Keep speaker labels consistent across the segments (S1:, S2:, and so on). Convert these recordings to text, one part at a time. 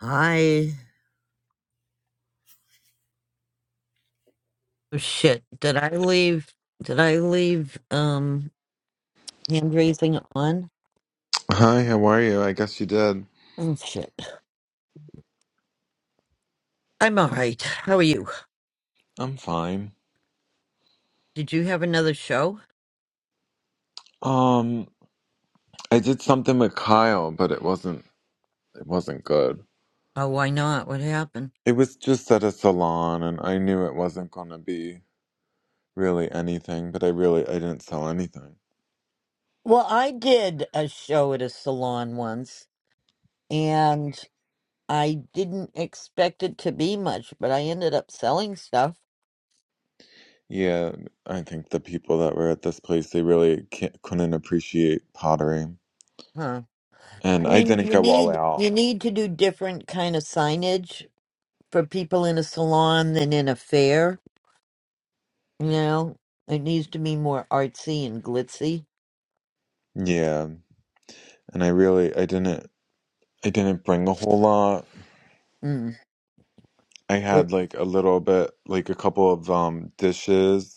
S1: Hi. Oh, shit. Did I leave? Did I leave um hand raising on?
S2: Hi, how are you? I guess you did.
S1: Oh shit. I'm all right. How are you?
S2: I'm fine.
S1: Did you have another show?
S2: Um, I did something with Kyle, but it wasn't it wasn't good.
S1: Oh, why not? What happened?
S2: It was just at a salon and I knew it wasn't gonna be really anything, but I really I didn't sell anything.
S1: Well, I did a show at a salon once, and I didn't expect it to be much, but I ended up selling stuff.
S2: Yeah, I think the people that were at this place, they really can't, couldn't appreciate pottery.
S1: Huh. I
S2: And I
S1: mean,
S2: didn't
S1: you
S2: go all
S1: need
S2: out.
S1: you need to do different kind of signage for people in a salon than in a fair. You know, it needs to be more artsy and glitzy.
S2: Yeah, and I really I didn't I didn't bring a whole lot.
S1: Mm.
S2: I
S1: Yep.
S2: had like a little bit, like a couple of um dishes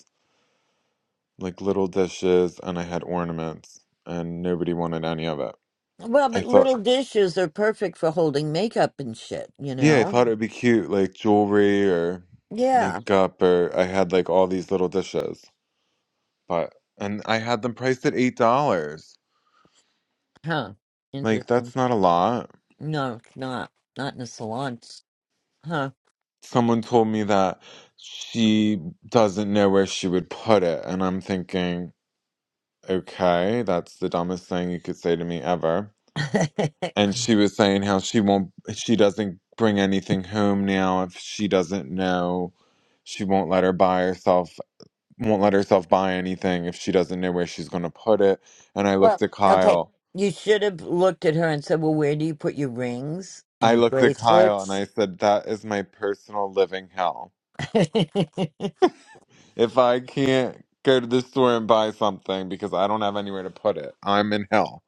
S2: like little dishes, and I had ornaments, and nobody wanted any of it.
S1: Well,
S2: I
S1: but
S2: thought,
S1: little dishes are perfect for holding makeup and shit, you
S2: yeah, I
S1: know?
S2: thought it would be cute, like jewelry or
S1: Yeah.
S2: makeup, or I had like all these little dishes, but and I had them priced at eight dollars.
S1: Huh.
S2: Like
S1: Interesting.
S2: that's not a lot.
S1: No, it's not. Not in a salon. Huh.
S2: Someone told me that she doesn't know where she would put it, and I'm thinking, okay, that's the dumbest thing you could say to me ever. and she was saying how she won't she doesn't bring anything home now if she doesn't know she won't let her buy herself won't let herself buy anything if she doesn't know where she's going to put it and i
S1: well,
S2: looked at
S1: okay.
S2: kyle
S1: You should have looked at her and said, well, where do you put your rings and
S2: i
S1: your
S2: looked at kyle and
S1: bracelets?
S2: i said that is my personal living hell if i can't go to the store and buy something because i don't have anywhere to put it i'm in hell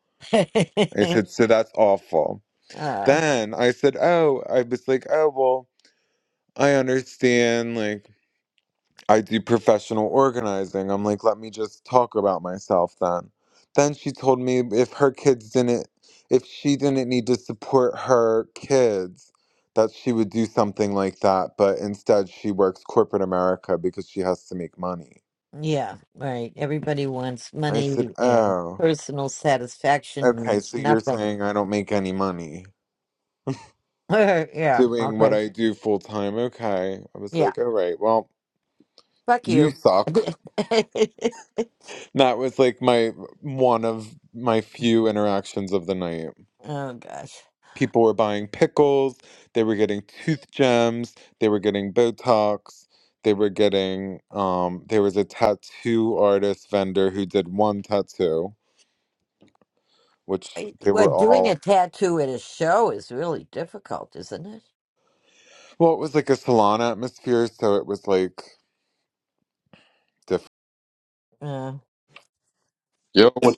S2: i said so that's awful
S1: uh,
S2: then i said oh i was like oh well I understand, like I do professional organizing. I'm like, let me just talk about myself then. Then she told me if her kids didn't, if she didn't need to support her kids, that she would do something like that. But instead, she works corporate America because she has to make money.
S1: Yeah, right. Everybody wants
S2: I said,
S1: money and
S2: oh,
S1: personal satisfaction
S2: okay.
S1: means
S2: So you're
S1: nothing.
S2: saying I don't make any money
S1: yeah,
S2: doing what
S1: okay.
S2: I do full time. Okay. I was
S1: Yeah,
S2: like, all right, well,
S1: fuck
S2: you
S1: you.
S2: suck. That was like my one of my few interactions of the night.
S1: oh, gosh.
S2: people were buying pickles, they were getting tooth gems, they were getting Botox, they were getting um there was a tattoo artist vendor who did one tattoo, which
S1: I-
S2: they
S1: Well,
S2: were
S1: doing a
S2: all
S1: tattoo at a show is really difficult, isn't it?
S2: well, it was like a salon atmosphere, so it was like different.
S1: Uh,
S3: Yo, what?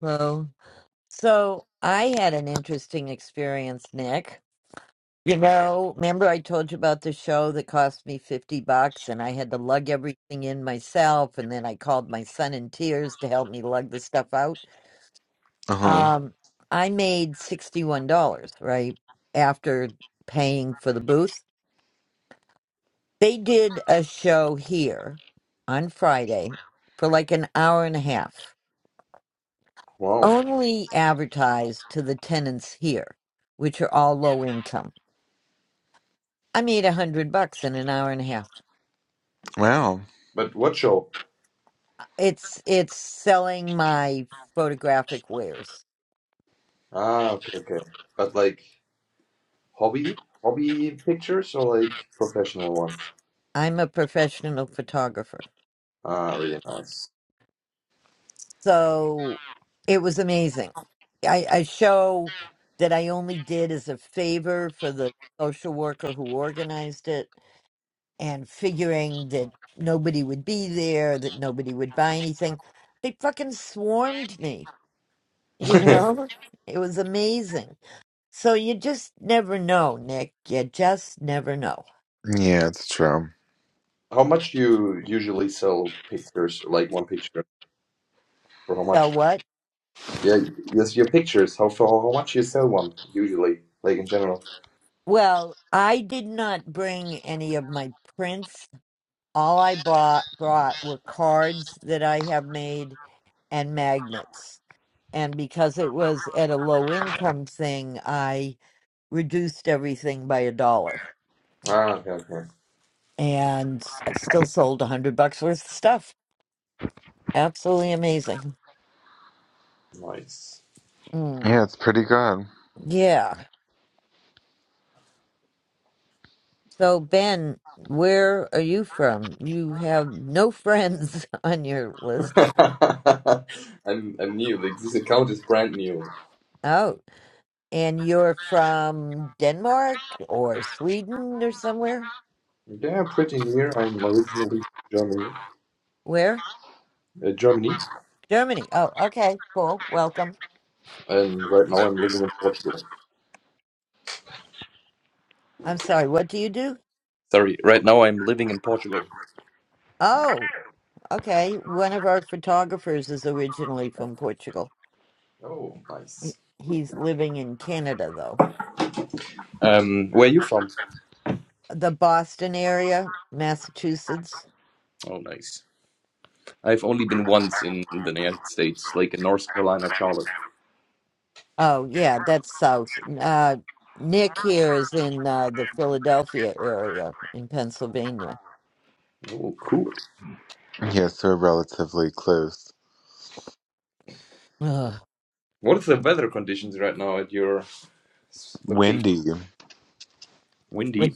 S1: well, so I had an interesting experience, Nick. You know, remember I told you about the show that cost me 50 bucks and I had to lug everything in myself and then I called my son in tears to help me lug the stuff out.
S2: Uh-huh.
S1: Um I made $61, right? After paying for the booth. They did a show here on Friday for like an hour and a half.
S3: Wow.
S1: Only advertised to the tenants here, which are all low income. I made a hundred bucks in an hour and a half.
S2: Wow.
S3: But what show?
S1: It's it's selling my photographic wares.
S3: Ah, okay, okay. But like hobby, hobby pictures or like professional ones?
S1: I'm a professional photographer.
S3: Ah, really nice.
S1: So it was amazing. I, I show that I only did as a favor for the social worker who organized it and figuring that nobody would be there, that nobody would buy anything. They fucking swarmed me, you know? It was amazing. So you just never know, Nick. You just never know.
S2: Yeah, it's true.
S3: How much do you usually sell pictures? Like one picture for how
S1: So
S3: much?
S1: what?
S3: Yeah, yes, your pictures. How for how much you sell one usually? Like in general?
S1: Well, I did not bring any of my prints. All I bought brought were cards that I have made and magnets. And because it was at a low income thing, I reduced everything by a dollar.
S3: Ah, okay, okay.
S1: And I still sold a hundred bucks worth of stuff. Absolutely amazing.
S3: Nice.
S1: Mm,
S2: Yeah, it's pretty good.
S1: yeah. So Ben, where are you from? You have no friends on your list.
S3: I'm I'm new. Like this account is brand new.
S1: Oh. And you're from Denmark or Sweden or somewhere?
S3: Yeah, pretty new. I'm originally from Germany.
S1: Where?
S3: Uh, Germany.
S1: Germany. Oh, okay. Cool. Welcome.
S3: And right now I'm living in Portugal.
S1: I'm sorry. What do you do?
S3: Sorry, right now I'm living in Portugal.
S1: Oh, okay. One of our photographers is originally from Portugal.
S3: Oh,
S1: He-
S3: nice.
S1: He's living in Canada, though.
S3: Um, where are you from?
S1: The Boston area, Massachusetts.
S3: Oh, nice. I've only been once in the United States, like in North Carolina, Charlotte.
S1: Oh, yeah, that's south. Uh, Nick here is in uh, the Philadelphia area in Pennsylvania.
S3: Oh, cool.
S2: Yeah, so we're relatively close.
S1: Ugh.
S3: What is the weather conditions right now at your s- location?
S2: Windy.
S3: Windy.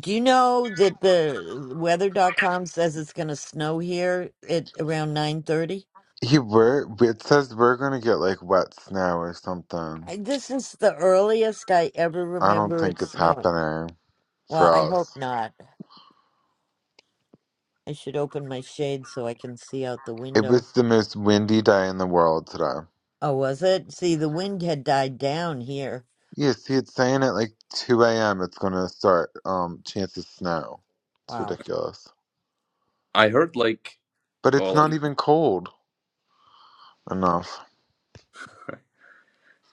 S1: Do you know that the weather.com says it's going to snow here at around 9:30?
S2: He were it says we're gonna get like wet snow or something.
S1: I- This is the earliest I ever
S2: I don't
S1: remember it
S2: think it's
S1: snowing.
S2: happening.
S1: Well, I hope
S2: Frost.
S1: not. I should open my shade so I can see out the
S2: It
S1: window.
S2: was the most windy day in the world today.
S1: Oh, was it? See, the wind had died down here.
S2: Yes, he had saying at like 2 a.m. it's going to start, um, chance of snow. It's
S1: Wow.
S2: ridiculous.
S3: I heard like,
S2: But it's
S3: or
S2: not
S3: like,
S2: even cold enough.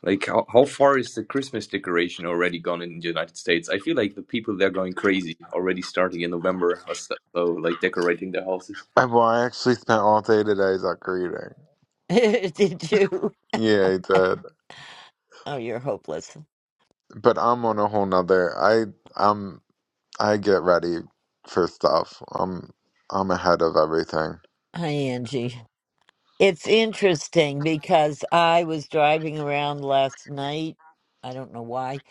S3: like how, how far is the Christmas decoration already gone in the United States? I feel like the people they're going crazy already starting in November or so, so like decorating their houses.
S2: I, well, I actually spent all day today Zucker reading.
S1: Did you?
S2: Yeah, I did.
S1: Oh, you're hopeless.
S2: But I'm on a whole nother. I, um I get ready for stuff. I'm, I'm ahead of everything.
S1: Hi, Angie. It's interesting because I was driving around last night. I don't know why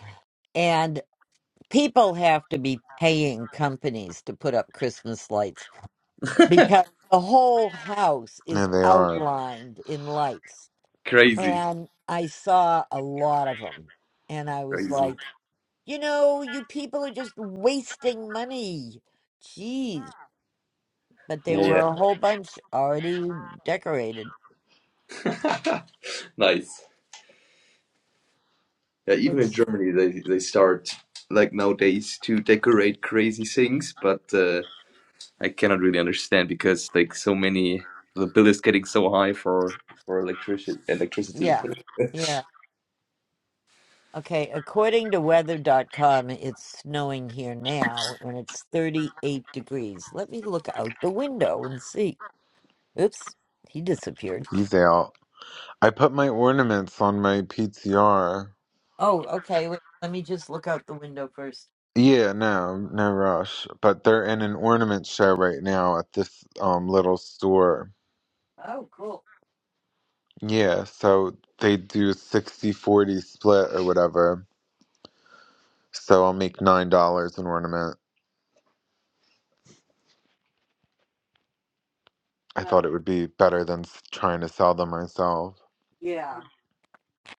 S1: people have to be paying companies to put up Christmas lights because the whole house is
S2: Yeah, they are.
S1: outlined in lights.
S3: Crazy,
S1: And I saw a lot of them. And I was
S3: crazy.
S1: like, you know, you people are just wasting money. Jeez. But there
S3: Yeah. yeah.
S1: were a whole bunch already decorated.
S3: nice. Yeah, even in
S1: It's,
S3: Germany, they they start like nowadays to decorate crazy things, but uh, I cannot really understand because like so many the bill is getting so high for for electricity electricity.
S1: yeah. yeah. Okay, according to weather.com, it's snowing here now and it's 38 degrees. Let me look out the window and see. Oops, he disappeared.
S2: He's out. I put my ornaments on my PTR.
S1: Oh, okay. Wait, let me just look out the window first.
S2: Yeah, no, no rush. But they're in an ornament show right now at this um little store.
S1: Oh, cool.
S2: Yeah, so they do sixty forty split or whatever. So I'll make nine dollars an ornament. I thought
S1: Well,
S2: it would be better than s- trying to sell them myself.
S1: yeah.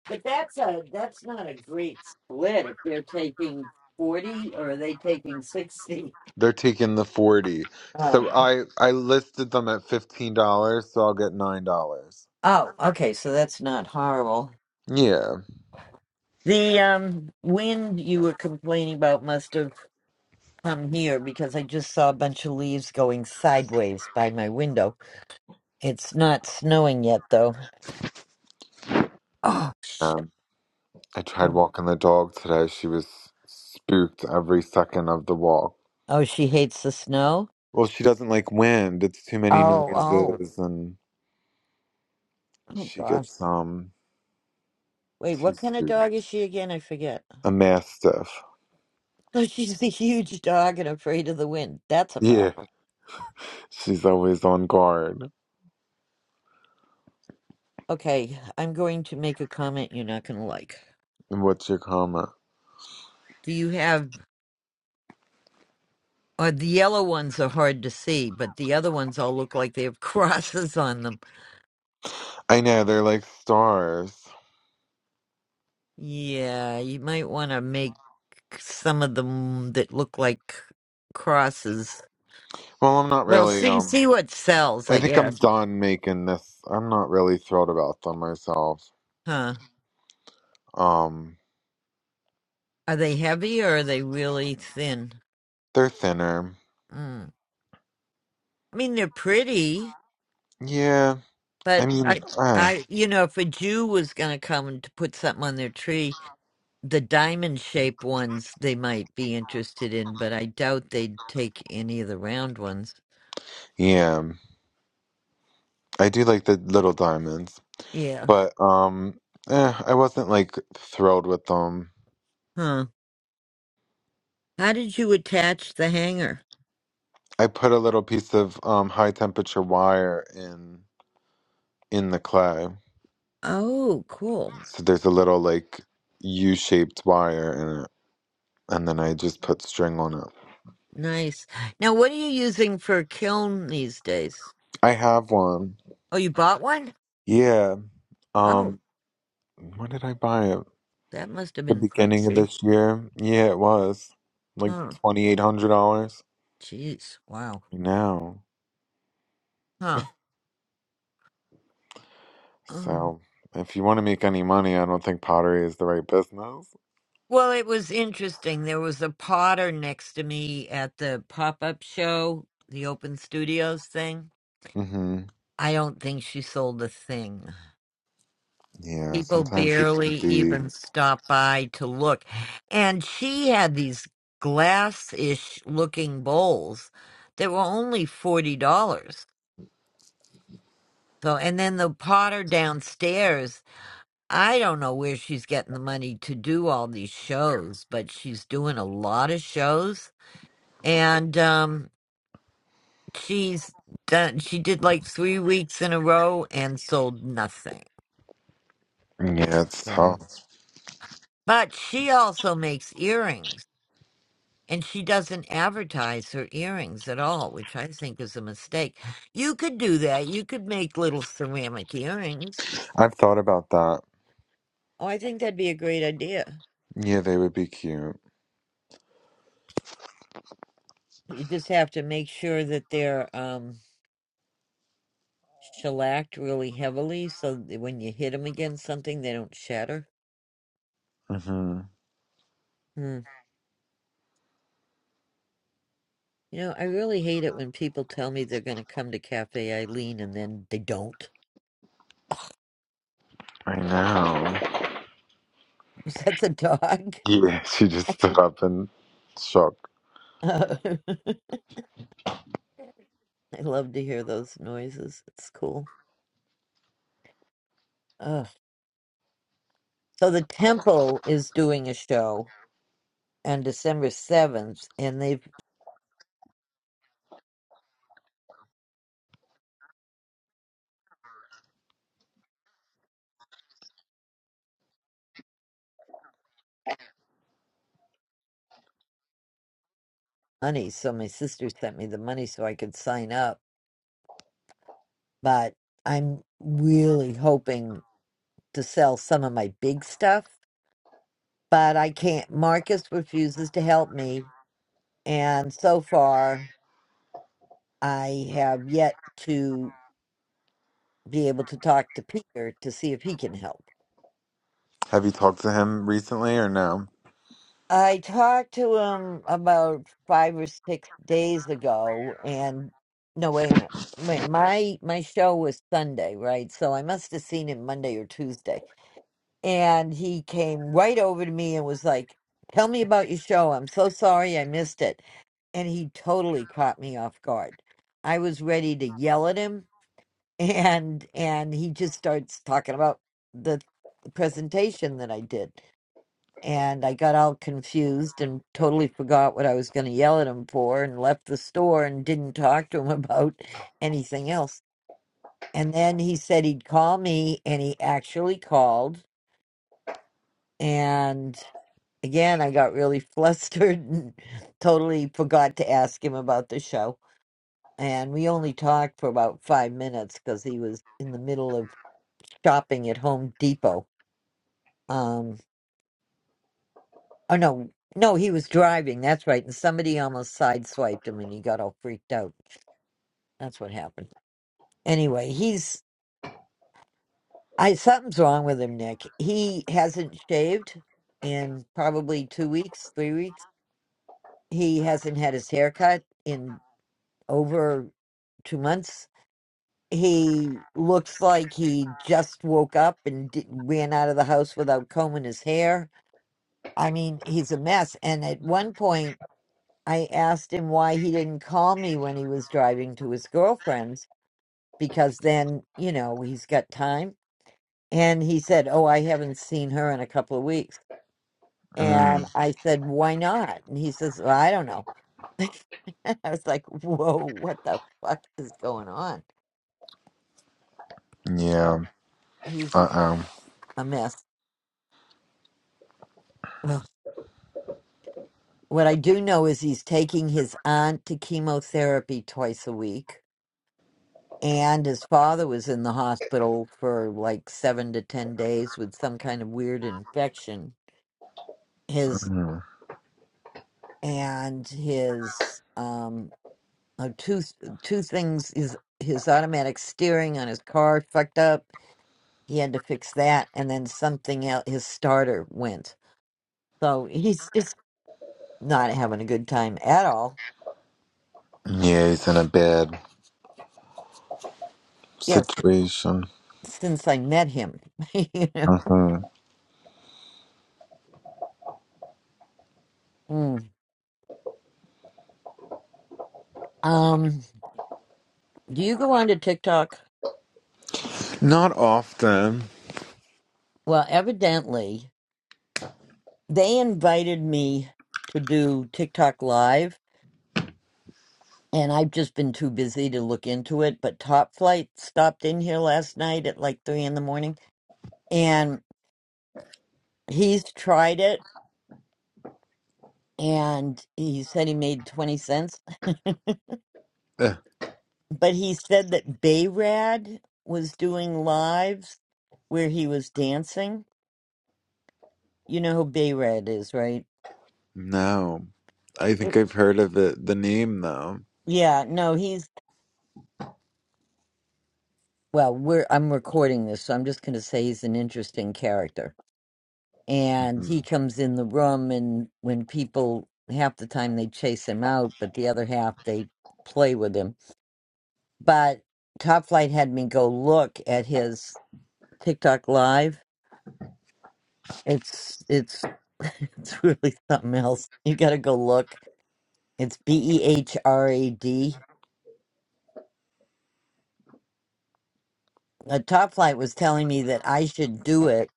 S1: But that's a that's not a great split if they're taking 40 or are they taking 60?
S2: They're taking the 40. So
S1: Oh.
S2: I I listed them at $15, so I'll get $9.
S1: Oh, okay. So that's not horrible.
S2: Yeah.
S1: The um wind you were complaining about must have I'm here because I just saw a bunch of leaves going sideways by my window. It's not snowing yet, though. Oh,
S2: Um, I tried
S1: mm.
S2: walking the dog today. She was spooked every second of the walk.
S1: oh, she hates the snow.
S2: Well, she doesn't like wind. It's too many
S1: Oh, oh,
S2: noises, and
S1: oh,
S2: she
S1: gosh.
S2: gets um
S1: Wait,
S2: too
S1: what kind of dog
S2: spooked.
S1: is she again? I forget.
S2: A mastiff.
S1: Oh, she's a huge dog and afraid of the wind. That's a
S2: Yeah,
S1: problem.
S2: she's always on guard.
S1: Okay, I'm going to make a comment you're not going to like.
S2: And what's your comment?
S1: Do you have? Uh, the yellow ones are hard to see, but the other ones all look like they have crosses on them.
S2: I know they're like stars.
S1: Yeah, you might want to make some of them that look like crosses.
S2: Well, I'm not
S1: Well,
S2: really.
S1: see
S2: Um,
S1: see what sells,
S2: I
S1: I
S2: think I'm
S1: guess.
S2: done making this. I'm not really thrilled about them myself.
S1: Huh.
S2: Um,
S1: Are they heavy or are they really thin?
S2: they're thinner.
S1: Mm. I mean, they're pretty,
S2: Yeah, I
S1: but
S2: mean,
S1: I
S2: uh,
S1: I you know, if a Jew was going to come to put something on their tree, the diamond-shaped ones they might be interested in, but I doubt they'd take any of the round ones.
S2: yeah, I do like the little diamonds,
S1: Yeah.
S2: but um, eh, I wasn't like thrilled with them.
S1: Huh. How did you attach the hanger?
S2: I put a little piece of um, high temperature wire in in the clay.
S1: Oh, cool.
S2: So there's a little like U-shaped wire in it, and then I just put string on it.
S1: Nice. Now, what are you using for a kiln these days?
S2: I have one.
S1: Oh, you bought one?
S2: Yeah.
S1: Oh,
S2: Um. When did I buy it?
S1: that must have
S2: The
S1: been
S2: beginning of
S1: pricey.
S2: this year. Yeah, it was like
S1: Oh,
S2: twenty eight hundred dollars.
S1: jeez. Wow.
S2: Now,
S1: Huh. Oh.
S2: so if you want to make any money, I don't think pottery is the right business.
S1: Well, it was interesting. There was a potter next to me at the pop up show, the Open Studios thing.
S2: Mm-hmm.
S1: I don't think she sold a thing.
S2: Yeah.
S1: people
S2: Sometimes it
S1: barely
S2: can be.
S1: even stop by to look. And she had these glass ish looking bowls that were only $40. So, and then the potter downstairs, I don't know where she's getting the money to do all these shows, but she's doing a lot of shows. And, um, she's done, she did like three weeks in a row and sold nothing.
S2: Yeah, it's
S1: So,
S2: tough.
S1: but she also makes earrings. and she doesn't advertise her earrings at all, which I think is a mistake. You could do that. You could make little ceramic earrings.
S2: I've thought about that.
S1: Oh, I think that'd be a great idea.
S2: Yeah, they would be cute.
S1: You just have to make sure that they're um, shellacked really heavily so that when you hit them against something, they don't shatter.
S2: hmm
S1: Hmm. You know, I really hate it when people tell me they're going to come to Cafe Eileen and then they don't.
S2: I know.
S1: Was that the dog?
S2: Yeah, she just stood up and shook.
S1: I love to hear those noises. It's cool. So the temple is doing a show on December 7th, and they've money. So my sister sent me the money so I could sign up. But I'm really hoping to sell some of my big stuff. But I can't. Marcus refuses to help me. And so far, I have yet to be able to talk to Peter to see if he can help.
S2: Have you talked to him recently or no?
S1: I talked to him about five or six days ago, and no, wait a minute. Wait, my my show was Sunday, right? So I must have seen him Monday or Tuesday. And he came right over to me and was like, "Tell me about your show. I'm so sorry I missed it." And he totally caught me off guard. I was ready to yell at him, and and he just starts talking about the presentation that I did and I got all confused and totally forgot what I was going to yell at him for and left the store and didn't talk to him about anything else. And then he said he'd call me and he actually called. And again, I got really flustered and totally forgot to ask him about the show. And we only talked for about five minutes because he was in the middle of shopping at Home Depot. Um. Oh no, no, he was driving. That's right. And somebody almost sideswiped him, and he got all freaked out. That's what happened. Anyway, he's I something's wrong with him, Nick. He hasn't shaved in probably two weeks, three weeks. He hasn't had his hair cut in over two months. He looks like he just woke up and di ran out of the house without combing his hair. I mean, he's a mess. And at one point. I asked him why he didn't call me when he was driving to his girlfriend's because then, you know, he's got time. And he said, Oh, I haven't seen her in a couple of weeks. And
S2: Mm.
S1: I said, Why not? And he says, well, I don't know. I was like, Whoa, what the fuck is going on?
S2: Yeah.
S1: Um, he's
S2: Uh
S1: a mess. Ugh. What I do know is he's taking his aunt to chemotherapy twice a week And his father was in the hospital for like seven to ten days with some kind of weird infection. His
S2: oh.
S1: and his um uh, two two things is his automatic steering on his car fucked up. He had to fix that, and then something else. His starter went, so he's just not having a good time at all.
S2: Yeah, he's in a bad
S1: Yes,
S2: situation.
S1: since I met him, you know.
S2: hmm
S1: Mm. Um, do you go on to TikTok?
S2: Not often.
S1: Well, evidently. They invited me to do TikTok live, and I've just been too busy to look into it. But Top Flight stopped in here last night at like three in the morning, and he's tried it, and he said he made twenty cents.
S2: Ugh,
S1: but he said that Bayrad was doing lives where he was dancing. You know who Bayrad is, right?
S2: no. I
S1: Yep.
S2: think I've heard of it, the name though.
S1: Yeah, no, he's well, we're I'm recording this, so I'm just gonna say he's an interesting character. and
S2: hmm
S1: he comes in the room and when people half the time they chase him out but the other half they play with him but top flight had me go look at his tiktok live it's it's it's really something else you gotta go look it's b-e-h-r-a-d uh, top flight was telling me that i should do it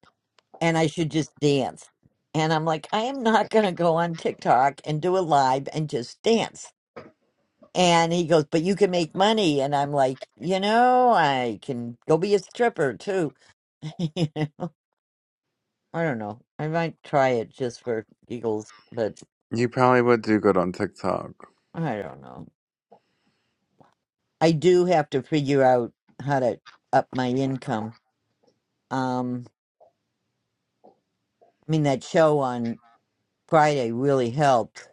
S1: and i should just dance and i'm like i am not gonna go on tiktok and do a live and just dance And he goes, But you can make money. And I'm like, You know, I can go be a stripper too. you know, I don't know. I might try it just for giggles, but
S2: You probably would do good on TikTok.
S1: I don't know. I do have to figure out how to up my income. Um, I mean, that show on Friday really helped,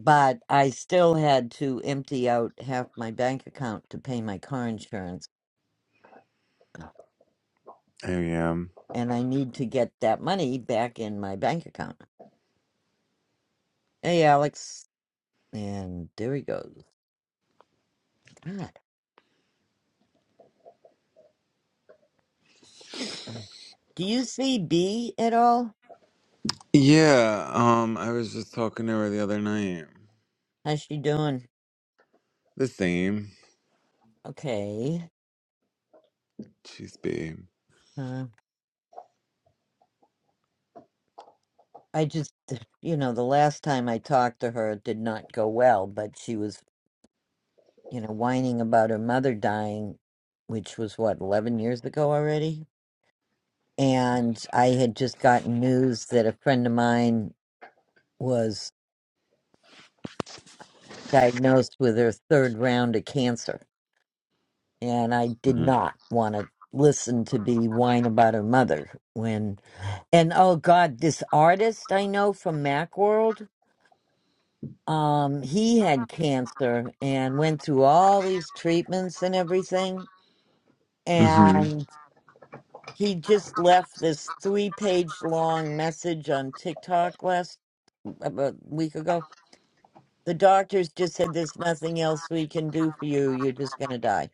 S1: but I still had to empty out half my bank account to pay my car insurance.
S2: Oh yeah.
S1: And I need to get that money back in my bank account. Hey, Alex. And there he goes. God. Do you see B at all?
S2: Yeah, um, I was just talking to her the other night.
S1: How's she doing?
S2: The same.
S1: Okay.
S2: Jeez, babe.
S1: Uh, I just, you know, the last time I talked to her, it did not go well, but she was, you know, whining about her mother dying, which was what, 11 years ago already? And I had just gotten news that a friend of mine was diagnosed with her third round of cancer. and I did not want to listen to B whine about her mother when and oh god, this artist I know from Macworld, um, he had cancer and went through all these treatments and everything
S2: Mm-hmm.
S1: and he just left this three page long message on TikTok last about a week ago. The doctors just said there's nothing else we can do for you. You're just gonna die.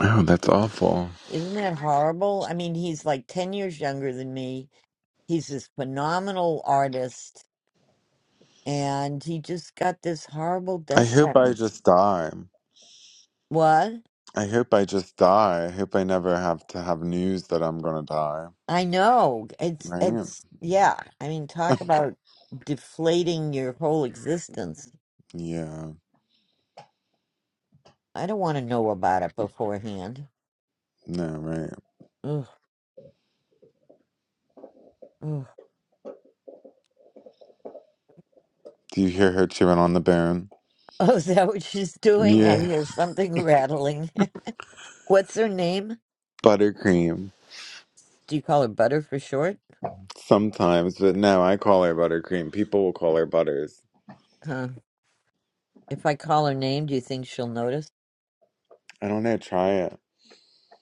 S2: Oh, that's awful.
S1: Isn't that horrible? I mean, he's like 10 years younger than me. He's this phenomenal artist, and he just got this horrible
S2: I
S1: death
S2: hope I
S1: sentence.
S2: just die.
S1: What?
S2: I hope I just die. I hope I never have to have news that I'm gonna die.
S1: I know. It's,
S2: Right?
S1: it's, yeah. I mean, talk about deflating your whole existence.
S2: Yeah.
S1: I don't want to know about it beforehand.
S2: No, right.
S1: Ugh, ugh.
S2: Do you hear her chewing on the bone?
S1: Oh, is that what she's doing? I
S2: Yeah.
S1: hear something rattling. What's her name?
S2: Buttercream.
S1: Do you call her Butter for short?
S2: Sometimes, but no, I call her buttercream. People will call her butters.
S1: Huh. If I call her name, do you think she'll notice?
S2: I don't know, try it.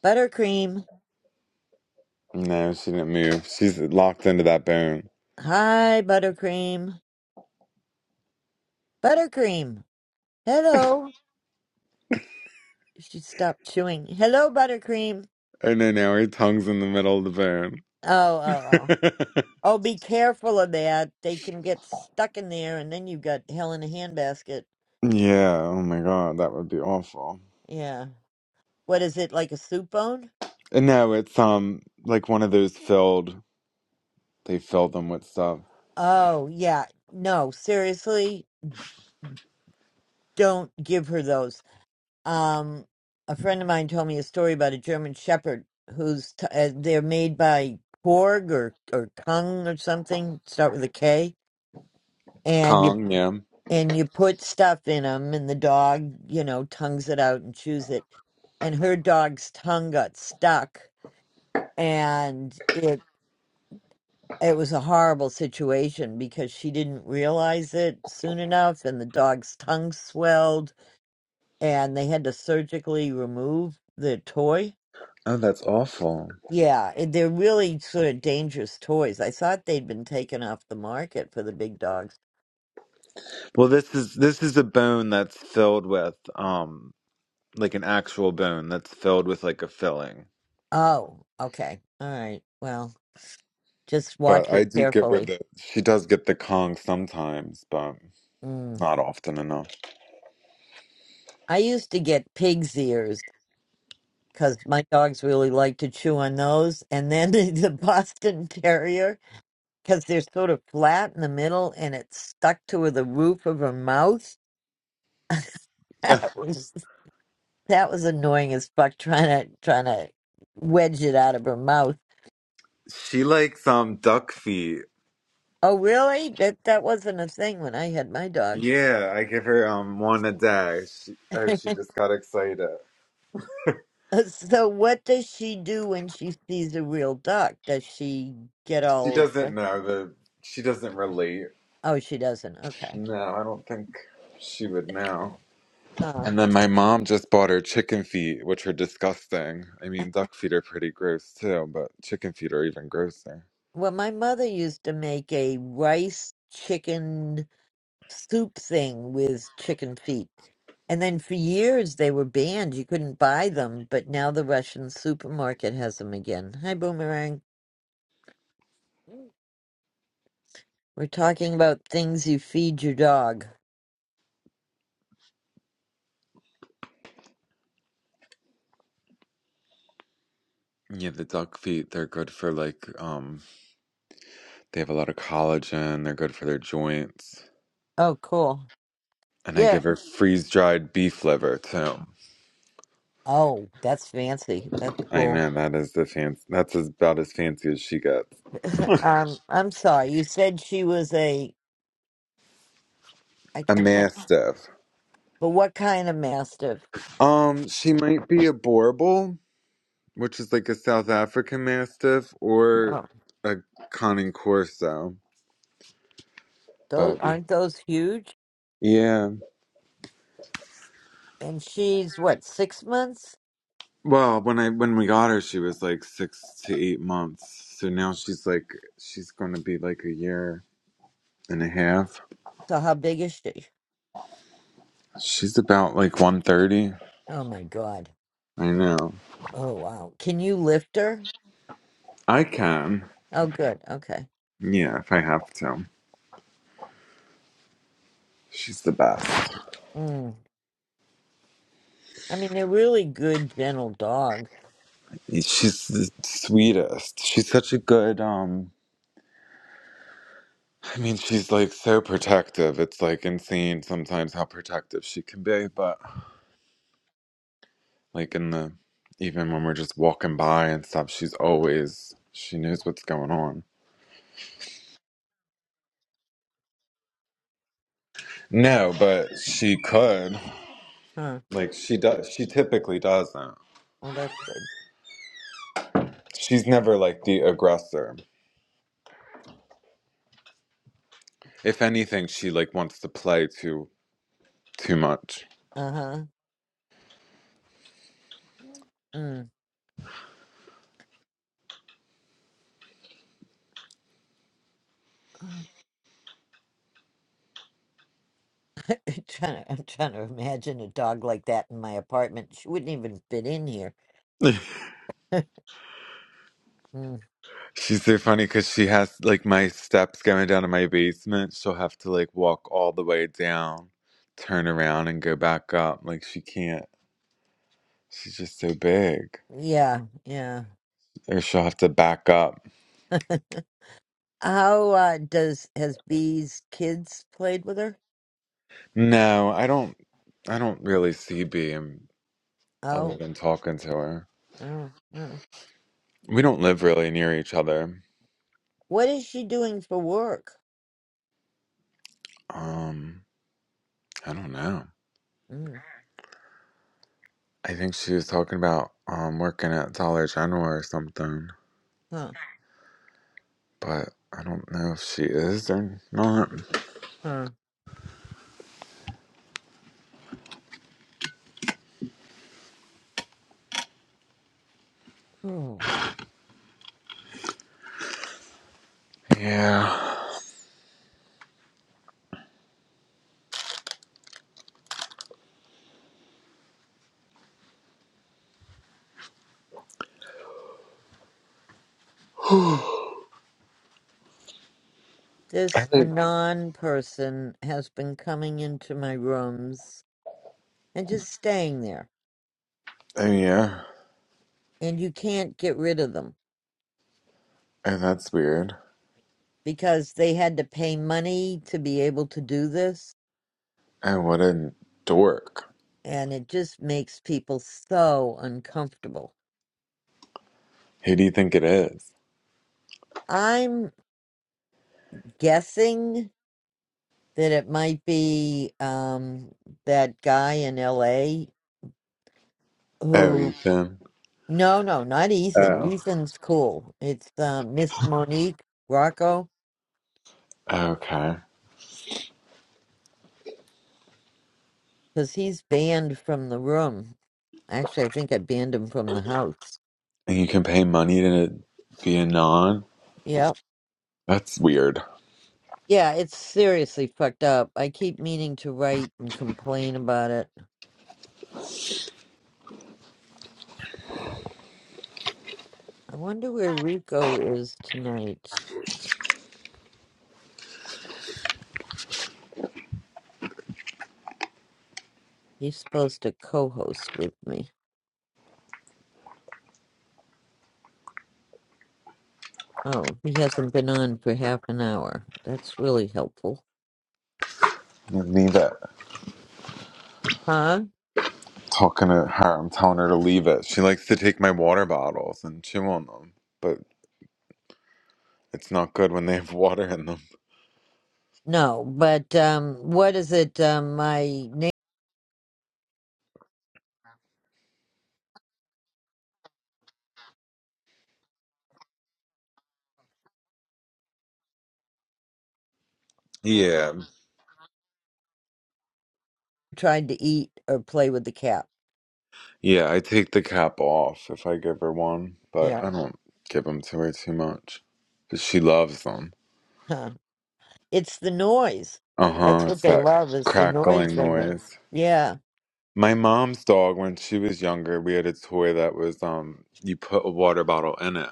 S1: Buttercream.
S2: No, she didn't move. She's locked into that bone.
S1: Hi, Buttercream. Buttercream. Hello. She stopped chewing. Hello, Buttercream.
S2: Oh no, now her tongue's in the middle of the
S1: Oh, oh, oh.
S2: bone.
S1: Oh, be careful of that. They can get stuck in there, and then you've got hell in a handbasket.
S2: Yeah, oh my God, that would be awful.
S1: Yeah. What is it, like a soup bone?
S2: And no, it's um like one of those filled they fill them with stuff.
S1: Oh, yeah. No, seriously, don't give her those. um a friend of mine told me a story about a german shepherd who's t- uh, they're made by korg or or kung or something start with a k and you
S2: Kong, yeah.
S1: and you put stuff in them and the dog you know tongues it out and chews it and her dog's tongue got stuck and it it was a horrible situation because she didn't realize it soon enough and the dog's tongue swelled and they had to surgically remove the toy
S2: Oh, that's awful.
S1: Yeah, and they're really sort of dangerous toys. I thought they'd been taken off the market for the big dogs.
S2: Well, this is this is a bone that's filled with um like an actual bone that's filled with like a filling.
S1: Oh, okay. All right. Well, just watch
S2: But
S1: it
S2: I do give her
S1: carefully.
S2: the she does get the Kong sometimes, but
S1: Mm.
S2: not often enough.
S1: I used to get pig's ears because my dogs really like to chew on those. And then the Boston Terrier, because they're sort of flat in the middle and it's stuck to the roof of her mouth.
S2: Ugh,
S1: That was that was annoying as fuck trying to trying to wedge it out of her mouth.
S2: she likes um duck feet.
S1: Oh, really? That that wasn't a thing when I had my dogs.
S2: Yeah, I give her um one a day. She, oh, she just got excited.
S1: Uh, So, what does she do when she sees a real duck? Does she get
S2: She
S1: all
S2: doesn't
S1: excited?
S2: know the. She doesn't relate.
S1: Oh, she doesn't. Okay.
S2: No, I don't think she would know.
S1: Huh.
S2: And then my mom just bought her chicken feet, which are disgusting. I mean, duck feet are pretty gross too, but chicken feet are even grosser.
S1: Well, my mother used to make a rice chicken soup thing with chicken feet. And then for years they were banned. You couldn't buy them, but now the Russian supermarket has them again. Hi, Boomerang. We're talking about things you feed your dog.
S2: Yeah, the duck feet, they're good for like, um, they have a lot of collagen, they're good for their joints.
S1: Oh, cool.
S2: And I
S1: Yeah.
S2: give her freeze dried beef liver too.
S1: Oh, that's fancy. That's
S2: I
S1: cool.
S2: know that is the fancy, that's as- about as fancy as she gets.
S1: Um, I'm sorry. You said she was a. I,
S2: A
S1: I can't.
S2: mastiff.
S1: But what kind of mastiff?
S2: Um, she might be a borbal. which is like a South African Mastiff or
S1: Oh,
S2: a Conning Corso,
S1: those
S2: Bobby.
S1: aren't those huge?
S2: Yeah.
S1: And she's what six months?
S2: Well, when I when we got her, she was like six to eight months. So now she's like she's going to be like a year and a half.
S1: So how big is she?
S2: She's about like one thirty.
S1: Oh my god.
S2: I know.
S1: Oh wow. Can you lift her?
S2: I can.
S1: Oh good. Okay.
S2: Yeah, if I have to. She's the best.
S1: Mm. I mean, they're really good, gentle dogs.
S2: She's the sweetest. She's such a good um I mean, she's like so protective. It's like insane sometimes how protective she can be, but like in the even when we're just walking by and stuff, she's always she knows what's going on. No, but she could.
S1: Huh.
S2: Like she does she typically doesn't.
S1: Well, that's good.
S2: She's never like the aggressor. If anything, she like wants to play too too much.
S1: Uh huh. Mm. I'm trying to, I'm trying to imagine a dog like that in my apartment. She wouldn't even fit in here. Mm,
S2: She's so funny because she has like my steps going down to my basement. She'll have to like walk all the way down, turn around, and go back up. Like she can't. She's just so big,
S1: yeah, yeah.
S2: or she'll have to back up.
S1: How uh, does has Bee's kids played with her?
S2: No, I don't. I don't really see being other
S1: Oh,
S2: than talking to her.
S1: oh, oh.
S2: We don't live really near each other.
S1: What is she doing for work?
S2: Um, I don't know.
S1: Mm,
S2: I think she was talking about um working at Dollar General or something,
S1: huh,
S2: but I don't know if she is or not.
S1: huh. Hmm.
S2: Yeah. I
S1: This
S2: think,
S1: anon person has been coming into my rooms and just staying there,
S2: I mean, yeah,
S1: and you can't get rid of them
S2: and that's weird.
S1: because they had to pay money to be able to do this
S2: And what a dork.
S1: and it just makes people so uncomfortable.
S2: Who do you think it is?
S1: I'm guessing that it might be um, that guy in LA
S2: Oh,
S1: who,
S2: Ethan.
S1: no, no, not Ethan.
S2: Oh,
S1: Ethan's cool. It's uh, Miss Monique Rocco
S2: okay.
S1: because he's banned from the room. Actually, I think I banned him from the house.
S2: And you can pay money to be a non?
S1: Yep.
S2: That's weird.
S1: Yeah, it's seriously fucked up. I keep meaning to write and complain about it. I wonder where Rico is tonight. He's supposed to co-host with me. Oh, he hasn't been on for half an hour. That's really helpful.
S2: Leave it.
S1: Huh?
S2: Talking to her, I'm telling her to leave it. She likes to take my water bottles and chew on them, but it's not good when they have water in them.
S1: No, but um what is it um my neighbor
S2: Yeah.
S1: tried to eat or play with the cat?
S2: Yeah, I take the cap off if I give her one, but
S1: Yeah.
S2: I don't give them to her too much. But she loves them.
S1: Huh. It's the noise.
S2: Uh
S1: That's
S2: huh.
S1: what
S2: It's
S1: they
S2: that
S1: love is the noise
S2: crackling
S1: they make.
S2: noise.
S1: Yeah.
S2: My mom's dog, when she was younger, we had a toy that was um, you put a water bottle in it,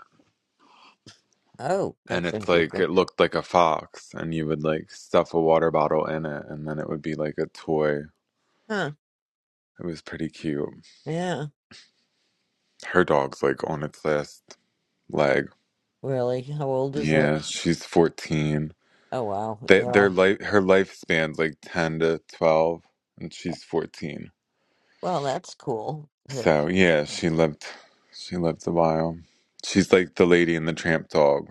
S1: Oh,
S2: and
S1: that's
S2: it's like
S1: interesting.
S2: it looked like a fox, and you would like stuff a water bottle in it, and then it would be like a toy.
S1: Huh.
S2: It was pretty cute.
S1: Yeah.
S2: Her dog's like on its last leg.
S1: Really? How old is it?
S2: Yeah, she's fourteen.
S1: Oh wow.
S2: They,
S1: Yeah.
S2: their life, her lifespan's like ten to twelve, and she's fourteen.
S1: Well, that's cool. That-
S2: So yeah, she lived. She lived a while. She's like the lady in the Tramp Dog.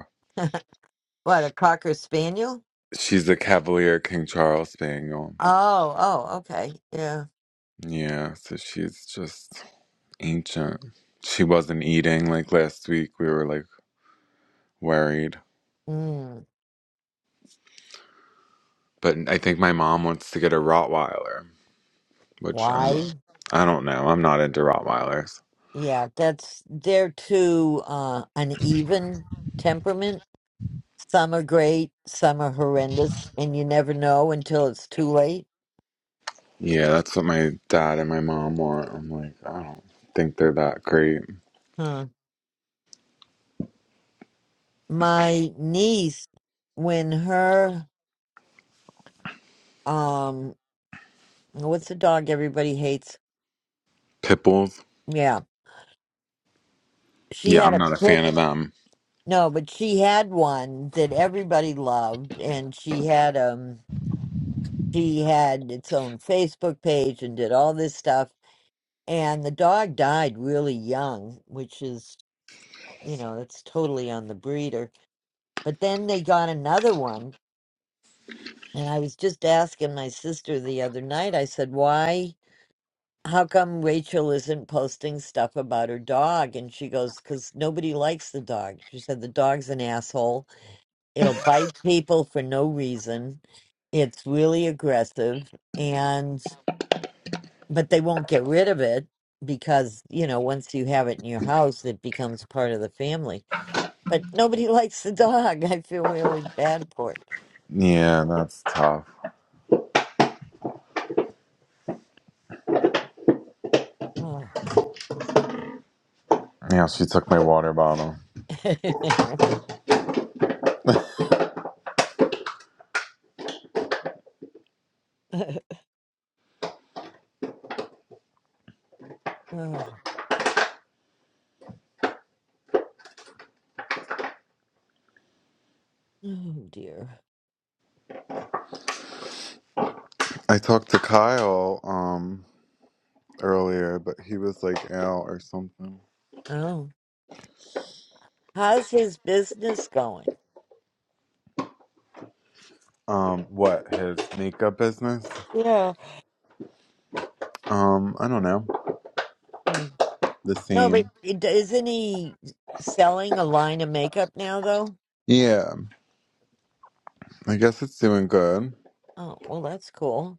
S1: What, a cocker spaniel?
S2: She's a Cavalier King Charles Spaniel.
S1: Oh, oh, okay. Yeah.
S2: Yeah, so she's just ancient. She wasn't eating like last week. We were like worried,
S1: Mm,
S2: but I think my mom wants to get a Rottweiler, which I
S1: why?
S2: don't. I don't know. I'm not into Rottweilers.
S1: Yeah, that's they're too uh, uneven temperament. Some are great, some are horrendous, and you never know until it's too late.
S2: Yeah, that's what my dad and my mom want. I'm like, I don't think they're that great.
S1: Huh. My niece, when her um, what's the dog everybody hates?
S2: Pit bulls?
S1: Yeah, she
S2: Yeah,
S1: had
S2: I'm
S1: a
S2: not a
S1: pit.
S2: fan of them.
S1: No, but she had one that everybody loved, and she had um, she had its own Facebook page and did all this stuff and the dog died really young, which is, you know, that's totally on the breeder. But then they got another one, and I was just asking my sister the other night, I said, why, how come Rachel isn't posting stuff about her dog? And she goes, because nobody likes the dog. She said, the dog's an asshole. It'll bite people for no reason. It's really aggressive. And but they won't get rid of it because you know once you have it in your house it becomes part of the family but nobody likes the dog i feel really bad for it
S2: Yeah, that's tough.
S1: oh,
S2: Yeah, she took my water bottle.
S1: oh oh, dear
S2: I talked to Kyle um earlier, but he was like out or something.
S1: oh how's his business going
S2: Um, what his makeup business?
S1: Yeah.
S2: Um, I don't know.
S1: Mm.
S2: The
S1: no but
S2: theme.
S1: it- isn't he selling a line of makeup now though
S2: Yeah, I guess it's doing good.
S1: oh well that's cool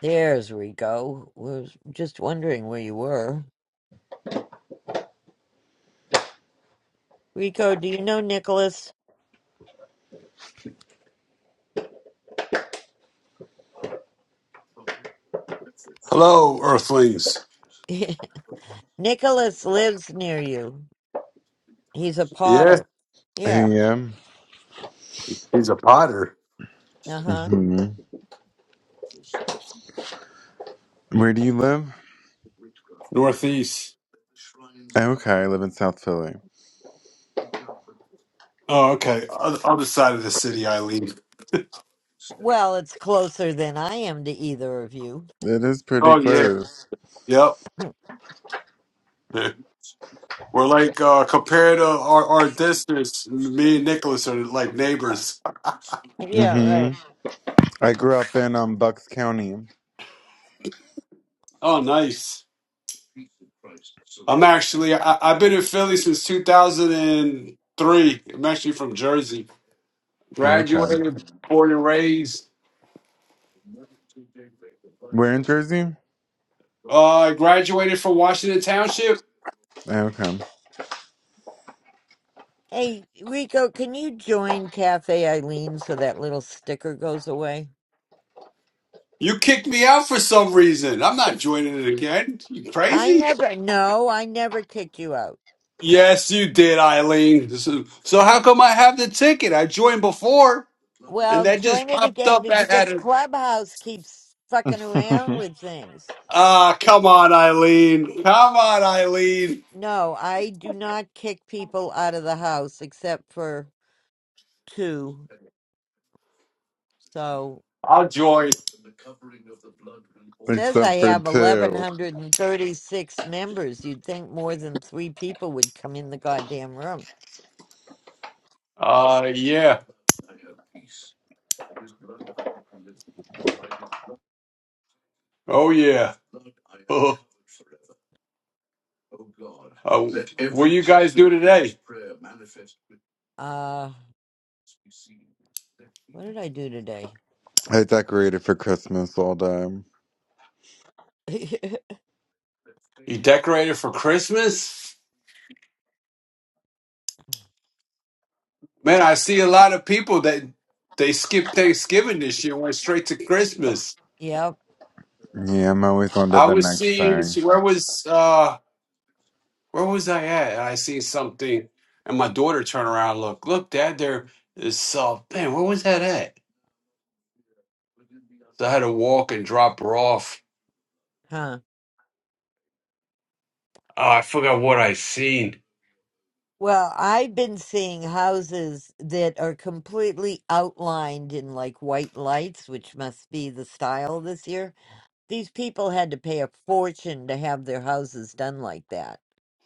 S1: there's rico was just wondering where you were rico do you know nicholas Nicholas lives near you. He's a potter. Yeah.
S2: Yeah.
S1: Uh huh.
S2: hmm Where do you live?
S4: Northeast.
S2: Okay, I live in South Philly.
S4: Oh, okay. Other other side of the city I leave.
S1: Well, it's closer than I am to either of you.
S2: It is pretty
S4: Oh, y-
S2: close.
S4: yep. We're like, uh, compared to our, our distance, me and Nicholas are like neighbors.
S1: yeah,
S2: Mm-hmm.
S1: right.
S2: I grew up in um Bucks County.
S4: Oh, nice. I'm actually, I, I've been in Philly since 2003. I'm actually from Jersey.
S2: Okay.
S4: Graduated, born and raised.
S2: Where in Jersey?
S4: Uh, I graduated from Washington Township.
S2: Okay.
S1: Hey, Rico, can you join Cafe Eileen so that little sticker goes away?
S4: You kicked me out for some reason. I'm not joining it again. You
S1: I
S4: crazy?
S1: never, no, I never kicked you out.
S4: Yes, you did, Eileen. So, so how come I have the ticket? I joined before, and
S1: Well,
S4: that just
S1: join it
S4: popped
S1: again
S4: up
S1: be-
S4: at, at
S1: because
S4: a.
S1: Clubhouse keeps fucking around with things.
S4: Ah, come on, Eileen. Come on, Eileen.
S1: No, I do not kick people out of the house except for two. So
S4: I'll join.
S1: Says I
S2: Except for
S1: have
S2: two.
S1: 1,136 members. You'd think more than three people would come in the goddamn room.
S4: Uh, yeah. Oh, yeah. Oh, uh, what you guys do today?
S1: Uh, what did I do today?
S2: I decorated for Christmas all day.
S4: You decorated for Christmas? Man, I see a lot of people that they skipped Thanksgiving this year, went straight to Christmas.
S1: Yep.
S2: Yeah, I'm always on to
S4: I
S2: the
S4: was
S2: next
S4: seeing
S2: thing.
S4: where was uh Where was I at? And I see something, and my daughter turn around, look, look, Dad, there is soft. Man, where was that at? So I had to walk and drop her off.
S1: Huh.
S4: Oh, I forgot what I seen.
S1: Well, I've been seeing houses that are completely outlined in like white lights, which must be the style this year. These people had to pay a fortune to have their houses done like that,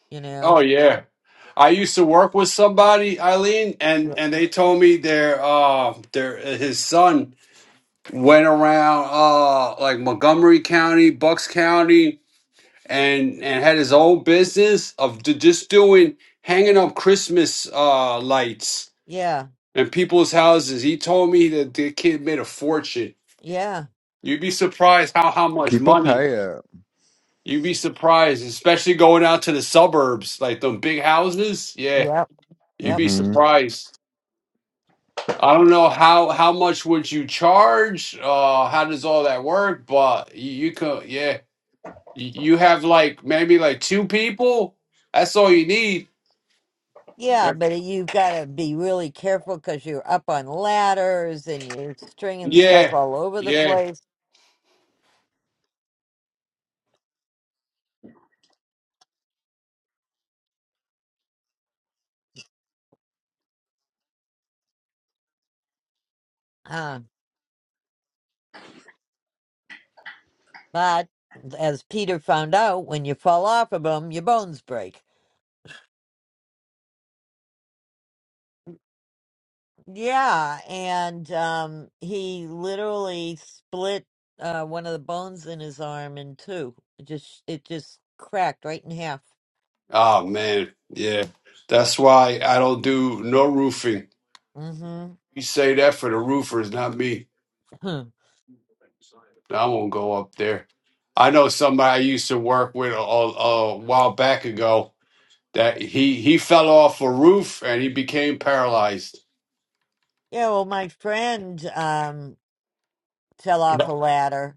S1: you
S4: Oh
S1: know?
S4: yeah. I used to work with somebody, Eileen, and
S1: Yep.
S4: and they told me their uh their his son went around uh like Montgomery County, Bucks County, and and had his own business of d- just doing hanging up Christmas uh lights
S1: Yeah.
S4: in people's houses. He told me that the kid made a fortune.
S1: Yeah.
S4: You'd be surprised how how much
S2: People
S4: money.
S2: pay it.
S4: You'd be surprised, especially going out to the suburbs, like them big houses. Yeah,
S1: Yep.
S4: you'd
S1: Yep.
S4: be
S2: hmm
S4: surprised. I don't know how how much would you charge? Uh, how does all that work? But you, you could, yeah, you you have like maybe like two people. That's all you need.
S1: Yeah, but you've got to be really careful because you're up on ladders and you're stringing stuff
S4: Yeah,
S1: all over the
S4: yeah.
S1: place. Uh, but as Peter found out, when you fall off of them, your bones break. Yeah, and um, he literally split uh, one of the bones in his arm in two. It just it just cracked right in half.
S4: Oh man, yeah. That's why I don't do no roofing.
S1: Mm-hmm.
S4: You say that for the roofers, not me. No, I won't go up there. I know somebody I used to work with a, a, a while back ago that he he fell off a roof and he became paralyzed.
S1: Yeah, well, my friend um, fell off
S4: Yeah.
S1: a ladder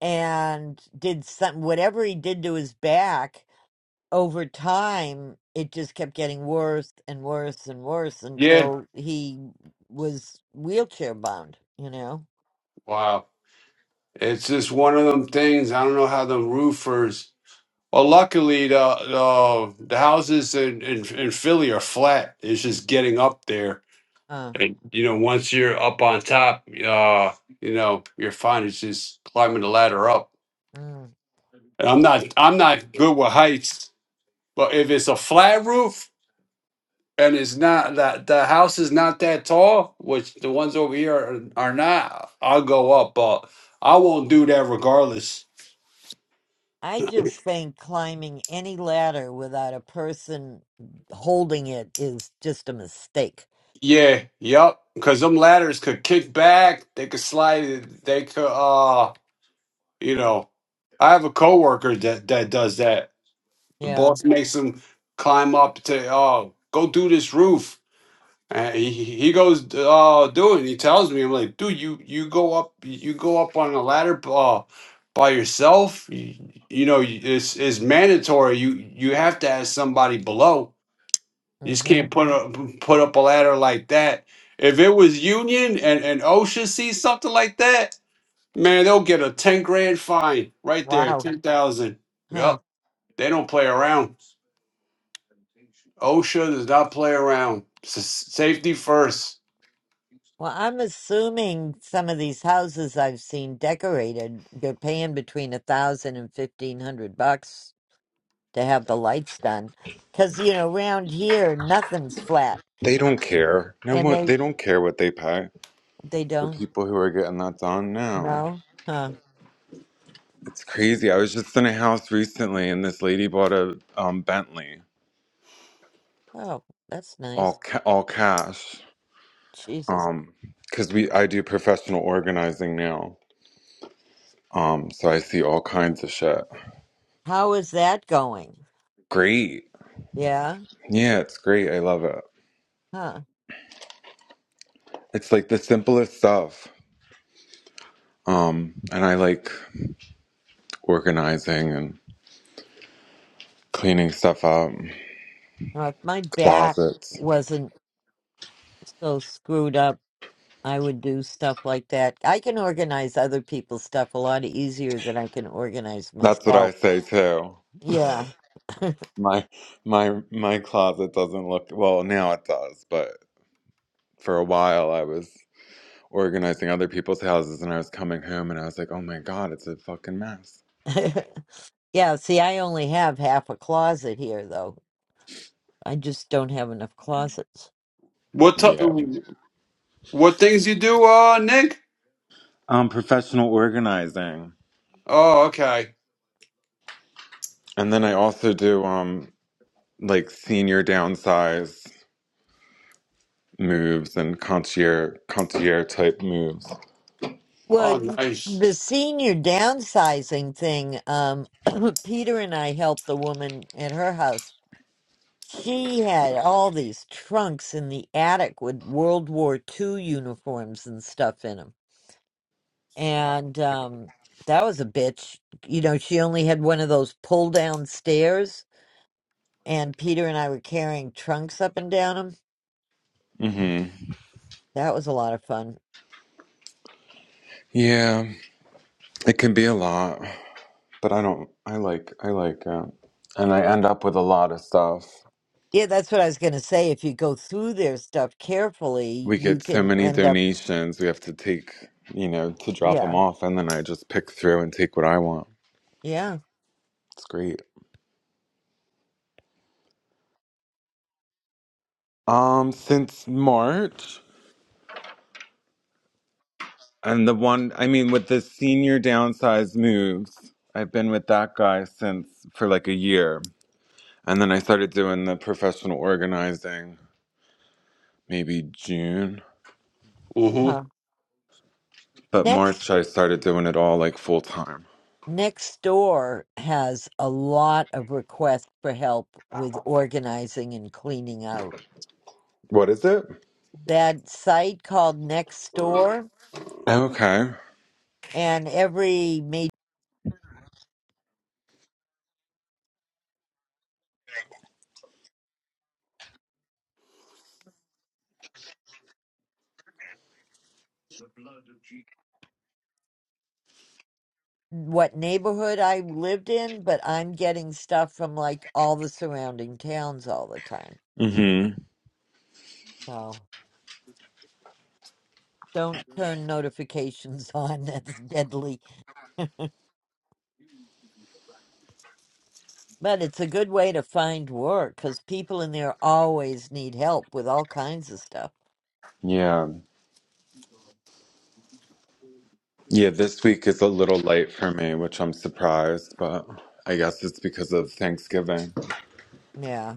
S1: and did some whatever he did to his back over time it just kept getting worse and worse and worse
S4: Yeah.
S1: until he was wheelchair bound you know
S4: Wow. It's just one of them things. I don't know how the roofers. Well, luckily the the, the houses in, in in Philly are flat. It's just getting up there
S1: uh,
S4: And you know, once you're up on top, uh, you know, you're fine. It's just climbing the ladder up.
S1: mm.
S4: And I'm not I'm not good with heights, but if it's a flat roof and it's not that the house is not that tall, which the ones over here are, are not, I'll go up, but I won't do that regardless.
S1: i just think climbing any ladder without a person holding it is just a mistake
S4: Yeah, yep. Cause them ladders could kick back, they could slide, it, they could uh you know. I have a coworker that that does that The
S1: yeah
S4: boss makes him climb up to, oh, go do this roof. And he, he he goes, oh, do it. And he tells me, I'm like, dude, you, you go up, you go up on a ladder uh, by yourself. You, you know, you- it's, it's mandatory. You, you have to have somebody below. You just
S1: mhm
S4: can't put up, put up a ladder like that. If it was union and, and OSHA sees something like that, man, they'll get a 10 grand fine right there,
S1: wow
S4: 10,000.
S1: Huh.
S4: Yep. They don't play around. OSHA does not play around. S- safety first.
S1: Well, I'm assuming some of these houses I've seen decorated, they're paying between a thousand and fifteen hundred bucks to have the lights done. 'Cause you know, around here nothing's flat,
S2: They don't care. No
S1: and
S2: one.
S1: they
S2: They don't care what they pay.
S1: they
S2: The
S1: don't
S2: people who are getting that done now.
S1: know, huh?
S2: It's crazy. I was just in a house recently, and this lady bought a um, Bentley,
S1: Oh, that's
S2: all
S1: nice.
S2: ca- all cash.
S1: Jesus,
S2: Um, because we I do professional organizing now. Um, so I see all kinds of shit.
S1: how is that going?
S2: Great.
S1: Yeah,
S2: Yeah, it's great. I love it.
S1: huh?
S2: It's like the simplest stuff. Um, and I like organizing and cleaning stuff up,
S1: Well, if my back
S2: closets.
S1: wasn't so screwed up, I would do stuff like that. I can organize other people's stuff a lot easier than I can organize
S2: That's what
S1: myself.
S2: I say too.
S1: Yeah.
S2: My my my closet doesn't look well now it does, but for a while I was organizing other people's houses and I was coming home and I was like, "Oh my god, it's a fucking mess."
S1: yeah, see, I only have half a closet here, though. I just don't have enough closets.
S4: What
S2: Yeah.
S4: t- what things you do, uh, Nick?
S2: Um professional organizing.
S4: Oh, okay.
S2: And then I also do um like senior downsize moves and concierge concierge type moves.
S1: Well,
S4: Oh, nice.
S1: the senior downsizing thing, um, Peter and I helped the woman at her house. She had all these trunks in the attic with World War Two uniforms and stuff in them. And um, that was a bitch. You know, she only had one of those pull down stairs, and Peter and I were carrying trunks up and down 'em
S2: hmm
S1: That was a lot of fun.
S2: Yeah, it can be a lot, but I don't. I like. I like it, and I end up with a lot of stuff.
S1: Yeah, that's what I was going to say. If you go through their stuff carefully,
S2: We
S1: you
S2: get so
S1: can
S2: many
S1: end up,
S2: donations. We have to take, you know, to drop them
S1: yeah,
S2: off, and then I just pick through and take what I want.
S1: yeah.
S2: It's great. Um, since March, and the one I mean, with the senior downsize moves, I've been with that guy since for like a year, and then I started doing the professional organizing maybe June
S4: hmm
S1: Huh.
S2: But
S1: Next,
S2: March, I started doing it all like full time.
S1: next door has a lot of requests for help with organizing and cleaning out.
S2: What is it?
S1: That site called Next Door,
S2: Okay.
S1: and every major what neighborhood I lived in, but I'm getting stuff from like all the surrounding towns all the time.
S2: hmm
S1: So Don't turn notifications on. That's deadly. But it's a good way to find work because people in there always need help with all kinds of stuff.
S2: Yeah. Yeah, this week is a little light for me, which I'm surprised, but I guess it's because of Thanksgiving.
S1: Yeah.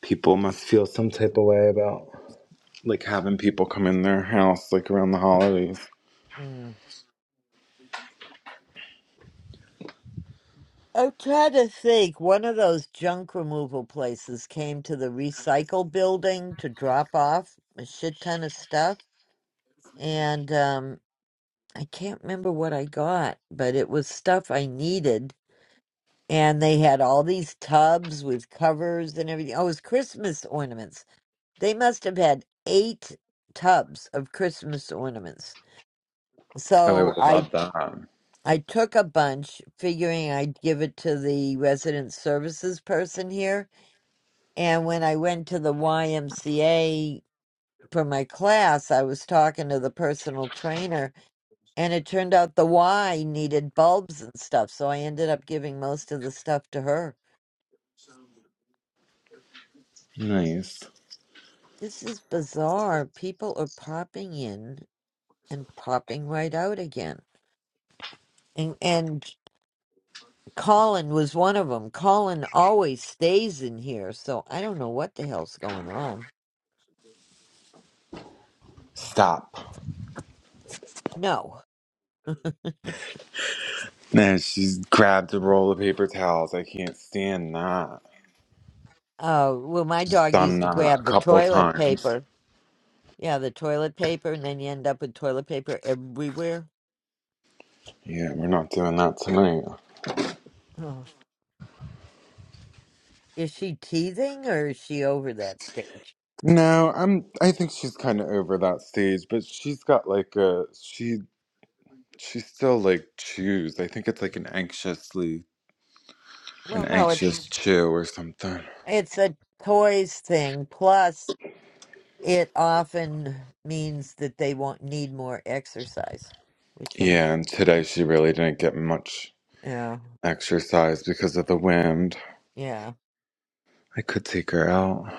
S2: People must feel some type of way about like having people come in their house like around the holidays.
S1: Mm. I'm trying to think. One of those junk removal places came to the recycle building to drop off a shit ton of stuff. And um, I can't remember what I got, but it was stuff I needed. And they had all these tubs with covers and everything. Oh, it was Christmas ornaments They must have had eight tubs of Christmas ornaments.
S2: Oh, I
S1: So
S2: would
S1: I
S2: love that.
S1: I took a bunch, figuring I'd give it to the resident services person here. And when I went to the YMCA for my class, I was talking to the personal trainer, and it turned out the Y needed bulbs and stuff. So I ended up giving most of the stuff to her.
S2: Nice.
S1: This is bizarre. People are popping in and popping right out again and and Colin was one of them. Colin always stays in here, so I don't know what the hell's going on.
S2: Stop.
S1: No.
S2: Man, she's grabbed a roll of paper towels. I can't stand that.
S1: Uh, well, my dog
S2: Done
S1: used to
S2: that a
S1: grab the
S2: couple
S1: toilet
S2: times.
S1: paper. Yeah, the toilet paper, and then you end up with toilet paper everywhere.
S2: Yeah, we're not doing that tonight.
S1: Oh. Is she teething or is she over that stage?
S2: No, I'm I think she's kind of over that stage, but she's got like a she she still like chews. I think it's like an anxiously an
S1: Well, no, it's
S2: anxious chew or something.
S1: it's a toys thing. Plus, it often means that they won't need more exercise, which I'm
S2: Yeah, and today she really didn't get much
S1: yeah
S2: exercise because of the wind.
S1: yeah.
S2: I could take her out.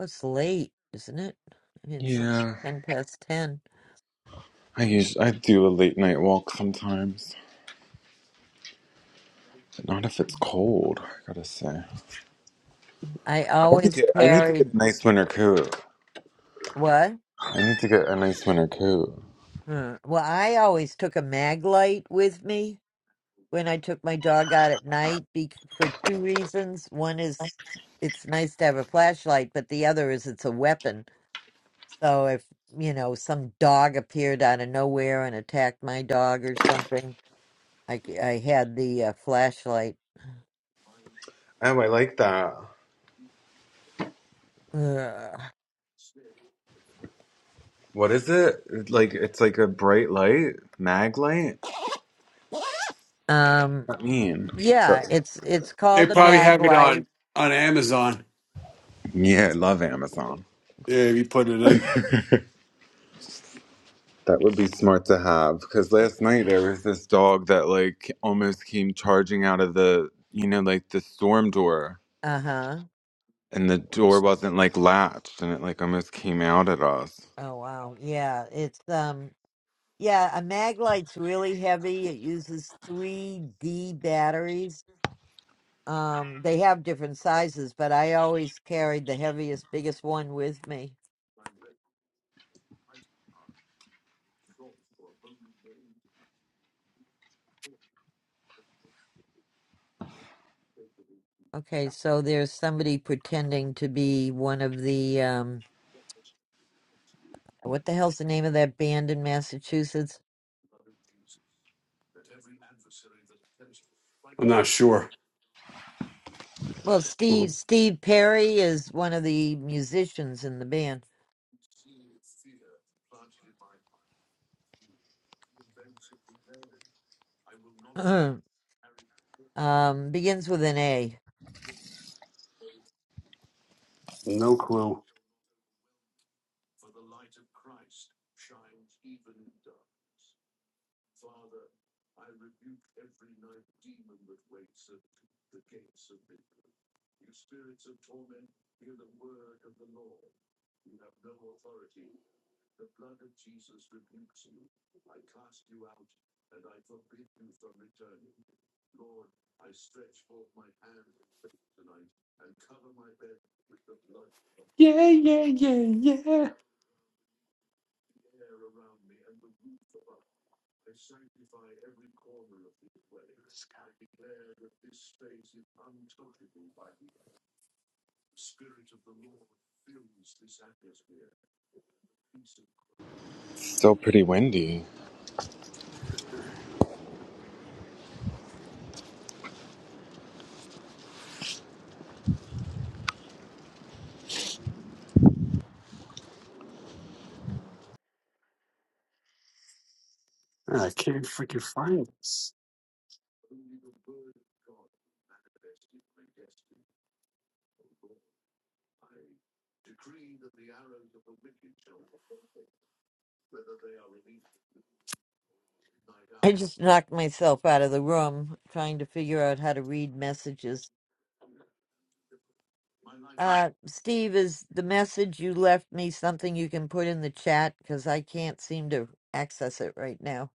S1: It's late, isn't it? It's
S2: Yeah,
S1: ten past ten.
S2: I usually I do a late night walk sometimes, but not if it's cold, I gotta say.
S1: I
S2: I want to
S1: always
S2: get I need to get
S1: carried
S2: a nice winter coat.
S1: what?
S2: I need to get a nice winter coat.
S1: Huh. Well, I always took a mag light with me when I took my dog out at night be- for two reasons. One is it's nice to have a flashlight, but the other is it's a weapon. So if, you know, some dog appeared out of nowhere and attacked my dog or something, I, c- I had the uh, flashlight.
S2: Oh, I like that.
S1: Ugh.
S2: What is it? Like it's like a bright light, mag light.
S1: Um,
S2: What does that mean? So
S1: Yeah, it's it's
S4: They
S1: called a
S4: probably
S1: mag
S4: have it
S1: light.
S4: on on Amazon.
S2: yeah, I love Amazon.
S4: Yeah, if you put it in.
S2: That would be smart to have because
S1: It-
S2: last night there was this dog that like almost came charging out of the you know like the storm door
S1: Uh-huh.
S2: and the door wasn't like latched and it like almost came out at us.
S1: Oh wow. Yeah, it's um yeah, a mag light's really heavy. It uses 3D batteries. Um they have different sizes, but I always carried the heaviest biggest one with me. Okay, so there's somebody pretending to be one of the um what the hell's the name of that band in Massachusetts?
S4: I'm not sure.
S1: Well, Steve Steve Perry is one of the musicians in the band. Um, begins with an A.
S4: No clue. Yeah, yeah, yeah, yeah.
S2: It's still pretty windy.
S1: I just knocked myself out of the room trying to figure out how to read messages. Uh, Steve, is the message you left me something you can put in the chat? Because I can't seem to access it right now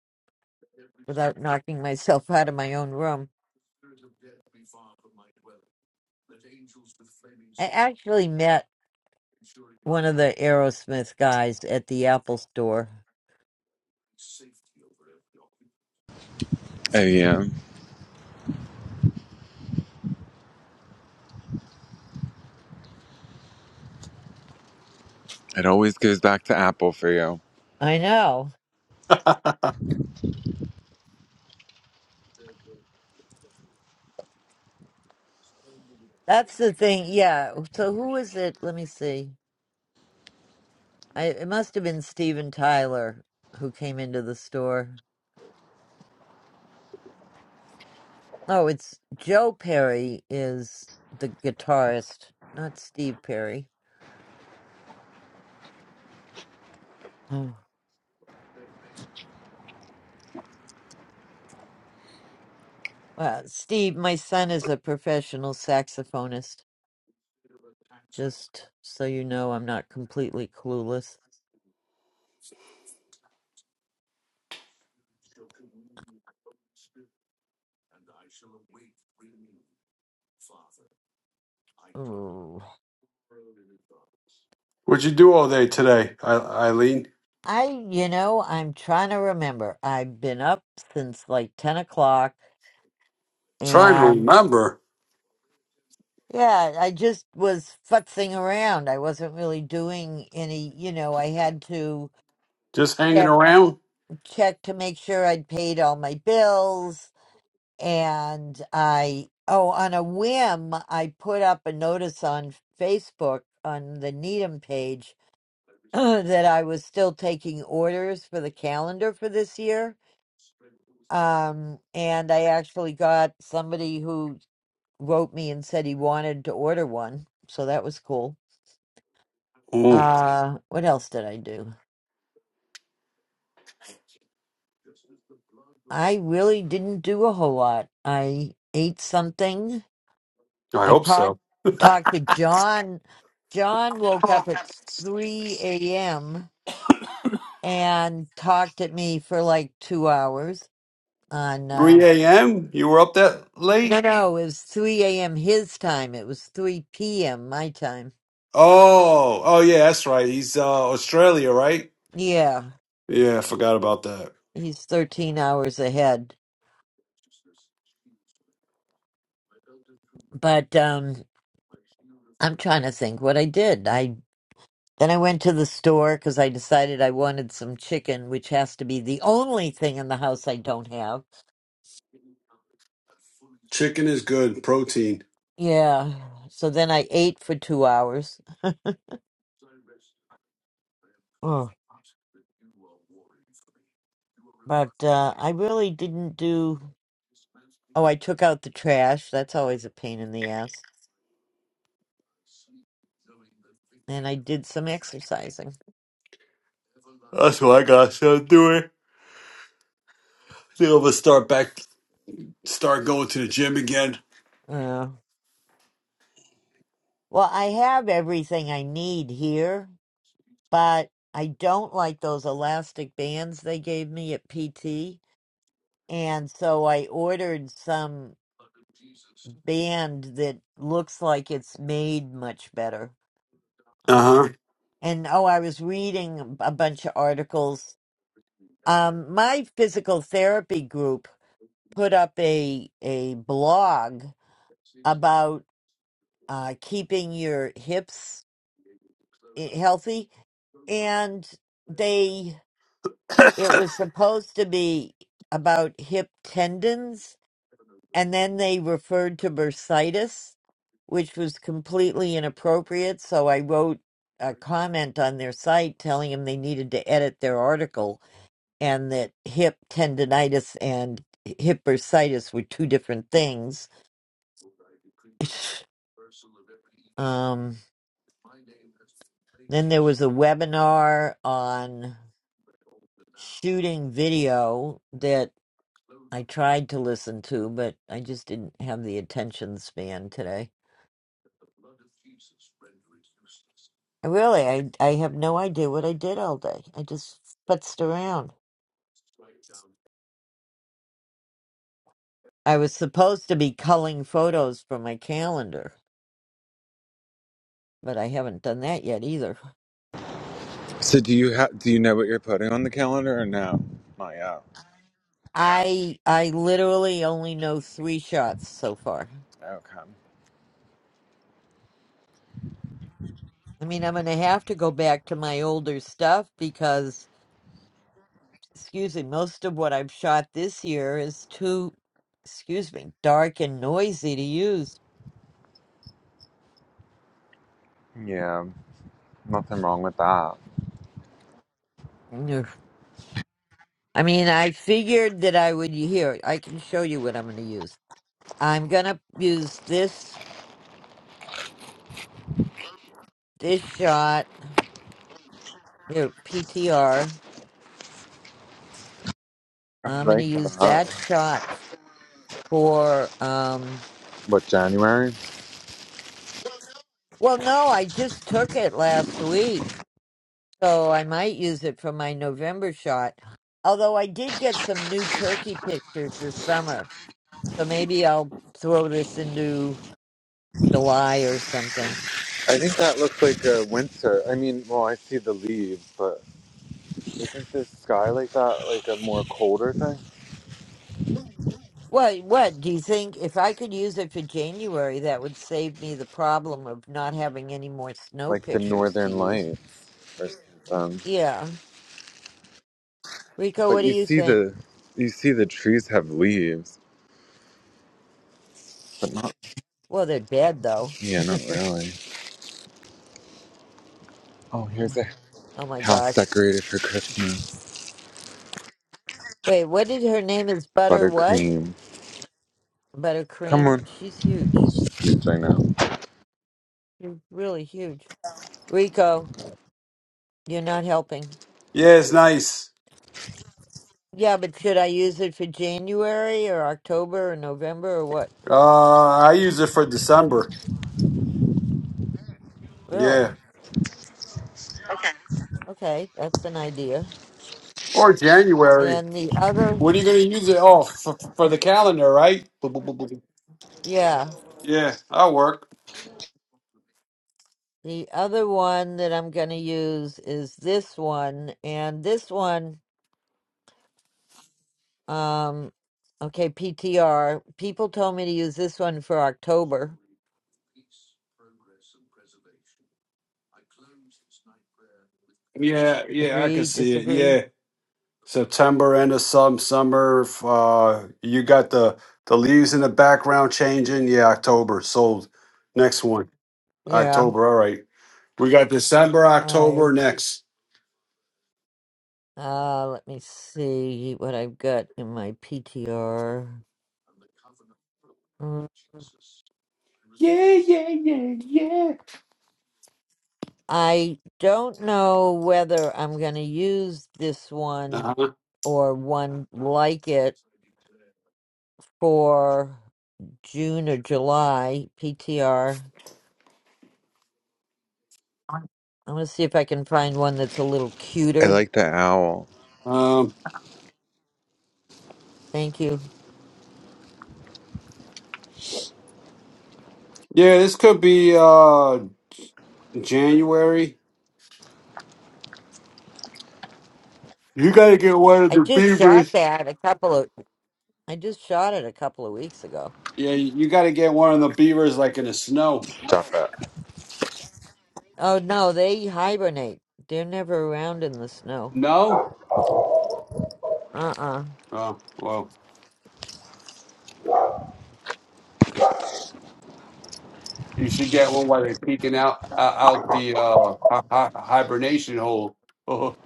S1: without knocking myself out of my own room. I actually met one of the Aerosmith guys at the Apple store.
S2: Oh yeah, it always goes back to Apple for you.
S1: I know. That's the thing. Yeah. So who was it? Let me see. I, it must have been Steven Tyler who came into the store Oh, it's Joe Perry is the guitarist, not Steve Perry. Oh, well, Steve, my son is a professional saxophonist. Just so you know, I'm not completely clueless. Ooh.
S4: What'd you do all day today, I- Eileen?
S1: I, you know, I'm trying to remember. I've been up since like 10 o'clock
S4: Trying to
S1: and
S4: remember.
S1: yeah, I just was futzing around. I wasn't really doing any, you know, I had to
S4: Just hanging
S1: check,
S4: around.
S1: check to make sure I'd paid all my bills and I oh on a whim I put up a notice on Facebook on the Needham page that I was still taking orders for the calendar for this year. Um and I actually got somebody who wrote me and said he wanted to order one. So that was cool.
S4: Mm,
S1: Uh what else did I do? I really didn't do a whole lot. I ate something
S4: I
S1: I
S4: hope
S1: talked
S4: so.
S1: talked to John. John woke up at three a.m. and talked at me for like two hours on.
S4: 3
S1: Uh,
S4: a.m. You were up that late?
S1: no, no, it was three a.m. his time. It was three p.m. my time.
S4: Oh, oh yeah, that's right. He's uh Australia, right?
S1: Yeah,
S4: Yeah, I forgot about that.
S1: he's thirteen hours ahead. But um, I'm trying to think what I did. I then I went to the store because I decided I wanted some chicken, which has to be the only thing in the house I don't have
S4: Chicken is good, protein.
S1: Yeah. So then I ate for two hours. Oh, but uh, I really didn't do. Oh, I took out the trash. That's always a pain in the ass. And I did some exercising.
S4: That's what I got to do it. Think I'm gonna start back. Start going to the gym again.
S1: Yeah. Well, I have everything I need here, but I don't like those elastic bands they gave me at PT. And so I ordered some band that looks like it's made much better.
S4: Uh huh.
S1: Um, and oh, I was reading a bunch of articles. Um, my physical therapy group put up a a blog about uh, keeping your hips i- healthy, and they it was supposed to be about hip tendons, and then they referred to bursitis, which was completely inappropriate. So I wrote a comment on their site telling them they needed to edit their article and that hip tendonitis and hip bursitis were two different things. Um, then there was a webinar on shooting video that I tried to listen to, but I just didn't have the attention span today. I really, I, I have no idea what I did all day. I just futzed around. I was supposed to be culling photos from my calendar, but I haven't done that yet either.
S2: So do you have do you know what you're putting on the calendar or no? Not yet.
S1: I I literally only know three shots so far.
S2: Okay.
S1: I mean, I'm gonna have to go back to my older stuff because, excuse me, most of what I've shot this year is too, excuse me, dark and noisy to use.
S2: Yeah. Nothing wrong with that.
S1: Ugh. I mean, I figured that I would here. I can show you what I'm gonna use. I'm gonna use this this shot here PTR.
S2: I
S1: I'm gonna
S2: like
S1: use
S2: that.
S1: that shot for um.
S2: What, January?
S1: Well, no, I just took it last week, so I might use it for my November shot. Although I did get some new turkey pictures this summer, so maybe I'll throw this into July or something.
S2: I think that looks like a winter. I mean, well, I see the leaves, but isn't the sky like that like a more colder thing?
S1: What, what do you think? If I could use it for January, that would save me the problem of not having any more snow
S2: Like the
S1: pictures to
S2: northern
S1: use.
S2: lights or something.
S1: Yeah. Rico,
S2: But
S1: what do
S2: you
S1: you
S2: see
S1: think?
S2: the you see the trees have leaves.
S1: Well, they're dead, though.
S2: Yeah, not really. Oh, here's a
S1: Oh my
S2: house
S1: gosh.
S2: decorated for Christmas.
S1: Wait, what did her name is Butter what?
S2: Buttercream. Come on.
S1: Buttercream? She's huge.
S2: Which I know.
S1: You're really huge. Rico, you're not helping.
S4: Yeah, it's nice.
S1: Yeah, but should I use it for January or October or November or what?
S4: Uh, I use it for December.
S1: Really?
S4: Yeah,
S1: Okay, that's an idea.
S4: or January.
S1: And the other,
S4: What are you gonna use it? Oh, for, for for the calendar, right?
S1: yeah,
S4: Yeah, I'll work.
S1: the other one that I'm going to use is this one. And this one, um, okay, PTR. People told me to use this one for October.
S4: Yeah, yeah, I can
S1: Agree,
S4: see it.
S1: disagree?
S4: Yeah. September end of some summer. f- Uh, you got the the leaves in the background changing. Yeah, October sold. Next one,
S1: Yeah.
S4: October. All right, we got December,
S1: All right.
S4: October next.
S1: Uh, let me see what I've got in my PTR. Mm,
S4: Yeah, yeah, yeah, yeah.
S1: I don't know whether I'm going to use this one
S4: Uh,
S1: or one like it for June or July PTR. I'm going to see if I can find one that's a little
S2: I
S1: cuter.
S2: like the owl.
S4: Um,
S1: Thank you.
S4: yeah, this could be uh January. You got to get one of
S1: I
S4: the
S1: just shot
S4: beavers.
S1: that a couple of I just shot it a couple of weeks ago.
S4: Yeah, you got to get one of the beavers like in the snow.
S2: Stop it.
S1: Oh no, they hibernate. They're never around in the snow.
S4: No.
S1: Uh-uh.
S4: Oh well. You should get one while they're peeking out uh, out the uh, hi- hi- hibernation hole. well,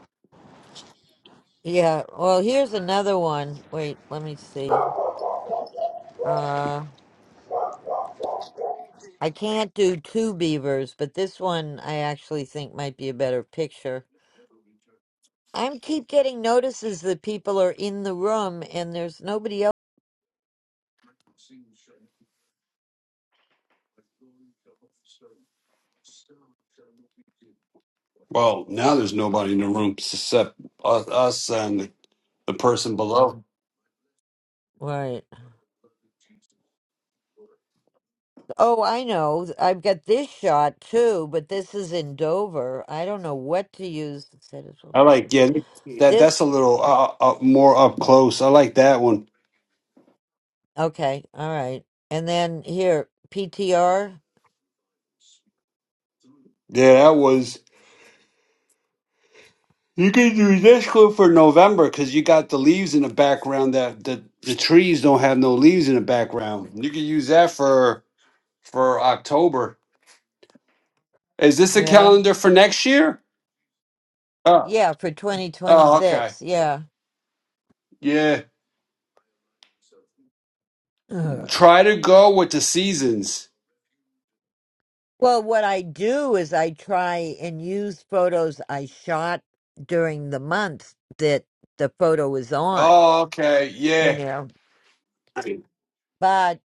S1: Yeah. Well, here's another one. Wait, let me see. Uh, I can't do two beavers, but this one I actually think might be a better picture. I'm keep getting notices that people are in the room and there's nobody else.
S4: now there's nobody in the room except us, us and the, the person below.
S1: Right. Oh, I know. I've got this shot too, but this is in Dover. I don't know what to use instead of full
S4: I
S1: card
S4: like
S1: picture.
S4: yeah that that's
S1: This
S4: a little uh, uh, uh, more up close. I like that one.
S1: okay, all right. And then here, PTR.
S4: Yeah, that was you can do this one for November because you got the leaves in the background that the the trees don't have no leaves in the background. You can use that for for October. Is this a
S1: Yeah.
S4: calendar for next year? Oh,
S1: Yeah, for
S4: oh, okay.
S1: 2026. Yeah.
S4: Yeah.
S1: Ugh.
S4: Try to go with the seasons.
S1: Well, what I do is I try and use photos I shot during the month that the photo is on,
S4: Oh, okay.
S1: you
S4: Yeah.
S1: know. But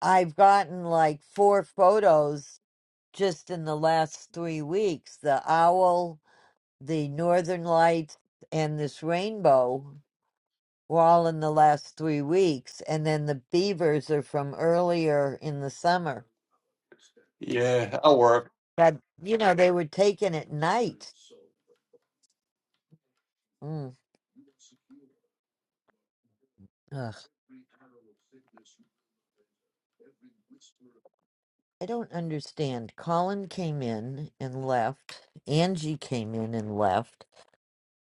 S1: I've gotten like four photos just in the last three weeks. The owl, the northern lights, and this rainbow were all in the last three weeks. And then the beavers are from earlier in the summer.
S4: Yeah. That'll work.
S1: But, you know, they were taken at night. Mm. Ugh. I don't understand. Colin came in and left. Angie came in and left.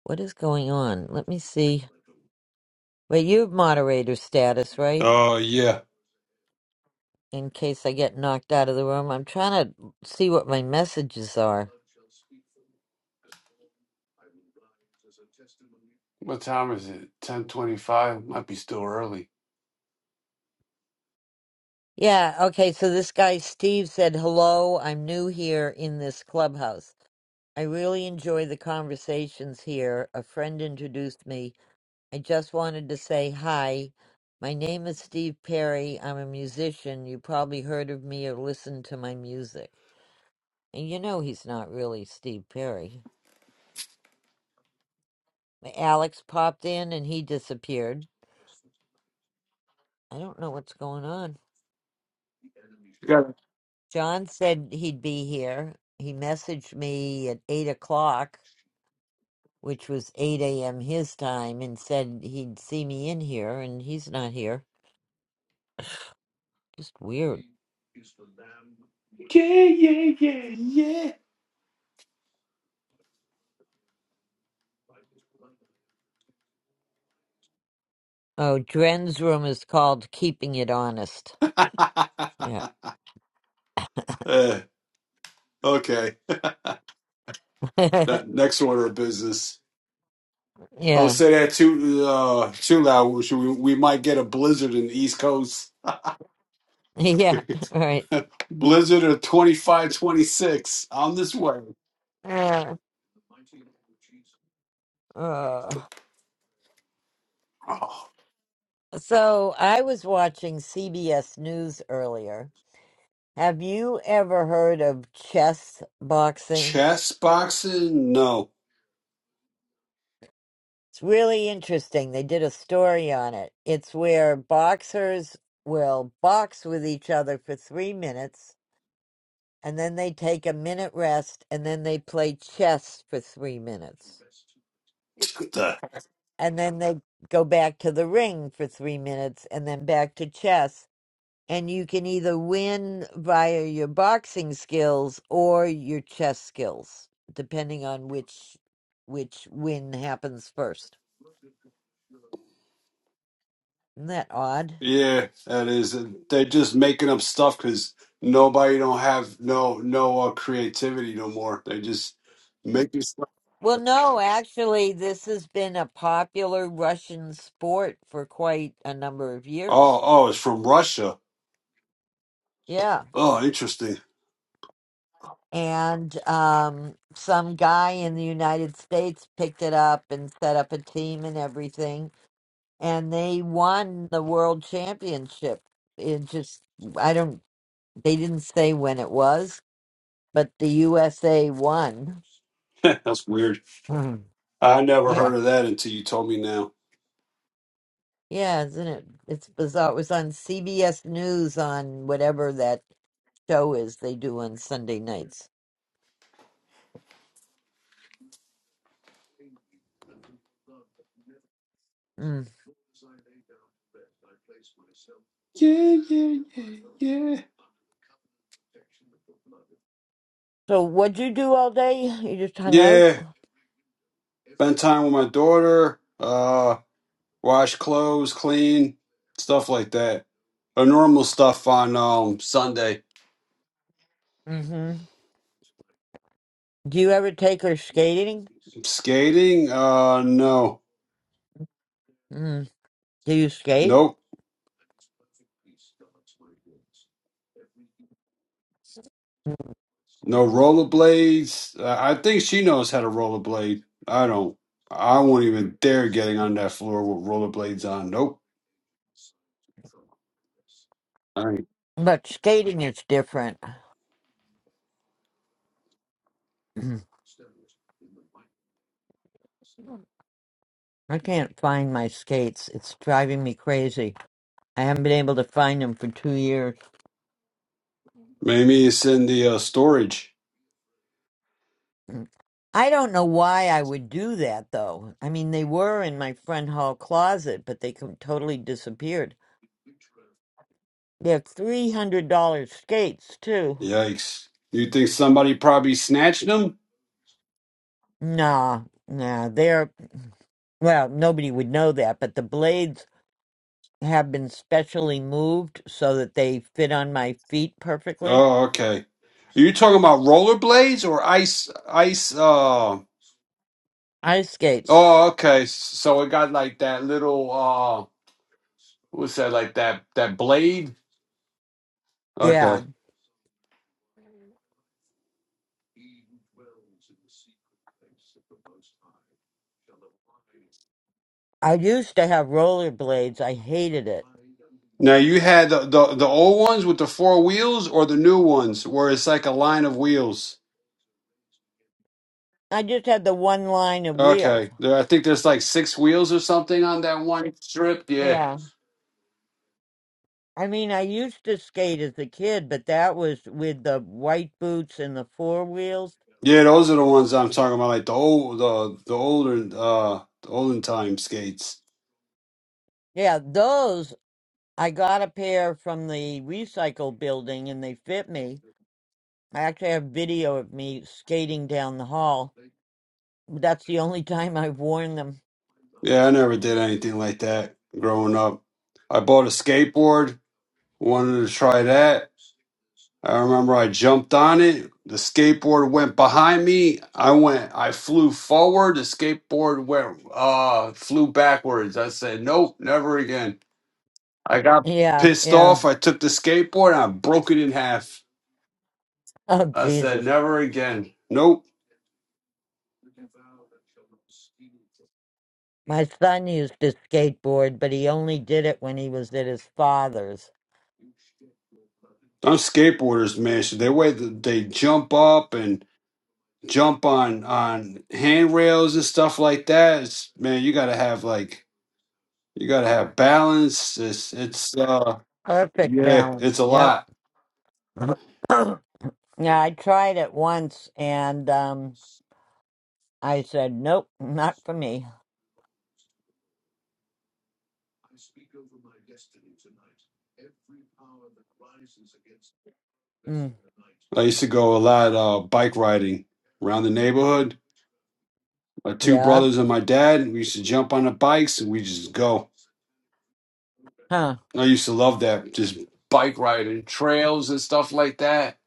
S1: What is going on? Let me see. Wait, you have moderator status, right?
S4: Oh, yeah.
S1: In case I get knocked out of the room, I'm trying to see what my messages are.
S4: What time is it? 1025? Might be still early.
S1: Yeah, okay, so this guy Steve said, Hello, I'm new here in this clubhouse. I really enjoy the conversations here. A friend introduced me I just wanted to say hi. My name is Steve Perry. I'm a musician. You probably heard of me or listened to my music. And you know he's not really Steve Perry. Alex popped in and he disappeared. I don't know what's going on.
S4: Yeah,
S1: John said he'd be here. He messaged me at 8 o'clock, which was 8 a.m. his time, and said he'd see me in here, and he's not here. Just weird.
S4: yeah, yeah, yeah.
S1: Oh, Dren's room is called Keeping It Honest.
S4: yeah.
S1: Yeah.
S4: uh, okay. That
S1: yeah.
S4: next order of business. Don't say that too uh, too loud. We, should- we we might get a blizzard in the East Coast.
S1: Yeah. Right.
S4: blizzard of 25, 26 On this way.
S1: Uh, uh.
S4: Oh.
S1: So I was watching CBS News earlier. Have you ever heard of chess boxing?
S4: Chess boxing? No.
S1: It's really interesting. They did a story on it. It's where boxers will box with each other for three minutes, and then they take a minute rest, and then they play chess for three minutes.
S4: What the?
S1: And then they go back to the ring for three minutes, and then back to chess and you can either win via your boxing skills or your chess skills, depending on which which win happens first. Isn't that odd?
S4: Yeah, that is. They're just making up stuff because nobody don't have no no uh, creativity no more. They just making stuff.
S1: Well, no, actually, this has been a popular Russian sport for quite a number of
S4: Oh,
S1: years.
S4: oh, it's from Russia.
S1: Yeah.
S4: Oh, interesting.
S1: And um, some guy in the United States picked it up and set up a team and everything. And they won the world championship. In just, I don't. They didn't say when it was, but the USA won.
S4: That's weird.
S1: Hmm.
S4: I never
S1: Yeah.
S4: heard of that until you told me now.
S1: Yeah, isn't it? It's bizarre. It was on CBS News on whatever that show is they do on Sunday nights. Mm.
S4: Yeah, yeah, yeah, yeah.
S1: So, what'd you do all day? You just hung out?
S4: Yeah. Spend time with my daughter. Uh, wash clothes, clean, stuff like that. Or normal stuff on um Sunday.
S1: hmm Do you ever take her skating?
S4: Skating? Uh, no.
S1: Mm. Do you skate?
S4: Nope. No rollerblades. Uh, I think she knows how to rollerblade. I don't. I won't even dare getting on that floor with rollerblades on. Nope. All right.
S1: But skating is different. Mm. I can't find my skates. It's driving me crazy. I haven't been able to find them for two years.
S4: Maybe it's in the uh, storage.
S1: Mm. I don't know why I would do that though. I mean, they were in my front hall closet, but they com- totally disappeared. They're three hundred dollar skates too.
S4: Yikes. You think somebody probably snatched them?
S1: Nah, nah, they're well, nobody would know that, but the blades have been specially moved so that they fit on my feet perfectly.
S4: Oh, okay. Are you talking about rollerblades or ice? Ice. Uh.
S1: Ice skates.
S4: Oh, okay. So it got like that little. Uh. What's that? Like that. That blade. Okay.
S1: Yeah, I used to have roller blades. I hated it.
S4: Now you had the, the the old ones with the four wheels or the new ones where it's like a line of wheels.
S1: I just had the one line of wheels.
S4: Okay, there, I think there's like six wheels or something on that one strip. Yeah,
S1: I mean, I used to skate as a kid, but that was with the white boots and the four wheels.
S4: yeah, those are the ones I'm talking about, like the old the the older uh the olden time skates.
S1: Yeah, those I got a pair from the recycle building and they fit me. I actually have video of me skating down the hall. That's the only time I've worn them.
S4: Yeah, I never did anything like that growing up. I bought a skateboard, wanted to try that. I remember I jumped on it. The skateboard went behind me. I went. I flew forward. The skateboard went. Uh, flew backwards. I said, "Nope, never again." I got
S1: Yeah,
S4: pissed
S1: yeah.
S4: off. I took the skateboard and I broke it in half.
S1: Oh,
S4: I said,
S1: Jesus.
S4: "Never again." Nope.
S1: My son used to skateboard, but he only did it when he was at his father's.
S4: I'm skateboarders, man. So they way that they jump up and jump on on handrails and stuff like that. It's, man, you gotta have like you gotta have balance. It's it's uh
S1: Perfect
S4: yeah, it's
S1: balance.
S4: a
S1: Yep.
S4: lot.
S1: yeah, I tried it once and, um, I said, nope, not for me. Mm,
S4: I used to go a lot uh, bike riding around the neighborhood. My two
S1: yeah.
S4: brothers and my dad, we used to jump on the bikes and we just go.
S1: Huh.
S4: I used to love that, just bike riding, trails and stuff like that.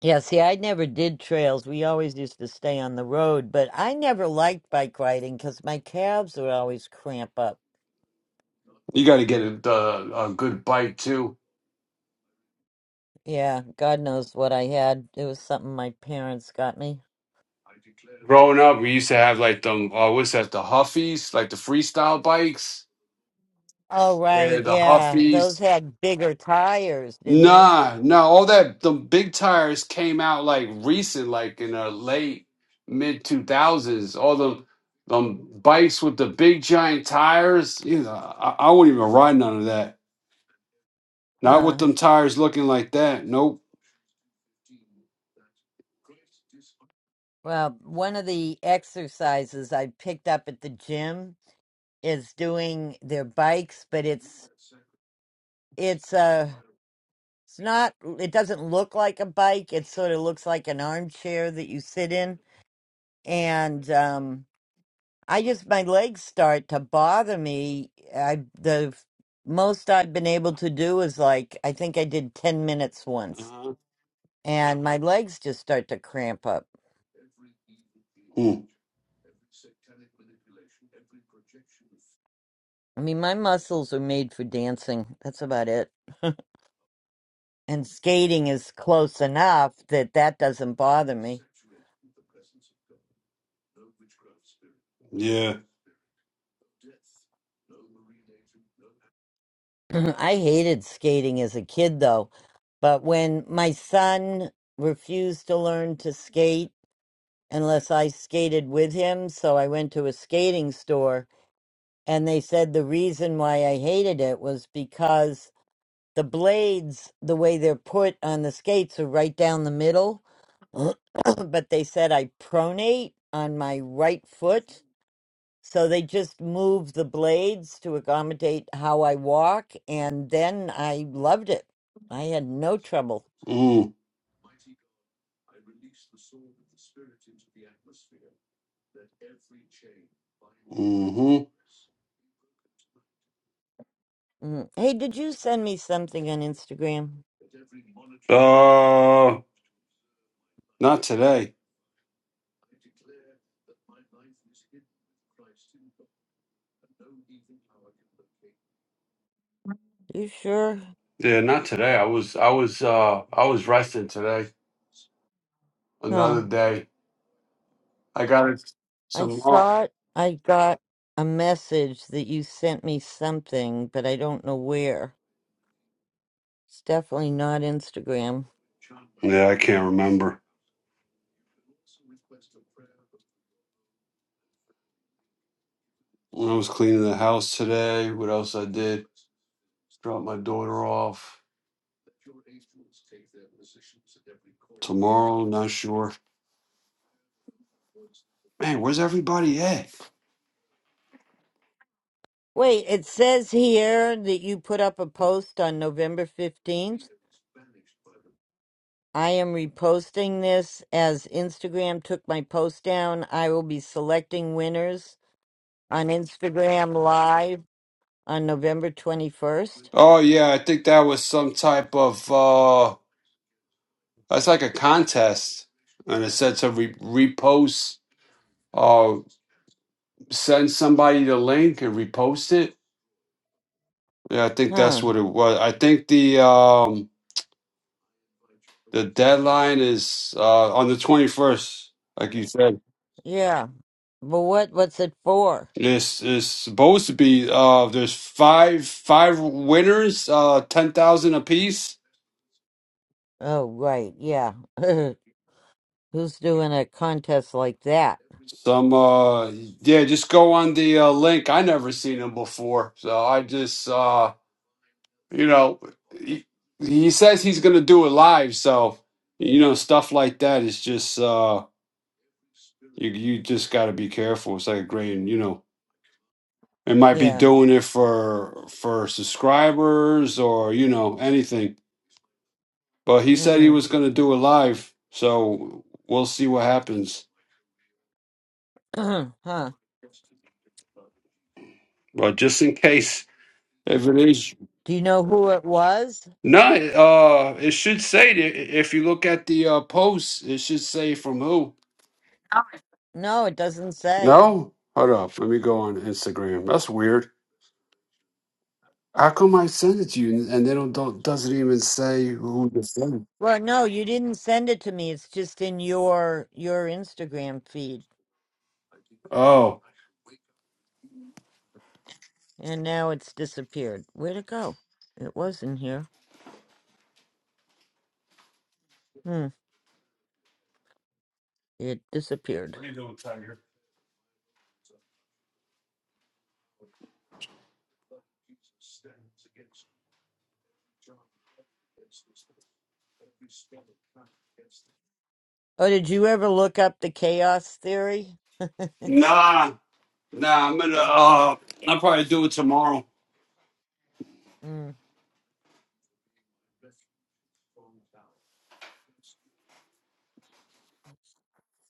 S1: Yeah, see, I never did trails. We always used to stay on the road, but I never liked bike riding because my calves would always cramp up.
S4: You got to get a, a, a good bike too.
S1: Yeah, God knows what I had. It was something my parents got me.
S4: Growing up, we used to have like them, uh, what's that, the Huffies, like the freestyle bikes.
S1: Oh, right.
S4: Yeah, the
S1: Yeah.
S4: Huffies.
S1: Those had bigger tires, didn't they?
S4: Nah, no, all that the big tires came out like recent, like in the late mid two thousands. All the um bikes with the big giant tires, you know, I, I wouldn't even ride none of that. Not with
S1: Huh.
S4: them tires looking like that. Nope.
S1: Well, one of the exercises I picked up at the gym is doing their bikes, but it's it's uh, It's not, it doesn't look like a bike. It sort of looks like an armchair that you sit in. And um, I just, my legs start to bother me. I, the most I've been able to do is like, I think I did 10 minutes once.
S4: Uh-huh.
S1: And my legs just start to cramp up.
S4: Hmm.
S1: I mean, my muscles are made for dancing. That's about it. and skating is close enough that that doesn't bother me.
S4: Yeah.
S1: I hated skating as a kid though, but when my son refused to learn to skate unless I skated with him, so I went to a skating store and they said the reason why I hated it was because the blades, the way they're put on the skates are right down the middle, but they said I pronate on my right foot so they just moved the blades to accommodate how I walk, and then I loved it. I had no trouble.
S4: Mm. Mm-hmm.
S1: Mm. Hey, did you send me something on Instagram?
S4: Uh, not today.
S1: You sure?
S4: Yeah, not today. I was, I was, uh, I was resting today.
S1: Huh.
S4: Another day. I got
S1: I
S4: some. Uh,
S1: thought I got a message that you sent me something, but I don't know where. It's definitely not Instagram.
S4: yeah, I can't remember. I was cleaning the house today. What else I did? Just Drop my daughter off tomorrow. Not sure. Man, where's everybody at?
S1: Wait, it says here that you put up a post on November 15th. I am reposting this as Instagram took my post down. I will be selecting winners on Instagram Live on November 21st.
S4: Oh yeah, I think that was some type of uh That's like a contest and it said to re- repost or send somebody the link and repost it. Yeah, I think that's
S1: Huh.
S4: what it was. I think the um the deadline is uh on the twenty first, like you said.
S1: Yeah. But what what's it for?
S4: This is supposed to be uh there's five five winners, uh ten thousand apiece.
S1: Oh, right. Yeah. Who's doing a contest like that?
S4: Some uh yeah, just go on the uh, link. I never seen him before, so I just uh you know he, he says he's gonna do it live, so you know stuff like that is just uh you you just got to be careful. It's like a grain, you know. It might be
S1: Yeah.
S4: doing it for for subscribers or you know anything, but he said he
S1: Mm.
S4: was going to do it live, so we'll see what happens.
S1: huh.
S4: But just in case, if it is
S1: Do you know who it was?
S4: No, it, uh, it should say that if you look at the uh, post, it should say from who.
S1: No, it doesn't say.
S4: No, hold up. Let me go on Instagram. That's weird. How come I send it to you and and they don't, don't doesn't even say who to send? it?
S1: Well, no, you didn't send it to me. It's just in your your Instagram feed.
S4: Oh,
S1: And now it's disappeared. Where'd it go? It was in here. Hmm. It disappeared. Oh, did you ever look up the chaos theory?
S4: nah, nah. I'm gonna uh, I'll probably do it tomorrow.
S1: Mm.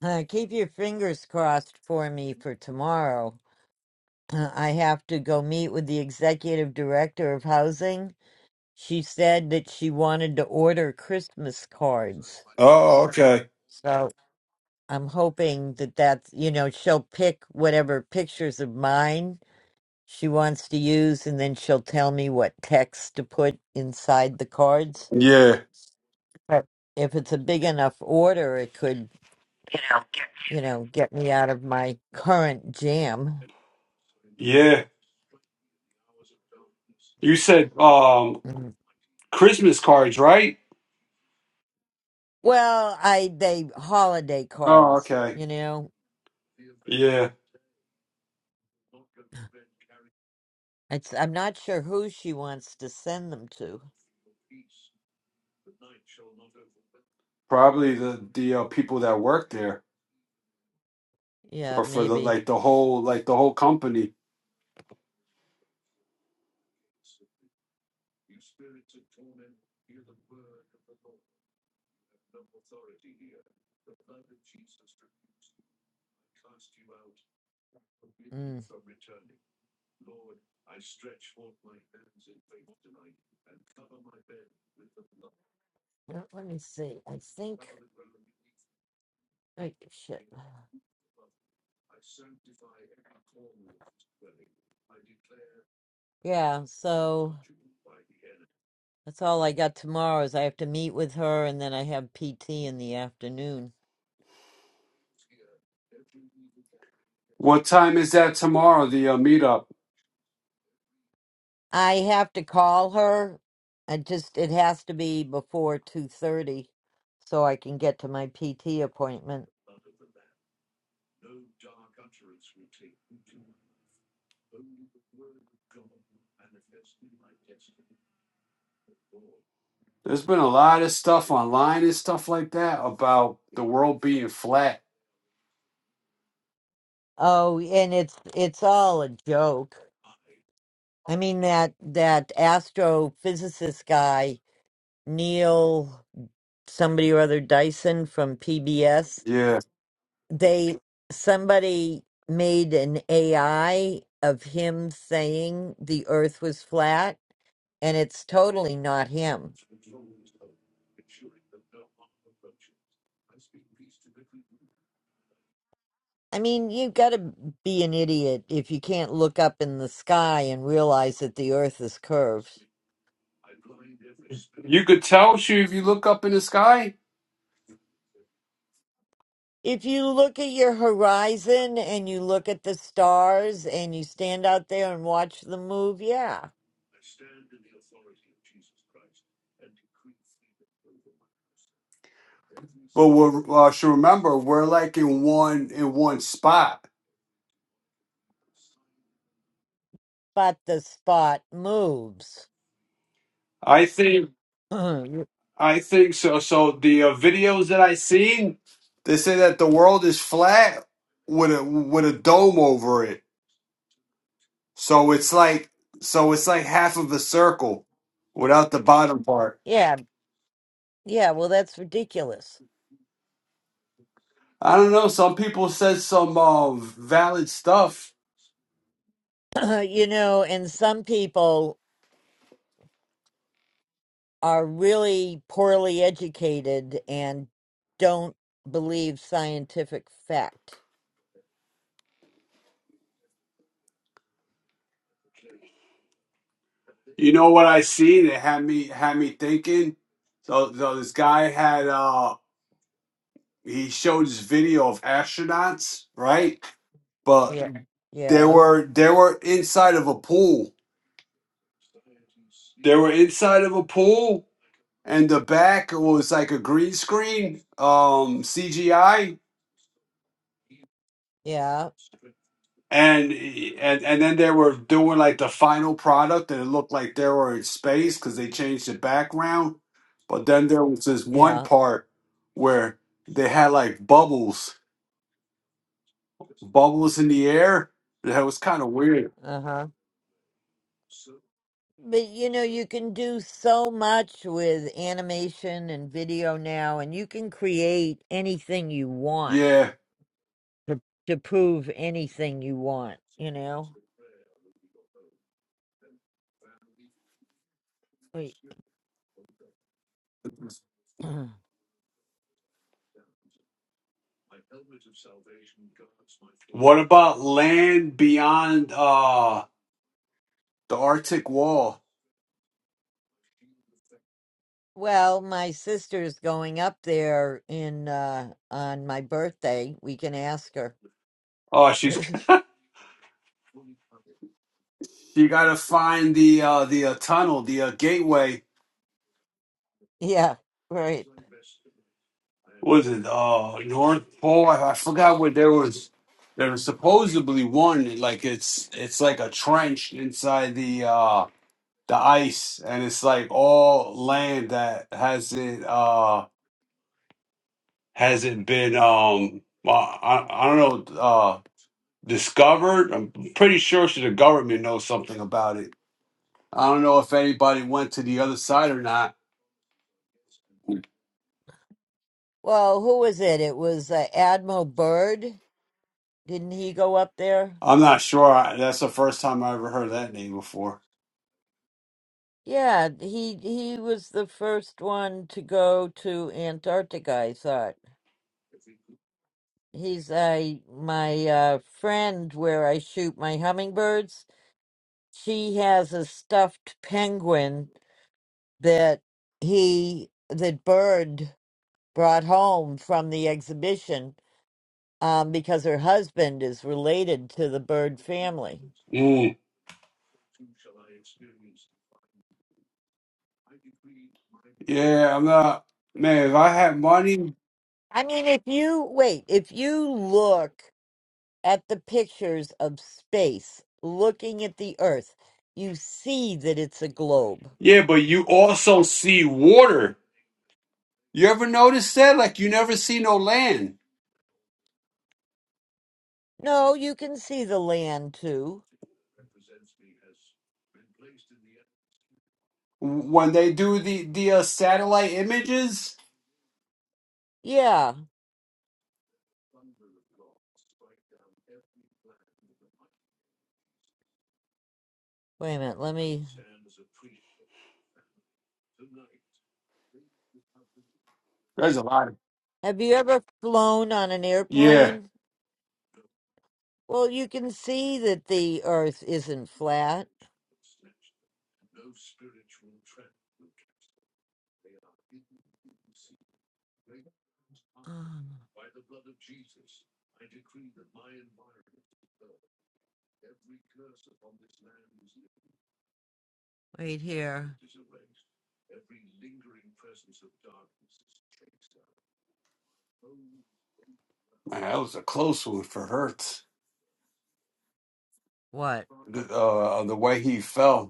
S1: Uh, keep your fingers crossed for me for tomorrow. Uh, I have to go meet with the executive director of housing. She said that she wanted to order Christmas cards.
S4: Oh, okay.
S1: So I'm hoping that that's, you know, she'll pick whatever pictures of mine she wants to use, and then she'll tell me what text to put inside the cards.
S4: Yeah,
S1: But if it's a big enough order, it could, you know, get me out of my current jam.
S4: yeah. You said um
S1: Mm.
S4: Christmas cards, right?
S1: Well, I they holiday
S4: Oh,
S1: cards,
S4: okay.
S1: you know.
S4: Yeah.
S1: It's I'm not sure who she wants to send them to.
S4: probably the the uh, people that work there
S1: Yeah,
S4: or for the
S1: maybe.
S4: like the whole like the whole company
S1: Mm. Well, Let me see. I think. Oh, shit. Yeah. So. That's all I got tomorrow is I have to meet with her and then I have PT in the afternoon.
S4: what time is that tomorrow the uh, meetup
S1: I have to call her. I just it has to be before 2:30 so I can get to my PT appointment.
S4: there's been a lot of stuff online and stuff like that about the world being flat
S1: Oh, and it's it's all a joke. I mean that that astrophysicist guy Neil somebody or other Dyson from PBS
S4: yeah
S1: they somebody made an AI of him saying the earth was flat and it's totally not him. I mean, you got to be an idiot if you can't look up in the sky and realize that the earth is curved.
S4: you could tell she if you look up in the sky
S1: If you look at your horizon and you look at the stars and you stand out there and watch them move, yeah,
S4: but we uh, should remember we're like in one in one spot
S1: but the spot moves.
S4: i think
S1: yeah,
S4: I think so. So the uh, videos that I seen, they say that the world is flat with a with a dome over it. So it's like so it's like half of a circle without the bottom part.
S1: yeah, well, that's ridiculous.
S4: I don't know. Some people said some uh, valid stuff.
S1: you know, and some people are really poorly educated and don't believe scientific fact.
S4: You know what I seen? It had me had me thinking. So, so this guy had uh he showed this video of astronauts, right? But
S1: Yeah.
S4: they
S1: Yeah.
S4: were they were inside of a pool They were inside of a pool, and the back was like a green screen, um, CGI,
S1: Yeah.
S4: and and and then they were doing like the final product, and it looked like they were in space because they changed the background. But then there was this one
S1: Yeah.
S4: part where they had like bubbles, bubbles in the air. That was kind of weird.
S1: Uh-huh. But you know, you can do so much with animation and video now, and you can create anything you want
S4: Yeah.
S1: to, to prove anything you want, you know? Wait.
S4: What about Land Beyond? Uh, the Arctic Wall.
S1: Well, my sister's going up there in uh on my birthday. We can ask her.
S4: Oh, she's You got to find the uh, the uh, tunnel, the uh, gateway.
S1: Yeah, right.
S4: What was it uh North Pole? I, I forgot what there was. There was supposedly one like it's it's like a trench inside the uh, the ice, and it's like all land that has not Uh, Hasn't been um. Well, I, I don't know. uh, Discovered. I'm pretty sure the government knows something about it. I don't know if anybody went to the other side or not.
S1: Well, who was it? It was uh, Admiral Byrd. Didn't he go up there?
S4: I'm not sure. I, that's the first time I ever heard that name before.
S1: Yeah, he he was the first one to go to Antarctica, I thought. He's I my uh friend where I shoot my hummingbirds. She has a stuffed penguin that he that Byrd. brought home from the exhibition um, because her husband is related to the bird family.
S4: Mm. Yeah, I'm not. Man, if I had money.
S1: I mean, if you wait, if you look at the pictures of space, looking at the Earth, you see that it's a globe.
S4: Yeah, but you also see water. You ever notice that? Like, you never see no land
S1: No, you can see the land too.
S4: when they do the the uh, satellite images.
S1: Yeah. Wait a minute. Let me.
S4: There's a lot. Of-
S1: Have you ever flown on an
S4: yeah,
S1: airplane? Well, you can see that the Earth isn't flat. Um, Wait here.
S4: man, that was a close one for Hertz.
S1: What?
S4: The, uh, the way he fell.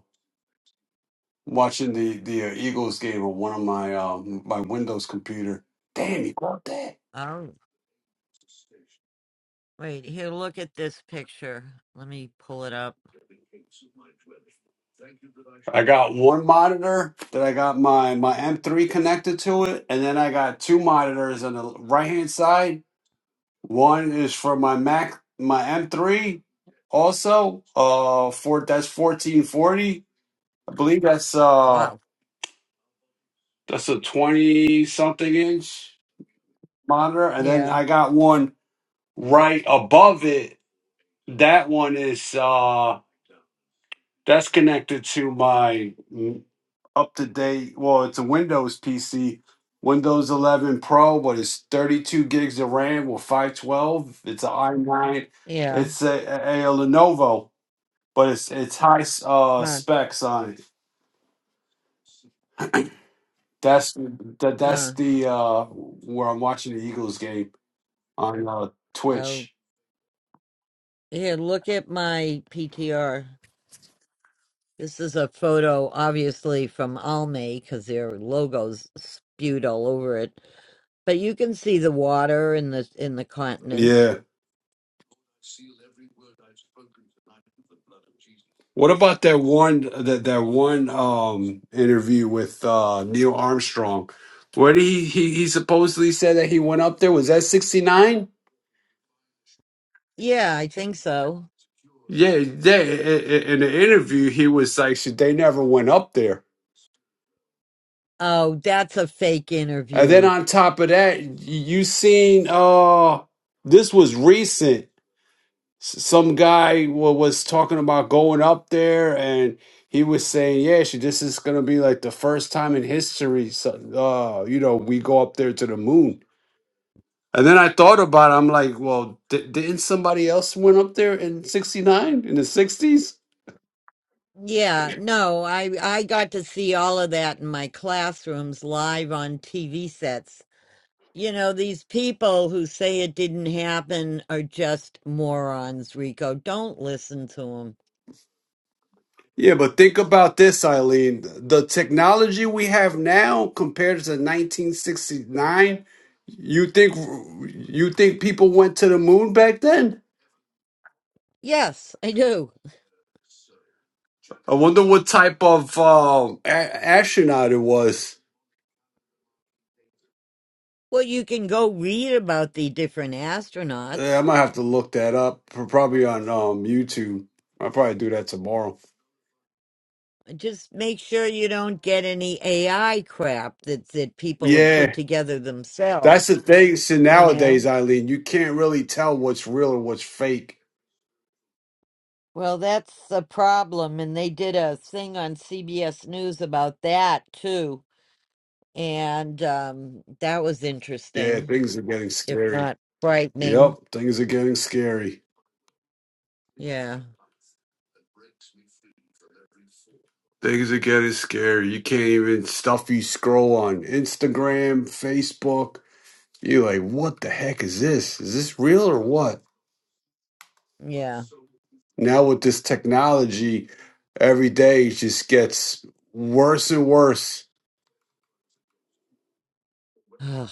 S4: watching the the uh, Eagles game on one of my um, my Windows computer. Damn, you got that?
S1: I don't. Wait, here, look at this picture. Let me pull it up.
S4: I got one monitor that I got my my M3 connected to it, and then I got two monitors on the right hand side. One is for my Mac, my M3, also uh for that's 1440. I believe that's uh
S1: Wow.
S4: that's a 20 something inch monitor, and then
S1: Yeah,
S4: I got one right above it That one is uh that's connected to my up to date. Well, it's a Windows PC, Windows 11 Pro, but it's 32 gigs of RAM with 512. It's an i9.
S1: yeah.
S4: It's a, a, a Lenovo, but it's it's high uh
S1: Huh.
S4: specs on it. That's that that's
S1: Huh.
S4: the uh where I'm watching the Eagles game on uh
S1: Oh,
S4: Twitch.
S1: here, look at my PTR. This is a photo, obviously, from Almay because their logo's spewed all over it. But you can see the water in the in the continents.
S4: Yeah. What about that one that that one um interview with uh Neil Armstrong? Where did he, he he supposedly said that he went up there? Was that sixty nine?
S1: Yeah, I think so.
S4: Yeah, yeah. i- i- In the interview, he was like, "Shit, "They never went up there."
S1: Oh, that's a fake
S4: And then
S1: interview.
S4: on top of that, y- you seen uh this was recent. s- some guy wa was talking about going up there and he was saying yeah she, this is going to be like the first time in history so, uh, you know we go up there to the moon and then i thought about it i'm like well di- didn't somebody else went up there in 69 in the 60s
S1: Yeah, no, I I got to see all of that in my classrooms live on TV sets. You know, these people who say it didn't happen are just morons, Rico. Don't listen to them.
S4: yeah but think about this eileen the technology we have now compared to 1969 you think you think people went to the moon back then
S1: Yes, I do.
S4: I wonder what type of um, a- astronaut it was.
S1: Well, you can go read about the different
S4: Yeah, I
S1: astronauts.
S4: might have to look that up. Probably on um, YouTube. I'll probably do that tomorrow.
S1: Just make sure you don't get any AI crap that, that people have put
S4: Yeah,
S1: together
S4: that's the
S1: themselves,
S4: thing. So
S1: you
S4: nowadays,
S1: know?
S4: Eileen, you can't really tell what's real or what's fake.
S1: Well, that's the problem. And they did a thing on CBS News about that, too. And um, that was
S4: Yeah,
S1: interesting,
S4: things are getting
S1: if
S4: scary.
S1: not frightening.
S4: Yep, things are getting scary.
S1: Yeah.
S4: Things are getting scary. You can't even stuffy scroll on Instagram, Facebook. You're like, what the heck is this? Is this real or what?
S1: Yeah.
S4: Now with this technology, every day it just gets worse and worse.
S1: Ugh.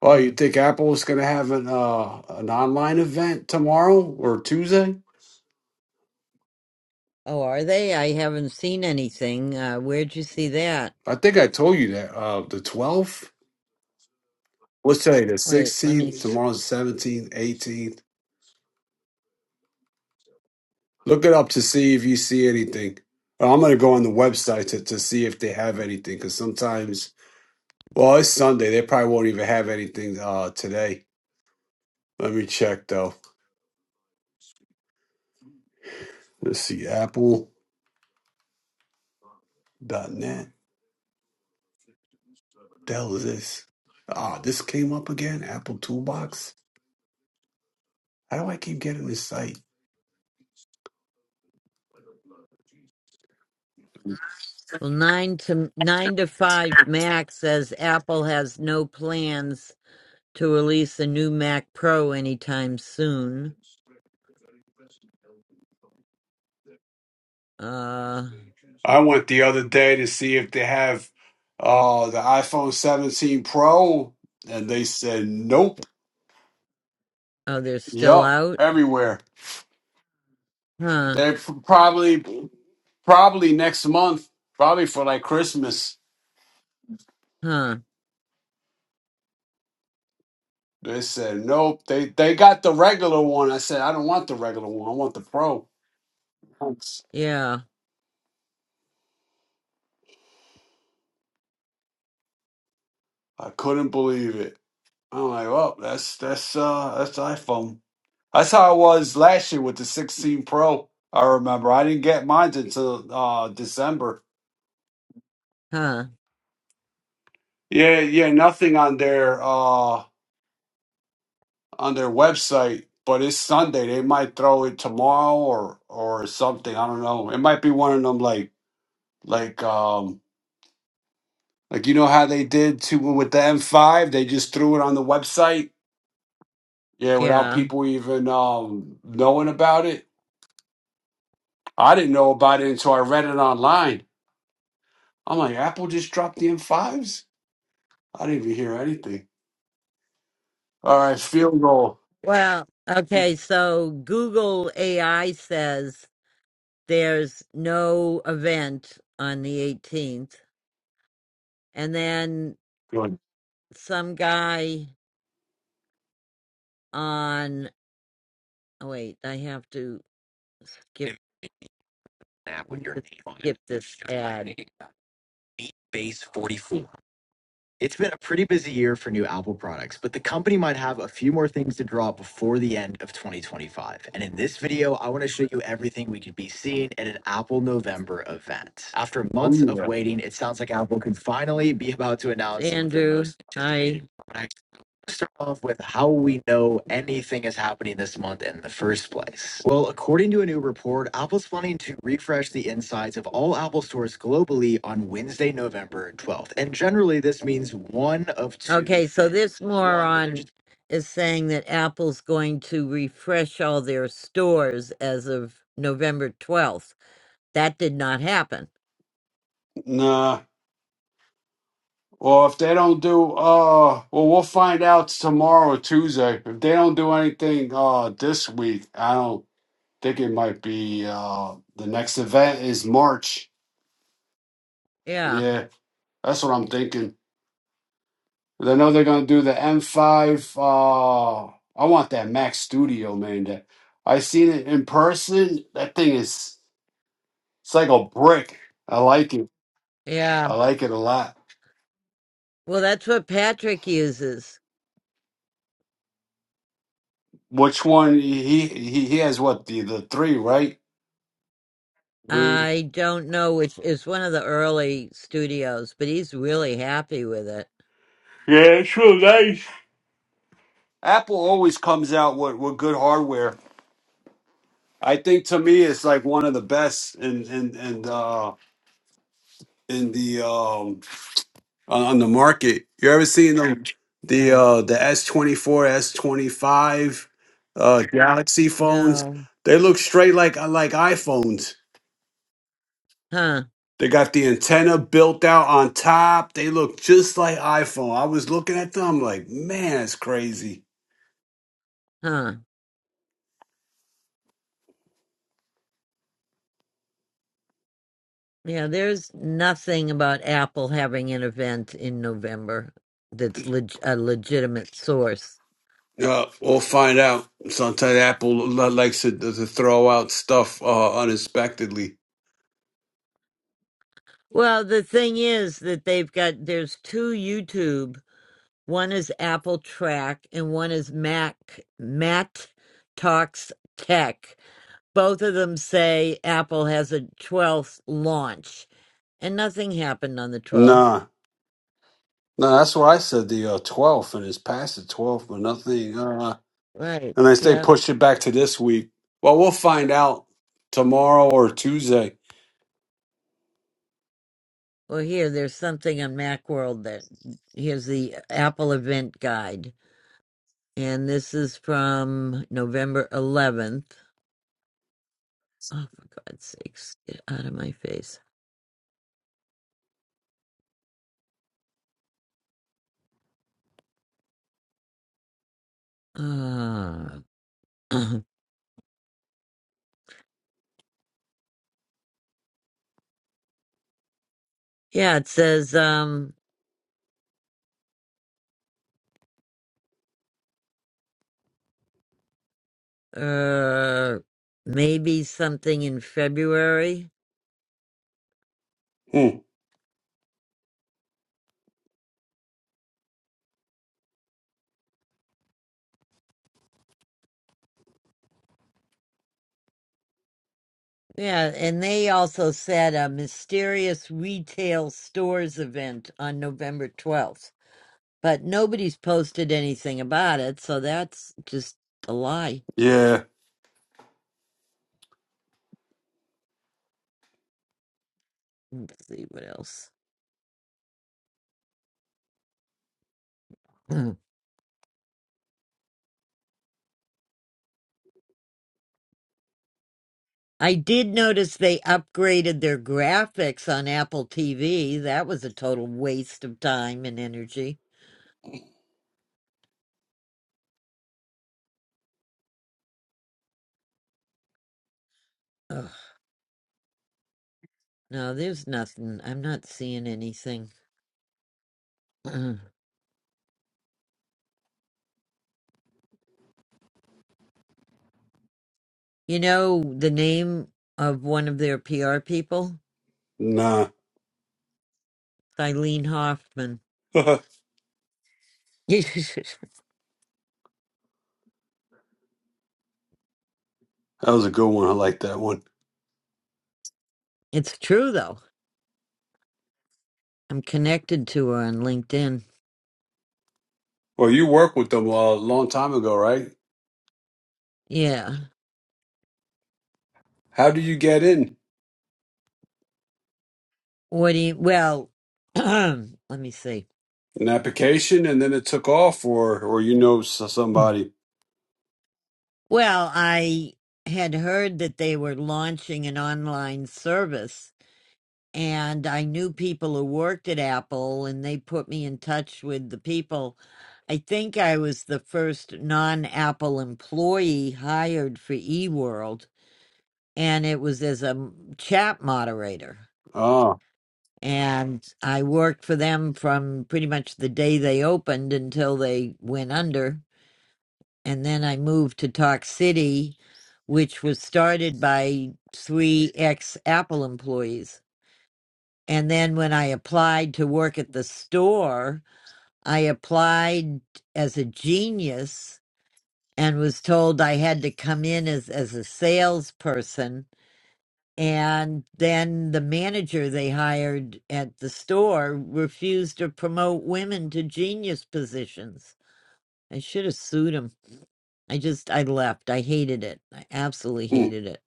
S4: Oh, you
S1: Mm.
S4: think Apple is going to have an uh, an online event tomorrow or Tuesday?
S1: Oh, are they? I haven't seen anything. Uh, where'd you see that?
S4: I think I told you that uh, the 12th. What's today? The
S1: Wait, let me.
S4: 16th.
S1: s-
S4: Tomorrow's the 17th, 18th. Look it up to see if you see anything. Uh, I'm gonna go on the website to, to see if they have anything because sometimes, well, it's Sunday. They probably won't even have anything uh, today. Let me check though. Let's see, Apple Apple.net. The hell is this? Ah, this came up again. Apple Toolbox. How do I keep getting this site?
S1: Well, nine to nine to five Mac says Apple has no plans to release a new Mac Pro anytime soon. Uh,
S4: I went the other day to see if they have uh the iPhone 17 Pro, and they said nope.
S1: oh, they're still
S4: Yup,
S1: out?
S4: everywhere.
S1: Huh.
S4: They're p- probably probably next month, probably for like Christmas.
S1: Huh.
S4: They said nope. They they got the regular one. I said I don't want the regular one. I want the pro. Thanks.
S1: Yeah.
S4: I couldn't believe it. I'm like, well, that's that's uh that's iPhone. That's how I was last year with the 16 Pro. I remember I didn't get mine until uh December.
S1: Huh.
S4: Yeah, yeah, nothing on there. Uh on their website, but it's Sunday. They might throw it tomorrow or or something. I don't know. It might be one of them like like um like you know how they did to with the M5. They just threw it on the website. Yeah, without
S1: Yeah.
S4: people even um knowing about it. I didn't know about it until I read it online. I'm like, Apple just dropped the M5s. I didn't even hear anything. All right, field goal.
S1: Well, okay. So Google AI says. there's no event on the 18th and then
S4: Good.
S1: some guy on oh wait i have to skip An with your name on it. skip it. this ad Meet Base 44. It's been a pretty busy year for new Apple products, but the company might have a few more things to drop before the end of 2025. And in this video, I want to show you everything we could be seeing at an Apple November event. After
S4: Oh
S1: months of
S4: yeah.
S1: waiting, it sounds like Apple could finally be about to announce Andrew, hi start off with how we know anything is happening this month in the first place. Well, according to a new report, Apple's planning to refresh the insides of all Apple stores globally on Wednesday, November 12th. And generally, this means one of two. Okay, so this moron is saying that Apple's going to refresh all their stores as of November 12th. That did not happen.
S4: Nah. Well, if they don't do, uh, well, we'll find out tomorrow, Tuesday. If they don't do anything, uh, this week, I don't think it might be, uh, the next event is March.
S1: Yeah,
S4: Yeah, that's what I'm thinking. 'Cause I know they're gonna do the M5. Uh, I want that Max Studio, man. That I seen it in person. That thing is, it's like a brick. I like it.
S1: yeah.
S4: I like it a lot.
S1: Well, that's what Patrick uses.
S4: Which one? He he he has what the the three right?
S1: I don't know which is one of the early studios, but he's really happy with it.
S4: Apple always comes out with, with good hardware. I think to me, it's like one of the best in in in uh, in the um, on on the market. You ever seen the The
S1: Yeah.
S4: uh, the S twenty four, S twenty five, uh Galaxy phones.
S1: No.
S4: They look straight like uh, like iPhones.
S1: Huh.
S4: They got the antenna built out on top. They look just like iPhone. I was looking at them I'm like, man, it's crazy.
S1: Huh. Yeah, there's nothing about Apple having an event in November that's leg- a legitimate source.
S4: Uh, we'll find out. Sometimes Apple li- likes to, to throw out stuff uh, unexpectedly.
S1: Well, the thing is that they've got there's two YouTube. One is Apple Track and one is Mac Matt Talks Tech. Both of them say Apple has a 12th launch. And nothing happened on the 12th.
S4: Nah, no, that's why I said the uh, 12th, and it's past the 12th, but nothing. Uh,
S1: Right.
S4: unless they
S1: Yeah.
S4: push it back to this week. Well, we'll find out tomorrow or Tuesday.
S1: Well, here, there's something on Macworld that here's the Apple event guide. And this is from November 11th. Oh, for God's sakes, get out of my face. Uh, yeah, it says um, uh, maybe something in February.
S4: Hmm.
S1: Yeah, and they also said a mysterious retail stores event on November 12th. but nobody's posted anything about it, so that's just a lie.
S4: Yeah.
S1: Let's see what else. Mm. I did notice they upgraded their graphics on Apple TV. That was a total waste of time and energy. Ugh. No, there's nothing. I'm not seeing anything. Mm. you know the name of one of their PR people?
S4: Nah.
S1: Eileen Hoffman.
S4: that
S1: it's
S4: was a good one. I like that one.
S1: true, though. I'm connected to her on LinkedIn.
S4: Well, you worked with them a long time ago, right?
S1: Yeah.
S4: How do you get in?
S1: What do you, well, let me see.
S4: An application, and then it took off, or or you know s- somebody.
S1: Well, I had heard that they were launching an online service, and I knew people who worked at Apple, and they put me in touch with the people. I think I was the first non Apple employee hired for eWorld, and it was as a m- chat moderator.
S4: Ah.
S1: And I worked for them from pretty much the day they opened until they went under and then I moved to Talk City, which was started by three ex Apple employees. And then when I applied to work at the store, I applied as a genius and was told I had to come in as, as a salesperson. And then the manager they hired at the store refused to promote women to genius positions. I should have sued him. I just I left. I hated it. I absolutely
S4: Hmm.
S1: hated it.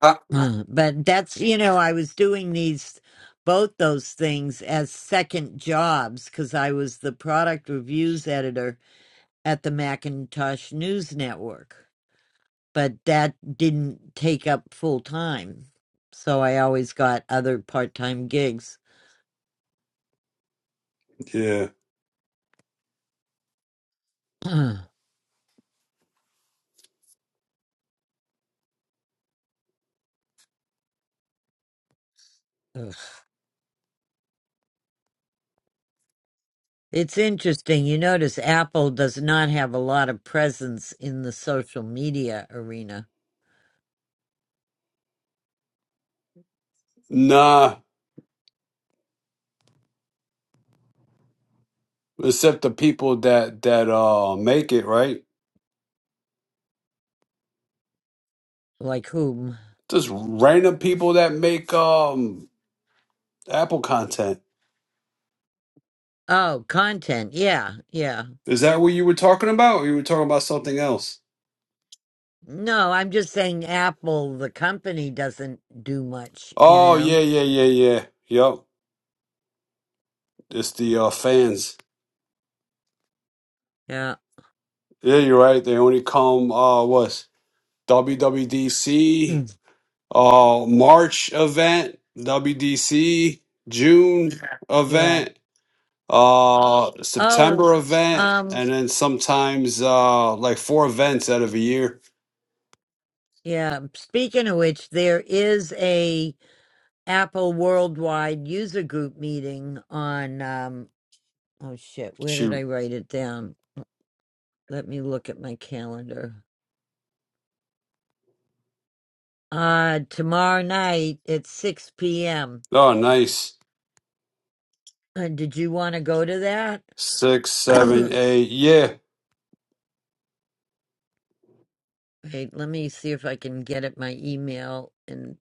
S4: Uh,
S1: Uh, But that's you know I was doing these both those things as second jobs because I was the product reviews editor at the Macintosh News Network. But that didn't take up full time, so I always got other part time gigs.
S4: yeah.
S1: Ugh. It's interesting. You notice Apple does not have a lot of presence in the social media arena.
S4: Nah. Except the people that that uh make it, right?
S1: Like whom?
S4: Just random people that make um Apple content.
S1: Oh, content. Yeah, yeah.
S4: Is that what you were talking about? Or you were talking about something else?
S1: No, I'm just saying Apple, the company, doesn't do much, you
S4: Oh
S1: know?
S4: yeah, yeah, yeah, yeah. Yup. It's the uh fans.
S1: Yeah.
S4: Yeah, you're right. They only come uh what's WWDC
S1: Mm.
S4: uh March event, WDC June
S1: Yeah.
S4: event, uh
S1: Oh,
S4: September event
S1: um,
S4: and then sometimes uh like four events out of a year.
S1: yeah. Speaking of which, there is a Apple Worldwide User Group meeting on, um, oh shit, where did
S4: Shoot.
S1: I write it down? Let me look at my calendar. Uh, tomorrow night at 6 p.m.
S4: Oh nice.
S1: Uh, did you want to go to that?
S4: Six, seven, eight. Yeah.
S1: Okay, let me see if I can get at my email and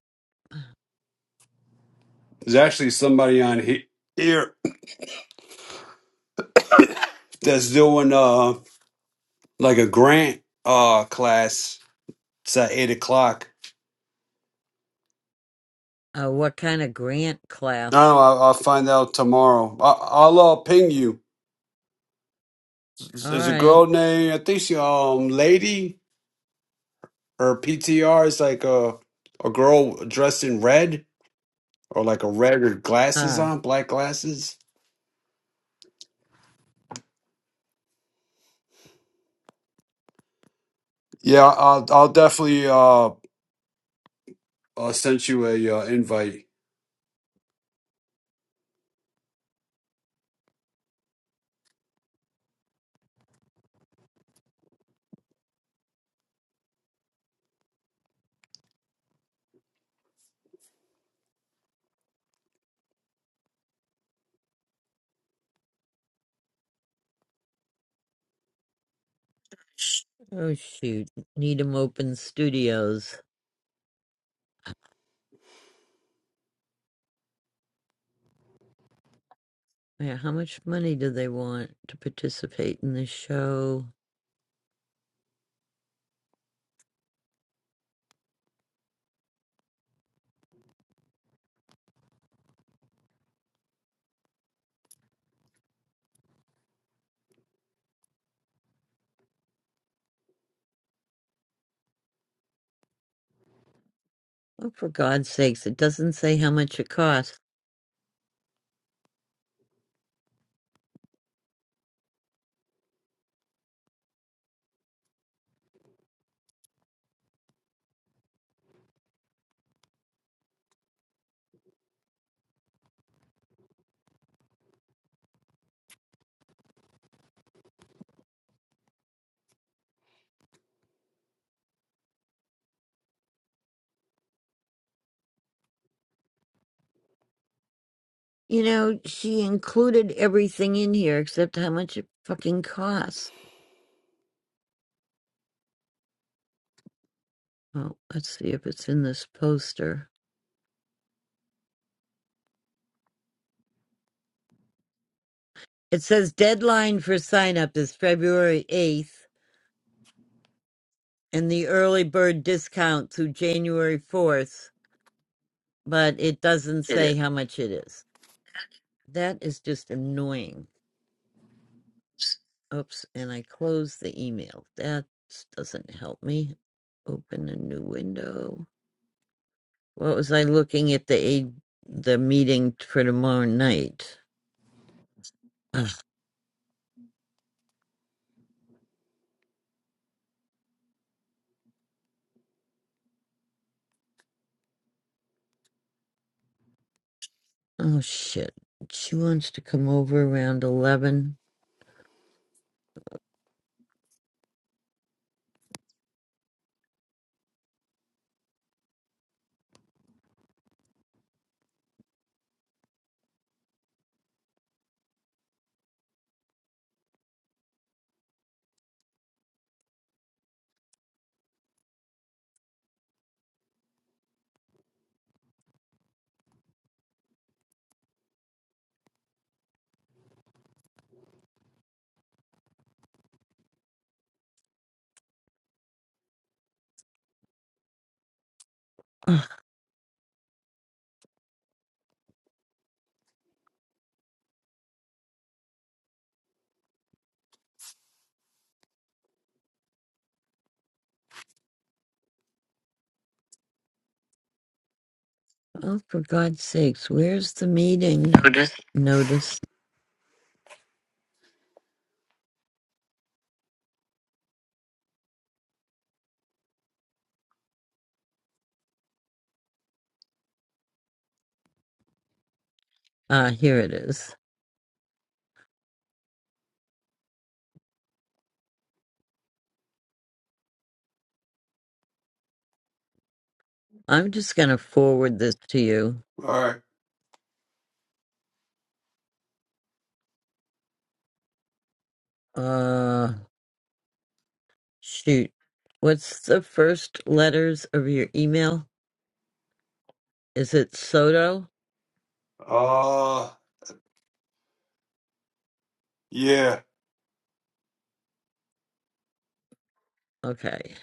S4: There's actually somebody on he- here that's doing uh like a grant uh class. It's at eight o'clock.
S1: uh, what kind of grant
S4: I don't
S1: class?
S4: know. I'll, I'll find out tomorrow. I, I'll uh, ping you.
S1: All
S4: There's a
S1: right.
S4: girl named I think she um lady. Her PTR is like a a girl dressed in red. or like a red or glasses
S1: Huh.
S4: on, black glasses. Yeah, I'll I'll definitely uh I'll send you a uh, invite.
S1: Oh shoot. Needham Open Studios. Yeah, how much money do they want to participate in this show? Oh, for God's sakes, it doesn't say how much it costs. You know, she included everything in here except how much it fucking costs. Well, let's see if it's in this poster. It says deadline for sign up is February 8th. and the early bird discount through January 4th, but it doesn't say how much it is. That is just annoying. Oops, and I closed the email. That doesn't help me. Open a new window. What was I looking at the a- the meeting for tomorrow night? Ugh, oh shit. She wants to come over around 11. Ugh, oh, for God's sakes, where's the meeting notice? Ah, here it is. I'm just going to forward this to you.
S4: All right.
S1: Uh, shoot. What's the first letters of your email? Is it Soto?
S4: Uh yeah.
S1: Okay.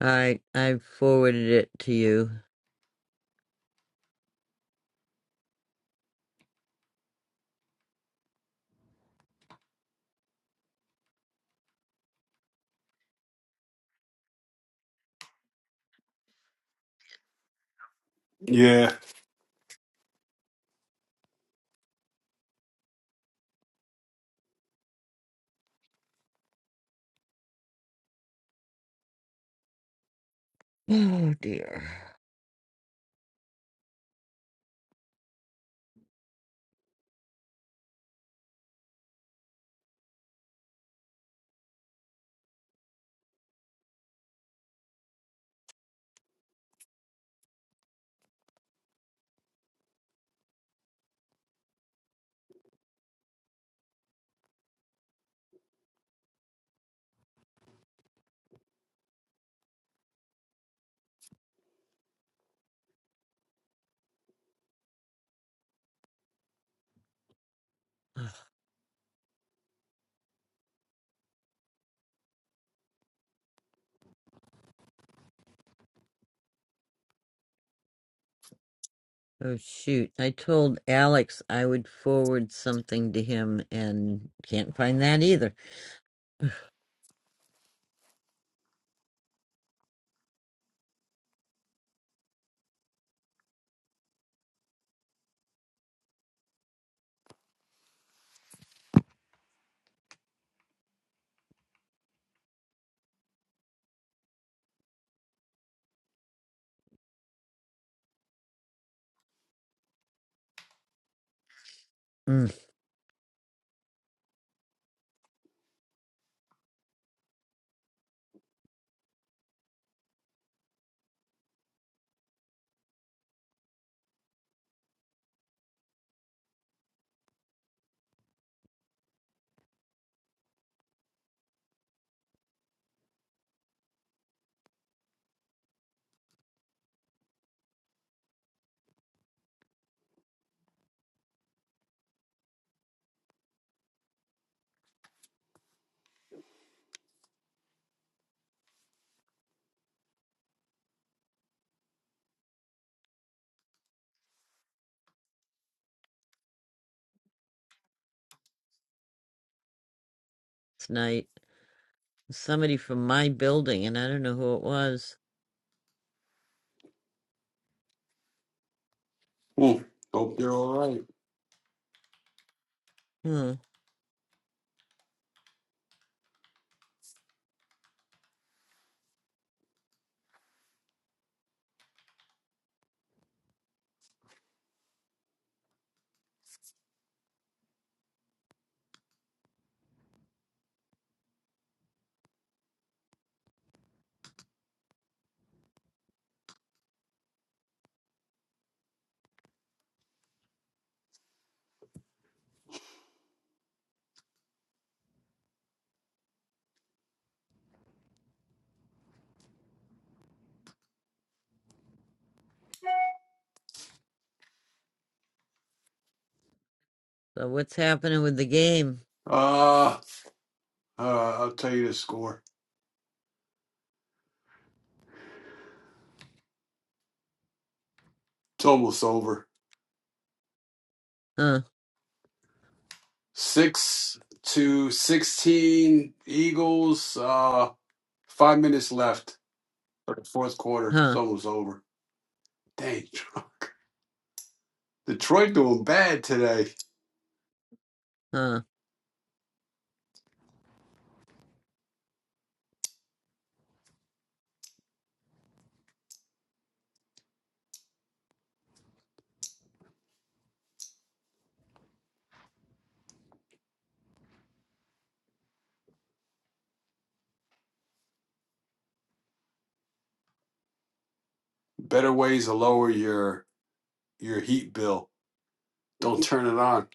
S1: I I forwarded it to you.
S4: Yeah.
S1: Oh dear. Oh shoot. I told Alex I would forward something to him and can't find that either. Mm. Tonight somebody from my building and I don't know who it was.
S4: Hmm. Hope you're all right.
S1: Hmm. So what's happening with the game?
S4: Uh, uh I'll tell you the score. It's almost over.
S1: Huh.
S4: 6 to 16 Eagles uh 5 minutes left for the fourth quarter. It's
S1: Huh.
S4: almost over. Dang. Detroit doing bad today.
S1: Huh.
S4: Better ways to lower your your heat bill. Don't turn it on.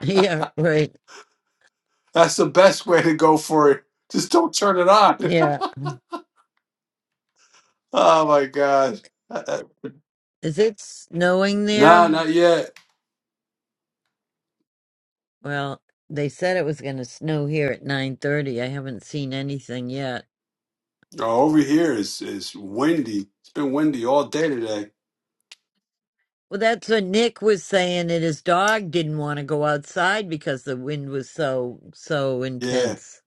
S1: Yeah, right.
S4: That's the best way to go for it. Just don't turn it on.
S1: Yeah.
S4: oh my god. Uh, uh,
S1: Is it snowing
S4: Nah,
S1: there?
S4: not yet.
S1: Well, they said it was going to snow here at 9:30. I haven't seen anything yet.
S4: Oh, over here is is windy. It's been windy all day today.
S1: Well, that's what Nick was saying that his dog didn't want to go outside because the wind was so so
S4: Yeah.
S1: intense.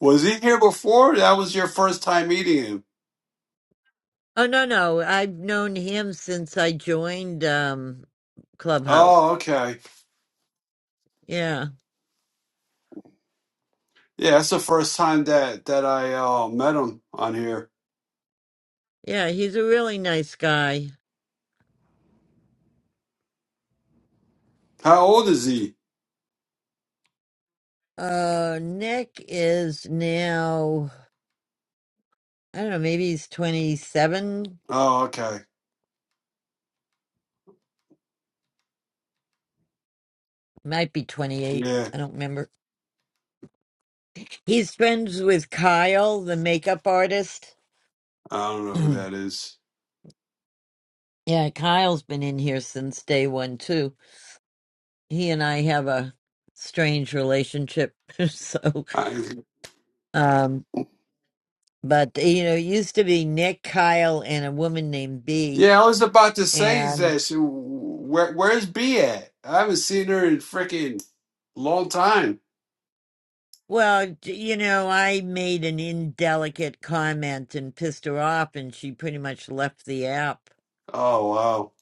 S4: Was he here before? That was your first time meeting him.
S1: Oh no, no. I've known him since I joined um Clubhouse.
S4: Oh, okay.
S1: Yeah.
S4: Yeah, that's the first time that that I uh, met him on here.
S1: Yeah, he's a really nice guy.
S4: How old is he?
S1: Uh Nick is now I don't know, maybe he's 27
S4: Oh, okay.
S1: Might be 28.
S4: Yeah.
S1: I don't remember. He's friends with Kyle, the makeup artist.
S4: I don't know who that
S1: yeah,
S4: is.
S1: Kyle's been in here since day one, too. He and I have a strange relationship. so,
S4: I,
S1: um, but, you know, it used to be Nick, Kyle, and a woman named B.
S4: Yeah, I was about to say,
S1: And,
S4: Zesh, where, where's B at? I haven't seen her in freaking long time.
S1: well, d- you know, I made an indelicate comment and pissed her off, and she pretty much left the app.
S4: Oh wow,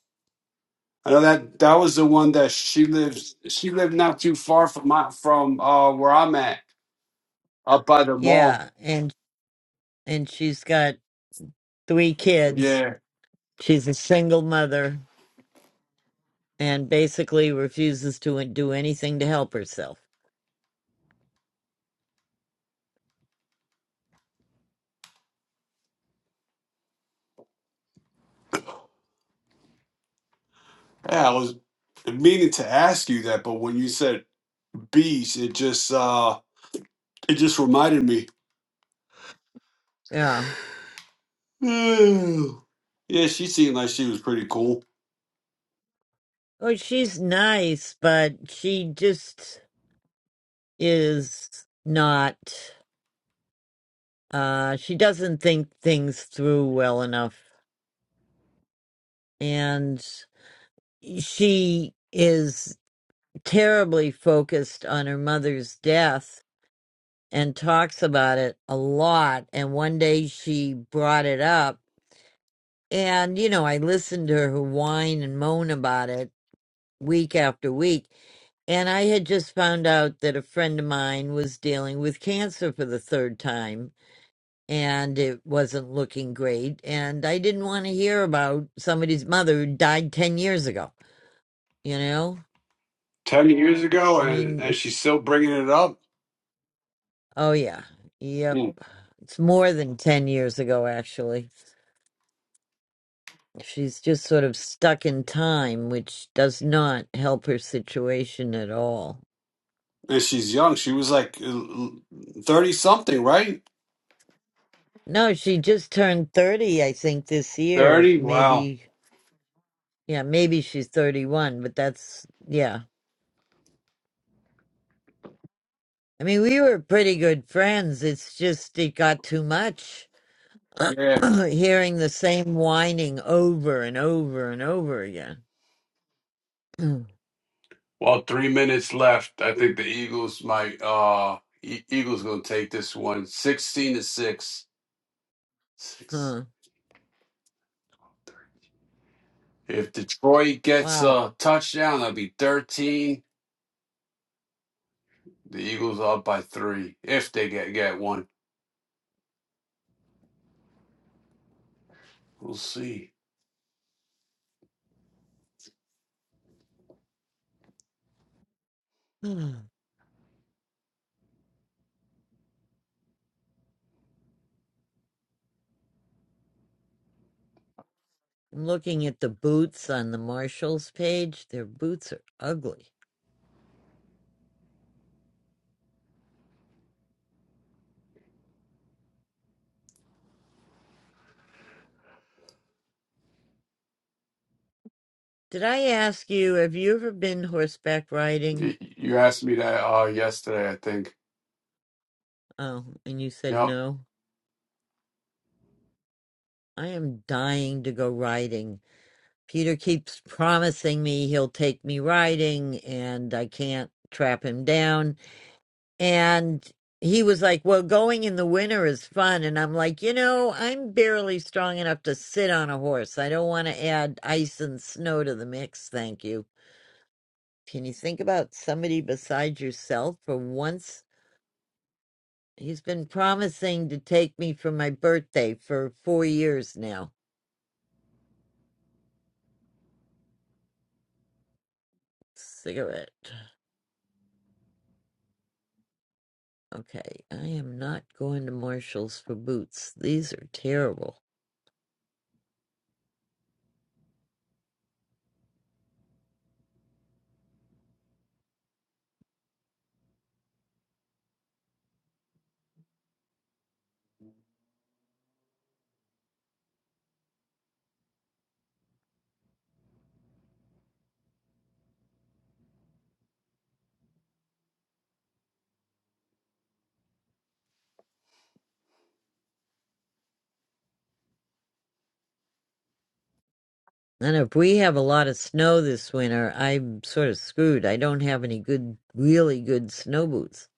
S4: I know that that was the one that she lives. She lived not too far from my from uh where I'm at, up by the mall.
S1: Yeah. And, and she's got three kids.
S4: Yeah,
S1: She's a single mother and basically refuses to do anything to help herself.
S4: yeah. I was meaning to ask you that, but when you said bees, it just uh it just reminded me.
S1: Yeah.
S4: Ooh. yeah, she seemed like she was pretty cool
S1: Oh, she's nice, but she just is not, uh, she doesn't think things through well enough. And she is terribly focused on her mother's death and talks about it a lot. And one day she brought it up and you know i listened to her whine and moan about it week after week. And I had just found out that a friend of mine was dealing with cancer for the third time and it wasn't looking great. And I didn't want to hear about somebody's mother who died 10 years ago. You know,
S4: ten years ago,
S1: I
S4: and
S1: mean,
S4: and
S1: it's,
S4: she's still bringing it up.
S1: oh yeah, yep.
S4: Hmm.
S1: It's more than 10 years ago, actually. She's just sort of stuck in time, which does not help her situation at all.
S4: And she's young. She was like thirty something, right?
S1: No, she just turned 30, I think, this year,
S4: Thirty. Wow.
S1: maybe Yeah, maybe she's 31, but that's, yeah. I mean, we were pretty good friends. It's just it got too much
S4: Yeah.
S1: hearing the same whining over and over and over again.
S4: Well, three minutes left. I think the Eagles might. Uh, E- Eagles gonna take this one. Sixteen to six. Six.
S1: huh.
S4: If Detroit gets
S1: Wow.
S4: a touchdown, that'll be thirteen. The Eagles are up by three. If they get get one, we'll see.
S1: I'm looking at the boots on the Marshalls page. Their boots are ugly. Did I ask you, have you ever been horseback riding?
S4: Y- You asked me that uh, yesterday, I think.
S1: Oh, and you said
S4: Yep.
S1: no. I am dying to go riding. Peter keeps promising me he'll take me riding and I can't trap him down. And he was like, Well, going in the winter is fun. And I'm like, You know, I'm barely strong enough to sit on a horse. I don't want to add ice and snow to the mix. Thank you. Can you think about somebody besides yourself for once? He's been promising to take me for my birthday for four years now. Cigarette. Okay, I am not going to Marshall's for boots. These are terrible. And if we have a lot of snow this winter, I'm sort of screwed. I don't have any good, really good snow boots.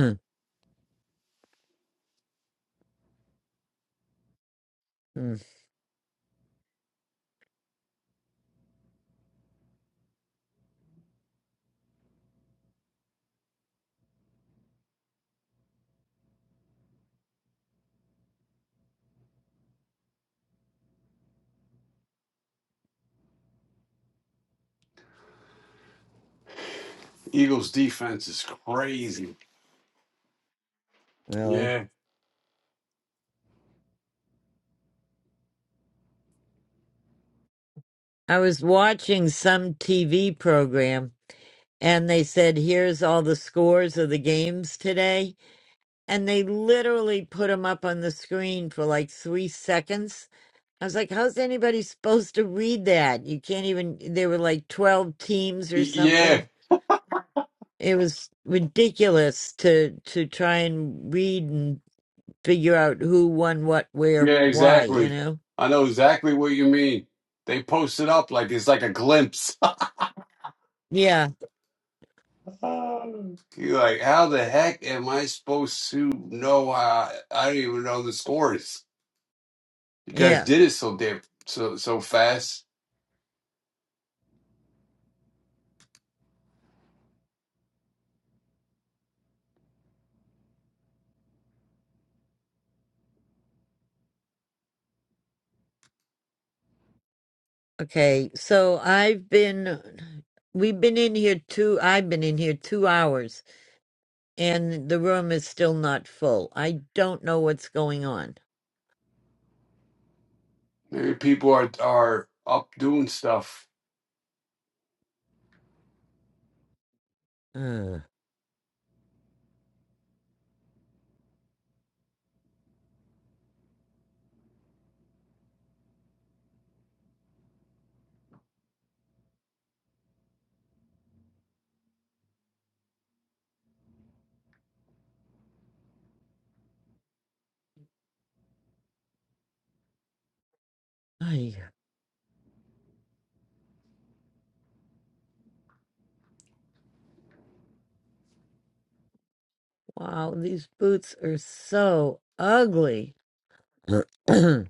S1: Hmm, hmm,
S4: Eagles defense is crazy.
S1: really?
S4: Yeah.
S1: I was watching some TV program and they said, here's all the scores of the games today. And they literally put them up on the screen for like three seconds I was like, how's anybody supposed to read that? You can't even, there were like 12 teams or
S4: Y- Yeah.
S1: something. It was ridiculous to to try and read and figure out who won what, where,
S4: Yeah,
S1: why, you
S4: exactly.
S1: know?
S4: I know exactly what you mean. They post it up like it's like a glimpse.
S1: Yeah.
S4: You're like, how the heck am I supposed to know? I I don't even know the scores. You guys
S1: Yeah.
S4: did it so damn so so fast.
S1: Okay. So I've been, we've been in here two, I've been in here two hours and the room is still not full. I don't know what's going on.
S4: Maybe people are are up doing stuff.
S1: Ugh. Ay. Wow, these boots are so ugly. you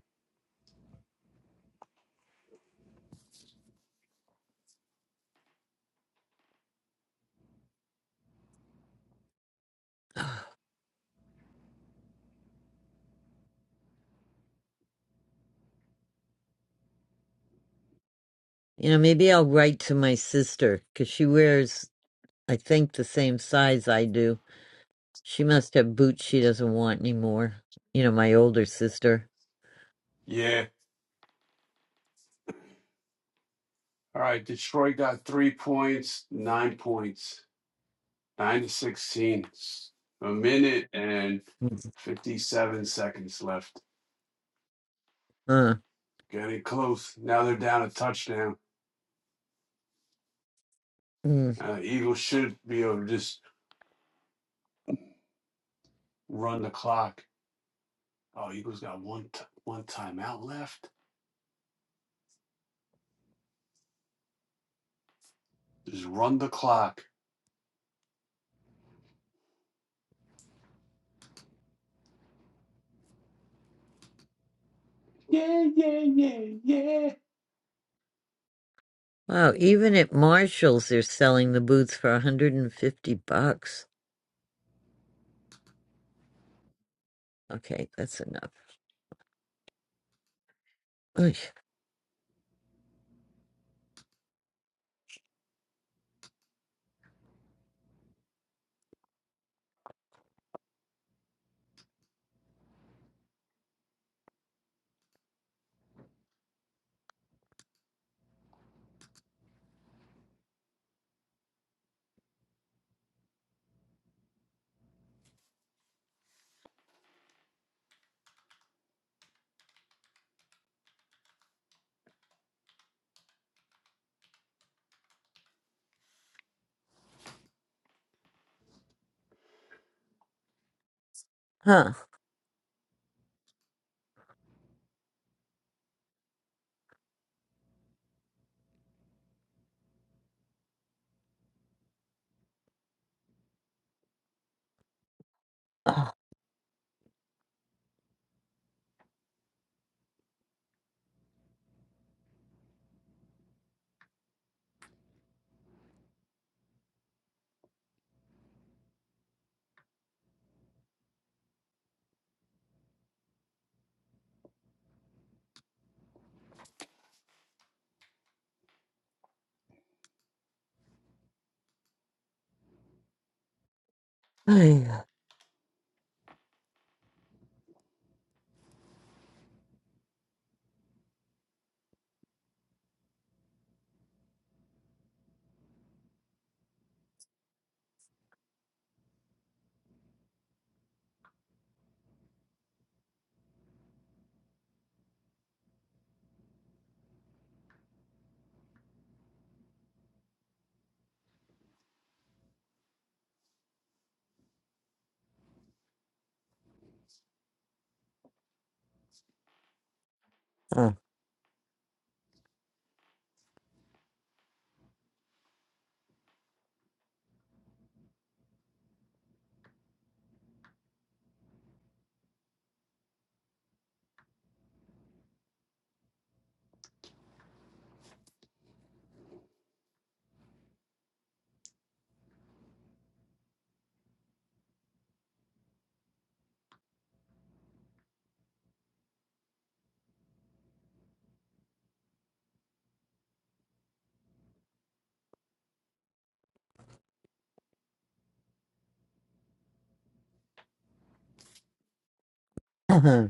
S1: know, maybe I'll write to my sister because she wears, I think, the same size I do. She must have boots she doesn't want anymore. You know, my older sister.
S4: Yeah. All right. Detroit got three points, nine points, nine to sixteen. A minute and
S1: Mm.
S4: fifty-seven seconds left.
S1: Huh.
S4: Getting close. Now they're down a touchdown.
S1: Mm.
S4: Uh, Eagles should be able to just run the clock. Oh, Eagles got one t- one timeout left. Just run the clock. Yeah, yeah, yeah, yeah.
S1: Wow, even at Marshall's, they're selling the boots for 150 bucks. Okay, that's enough. Oy. Huh. Oh, yeah. Uh, uh-huh.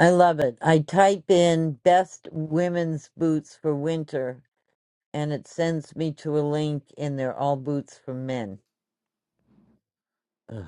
S1: I love it. I type in best women's boots for winter and it sends me to a link and they're all boots for men. Ugh.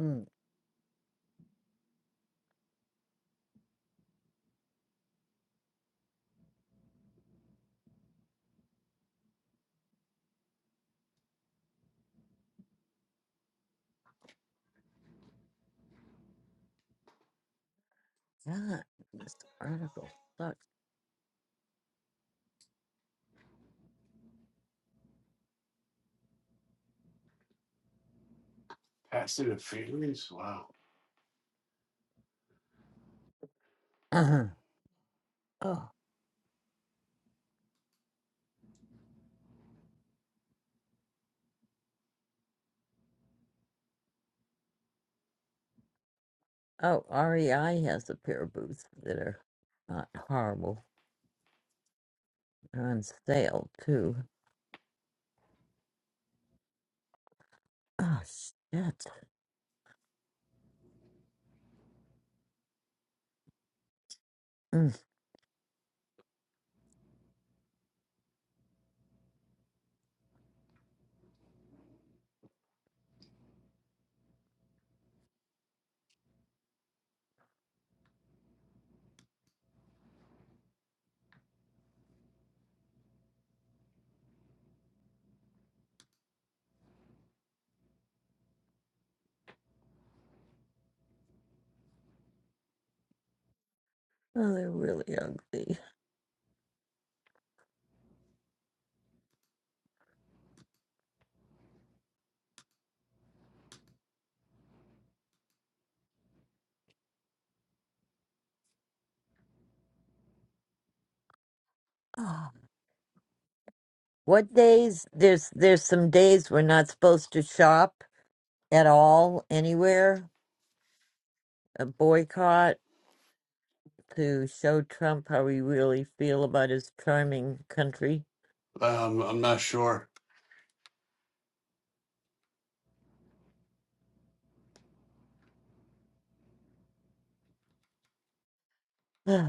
S1: Mm, God, this article sucks.
S4: Pass interference. Wow.
S1: Uh-huh. oh, oh, REI has a pair of boots that are not horrible. They're on sale too. Oh shit! Mm. Oh, they're really ugly. Oh. What days? There's there's some days we're not supposed to shop at all anywhere. A boycott to show Trump how we really feel about his charming country.
S4: Um, I'm not sure.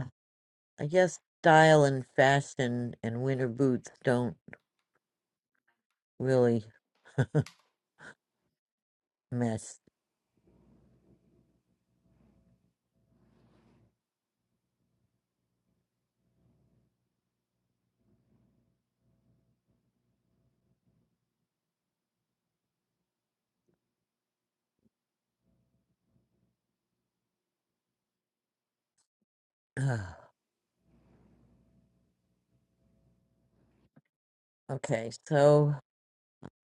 S1: I guess style and fashion and winter boots don't really mess. okay, so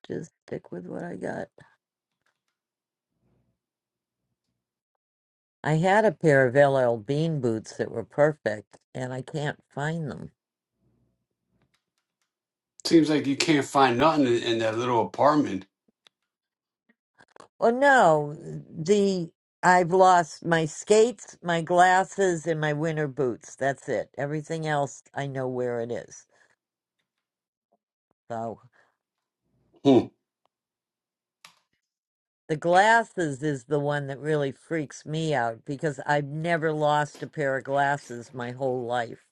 S1: just stick with what I got. I had a pair of LL Bean boots that were perfect, and I can't find them.
S4: Seems like you can't find nothing in, in that little apartment.
S1: Well, no, the I've lost my skates, my glasses, and my winter boots. That's it. Everything else, I know where it is. So
S4: Hmm.
S1: The glasses is the one that really freaks me out because I've never lost a pair of glasses my whole life.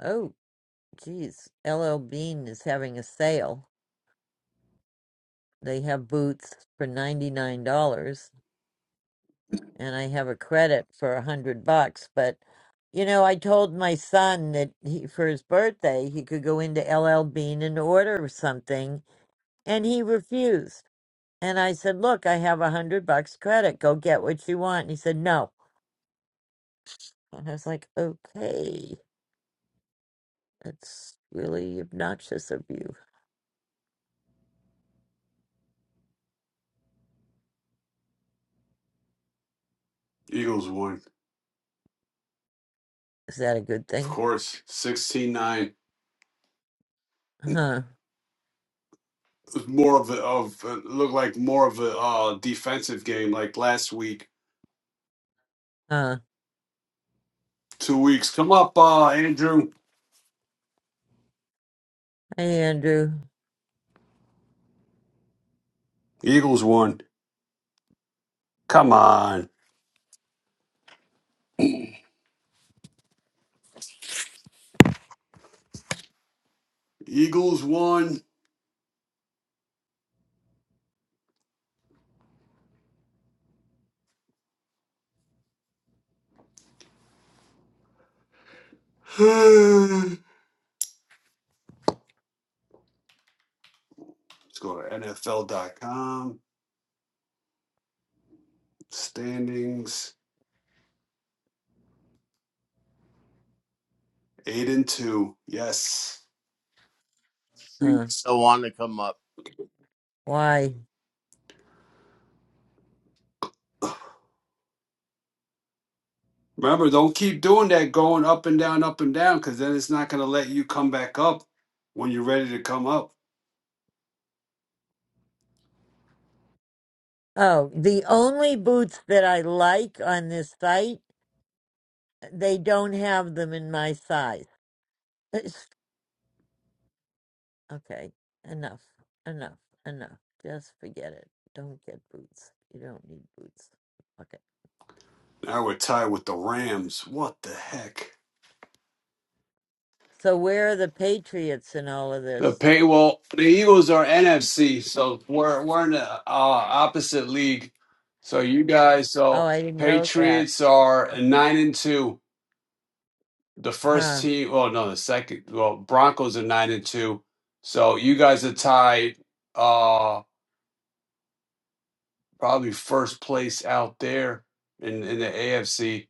S1: Oh, geez. LL Bean is having a sale. They have boots for $99 and I have a credit for a hundred bucks. But, you know, I told my son that he, for his birthday, he could go into LL Bean and order something and he refused. And I said, look, I have a hundred bucks credit. Go get what you want. And he said, no. And I was like, okay, that's really obnoxious of you.
S4: Eagles won.
S1: Is that a good
S4: Of
S1: thing?
S4: course, 16 9.
S1: Huh.
S4: was more of a of it looked like more of a uh, defensive game like last week,
S1: Huh.
S4: two weeks. Come up, uh, Andrew.
S1: Hey, Andrew.
S4: Eagles won. Come on, Eagles won. Let's go to NFL.com standings eight and two. Yes.
S1: Huh.
S4: Thanks.
S5: don't want to come up.
S1: Why?
S4: Remember, don't keep doing that, going up and down, up and down, because then it's not going to let you come back up when you're ready to come up.
S1: Oh, the only boots that I like on this site, they don't have them in my size. It's- okay. Enough. Enough. Enough. Just forget it. Don't get boots. You don't need boots. Okay.
S4: Now we're tied with the Rams. What the heck?
S1: So where are the Patriots in all of
S4: The
S1: this?
S4: pay well, the Eagles are NFC, so we're we're in the uh, opposite league. So you guys,
S1: Oh,
S4: so
S1: I didn't know that.
S4: Patriots are nine and two. The first
S1: Huh.
S4: team, well, no, the second. Well, Broncos are nine and two. So you guys are tied, uh, probably first place out there in in the AFC.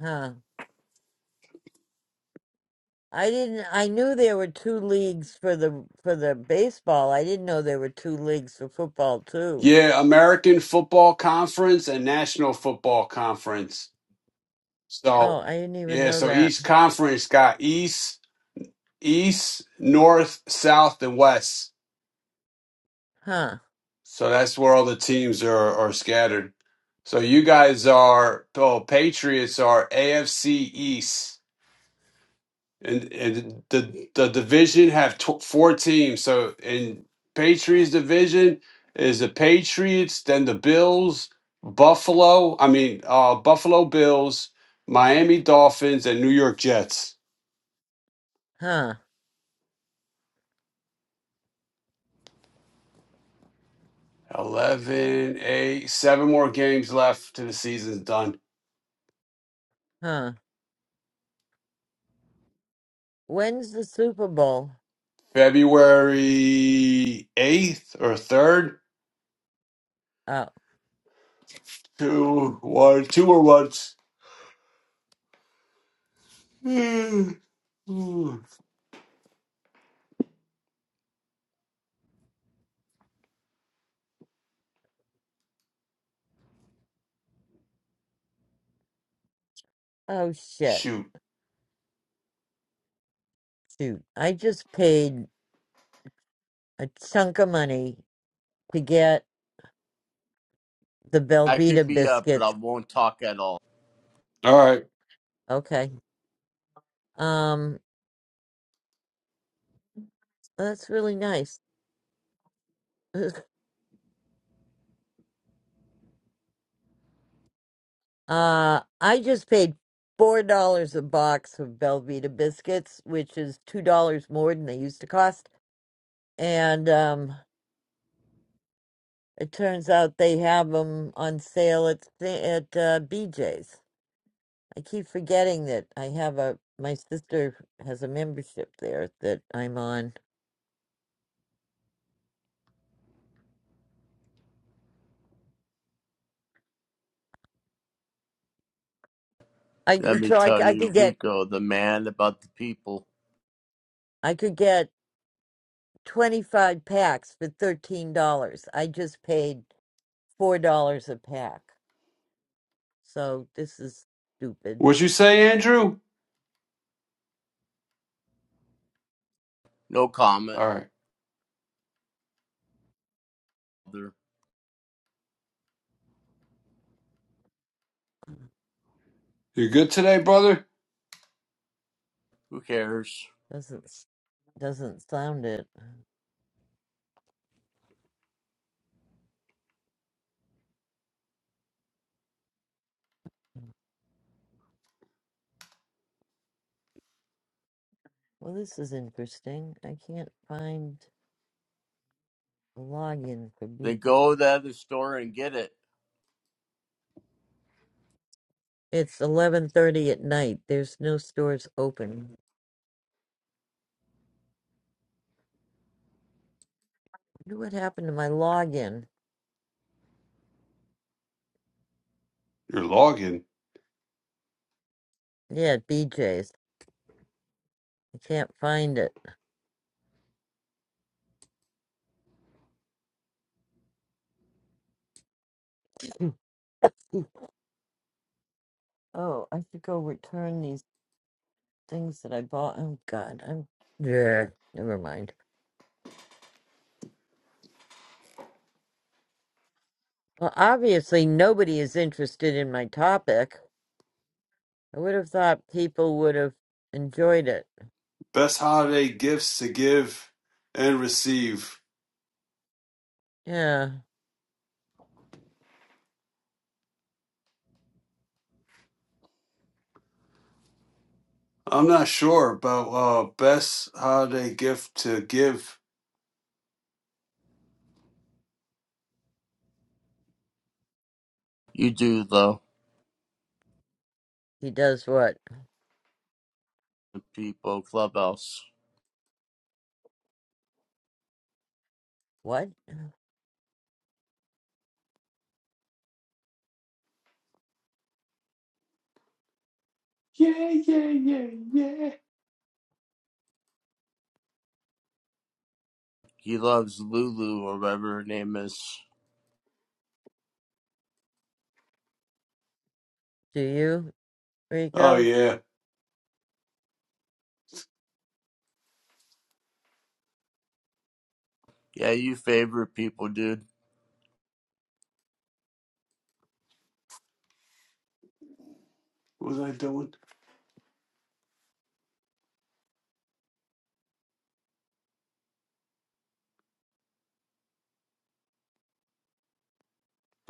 S1: Huh. I didn't. I knew there were two leagues for the for the baseball. I didn't know there were two leagues for football too.
S4: Yeah, American Football Conference and National Football Conference.
S1: Oh,
S4: So
S1: I didn't even
S4: yeah,
S1: know
S4: so
S1: that.
S4: each conference got East. east, north, south, and west.
S1: Huh?
S4: So that's where all the teams are, are scattered. So you guys are oh Patriots are AFC East, and and the the division have tw- four teams. So in Patriots division is the Patriots, then the Bills, Buffalo. I mean uh, Buffalo Bills, Miami Dolphins, and New York Jets.
S1: Huh?
S4: Eleven, eight, seven more games left to the season's done.
S1: Huh? When's the Super Bowl?
S4: February 8th or 3rd.
S1: Oh,
S4: Two, one, two or once.
S1: oh shit!
S4: Shoot.
S1: Shoot, I just paid a chunk of money to get the
S5: I could
S1: Belvita
S5: be up, but
S1: biscuits.
S5: I won't talk at all.
S4: All right.
S1: Okay. Um, that's really nice. Uh, I just paid four dollars a box of Belvita biscuits, which is two dollars more than they used to cost. And um, it turns out they have them on sale at th- at uh, BJ's. I keep forgetting that I have a my sister has a membership there that I'm on. I
S5: Let
S1: could-
S5: me
S1: so I, c-
S5: tell
S1: I
S5: you,
S1: could get
S5: Rico, the man about the people.
S1: I could get twenty five packs for thirteen dollars. I just paid four dollars a pack. So this is stupid.
S4: What'd you say, Andrew?
S5: No comment.
S4: All right. You good today, brother?
S5: Who cares?
S1: Doesn't s- doesn't sound it. Well, this is interesting. I can't find the login for
S5: They
S1: BJ.
S5: go to the other store and get it.
S1: It's eleven thirty at night. There's no stores open. Wonder what happened to my login?
S4: You're logging.
S1: Yeah, at BJ's. I can't find it. Oh, I should go return these things that I bought. Oh God, I'm yeah. Never mind. Well, obviously nobody is interested in my topic. I would have thought people would have enjoyed it.
S4: Best holiday gifts to give and receive.
S1: Yeah.
S4: I'm not sure about uh best holiday gift to give.
S5: You do, though.
S1: He does what?
S5: The people, Clubhouse.
S1: What?
S5: He loves Lulu or whatever her name is.
S1: Do you,
S4: Oh
S1: Rico?
S4: yeah.
S5: Yeah, you favorite people, dude.
S4: What was I doing?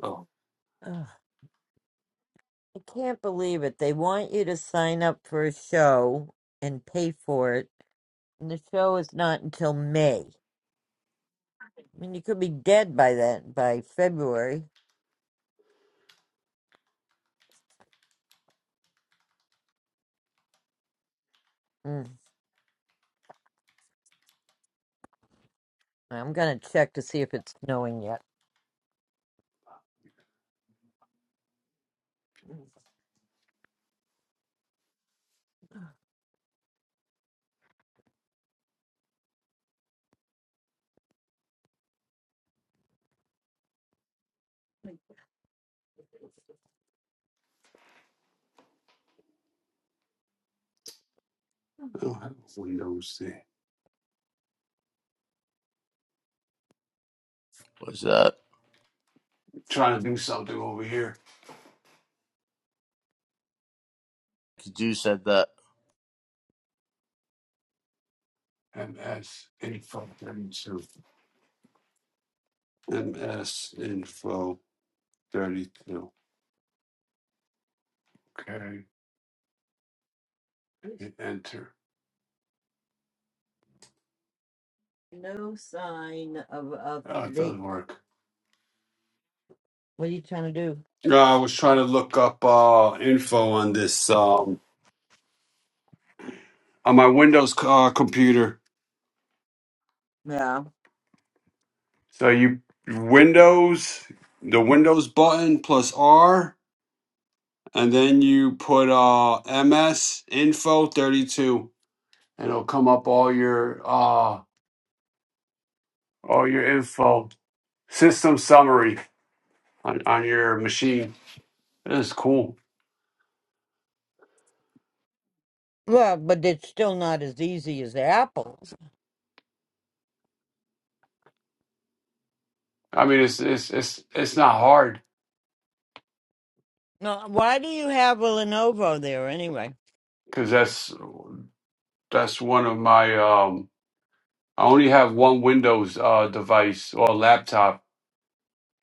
S4: Oh,
S1: Ugh, I can't believe it. They want you to sign up for a show and pay for it, and the show is not until May. I mean, you could be dead by then, by February. Mm. I'm gonna check to see if it's snowing yet.
S5: What's that?
S4: trying to do something over here.
S5: Because you said that.
S4: Thirty-two. Okay.
S1: There's
S4: Hit Enter.
S1: no sign of a
S4: Oh, it does
S1: flake.
S4: work.
S1: What are you trying to do?
S4: Uh, I was trying to look up uh, info on this um, on my Windows uh, computer.
S1: Yeah.
S4: So you Windows, the Windows button plus R, and then you put uh, MS Info thirty two, and it'll come up all your uh, all your info system summary on, on your machine. It's cool.
S1: Well, but it's still not as easy as the apples.
S4: I mean, it's it's it's it's not hard.
S1: No, why do you have a Lenovo there anyway?
S4: because that's that's one of my um I only have one Windows uh device or laptop.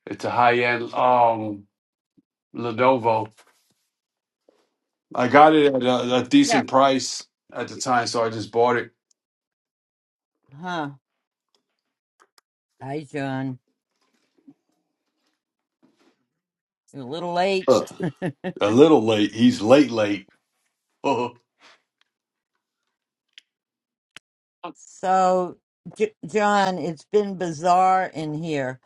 S4: It's a high end um Lenovo. I got it at a, a
S1: Yeah.
S4: decent price at the time, so I just bought it.
S1: Huh. Hi, John. You're a little late.
S4: Uh, A little late. He's late late.
S1: so, J- John, it's been bizarre in here.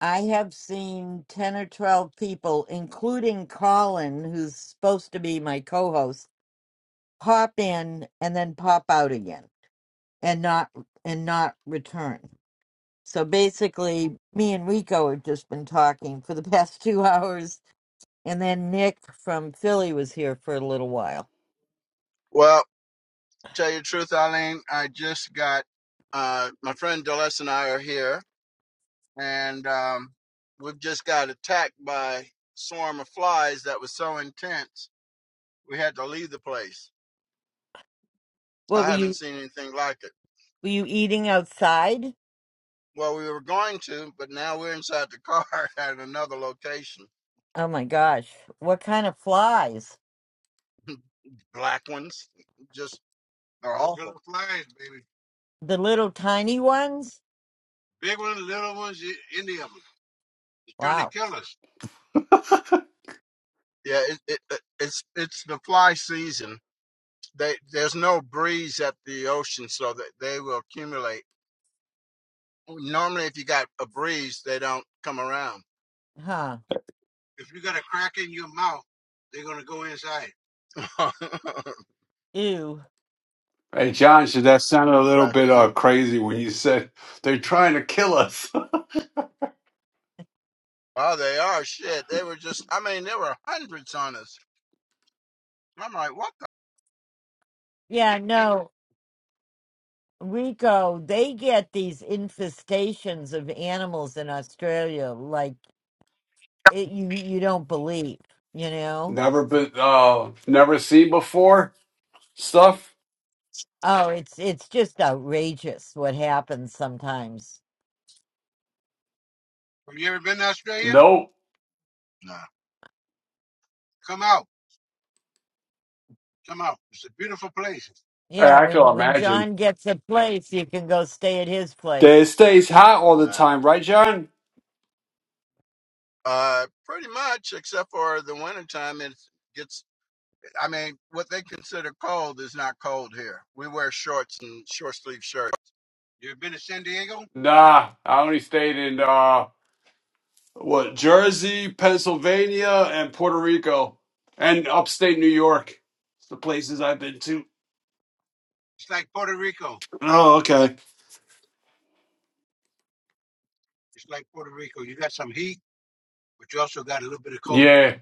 S1: I have seen 10 or 12 people, including Colin, who's supposed to be my co-host, pop in and then pop out again and not and not return. So basically, me and Rico have just been talking for the past two hours, and then Nick from Philly was here for a little while. What were you? Were you eating outside? Oh my gosh! What kind of flies? The little tiny ones? Wow! Huh? Ew!
S4: Uh, hey John, should that sound a little bit uh crazy when you said they're trying to kill us?
S1: Yeah, no. Rico, they get these infestations of animals in Australia like it, you you don't believe, you know?
S4: never been uh never seen before stuff?
S1: Oh, it's it's just outrageous what happens sometimes.
S4: Nope.
S1: Yeah,
S4: I I can
S1: when when
S4: imagine.
S1: John gets a place, you can go stay at his
S4: It
S1: place.
S4: stays hot all the time, right, John? Nah, I only stayed in uh what Jersey, Pennsylvania, and Puerto Rico, and upstate New York. It's the places I've been to. Oh, okay. Yeah.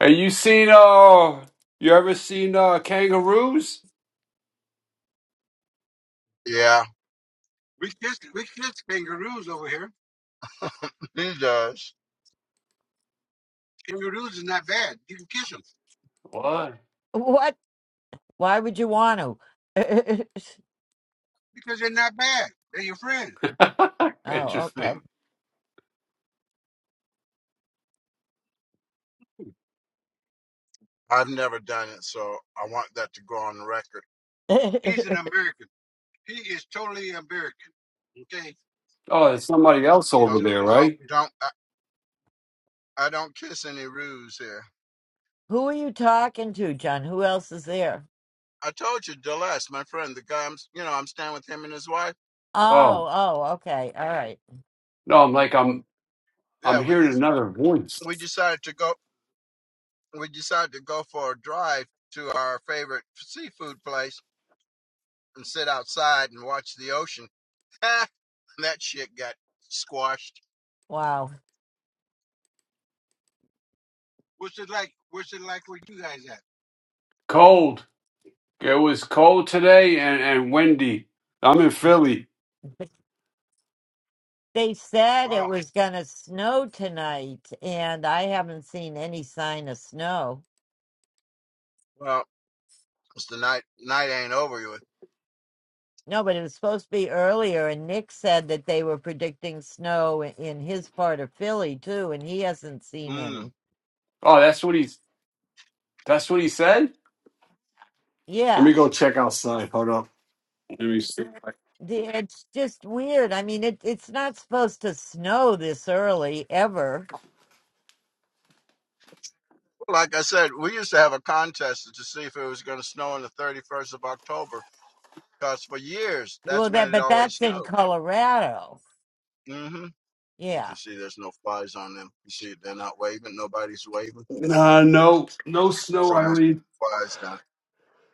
S4: Have you seen uh you ever seen uh kangaroos? What?
S1: What? Why would you want to? oh,
S4: Interesting.
S1: okay.
S4: Oh, there's somebody else over there, right?
S1: Who are you talking to, John? Who else is there?
S4: Oh,
S1: Oh, oh, okay. All right.
S4: no, I'm like I'm I'm hearing another voice.
S1: Wow.
S4: Cold. It was cold today and and windy. I'm in Philly.
S1: But They said it was going to snow tonight, and I haven't seen any sign of snow. No, but it was supposed to be earlier, and Nick said that they were predicting snow i- in his part of Philly, too, and he hasn't seen any.
S4: Oh, that's what he's that's what he said? Let
S1: Yeah.
S4: me go check outside. Hold up. Let me see.
S1: The- It's just weird. I mean, it, it's not supposed to snow this early ever. Well, that, but that's in Colorado. Yeah.
S4: Nah, no, no snow, Irene.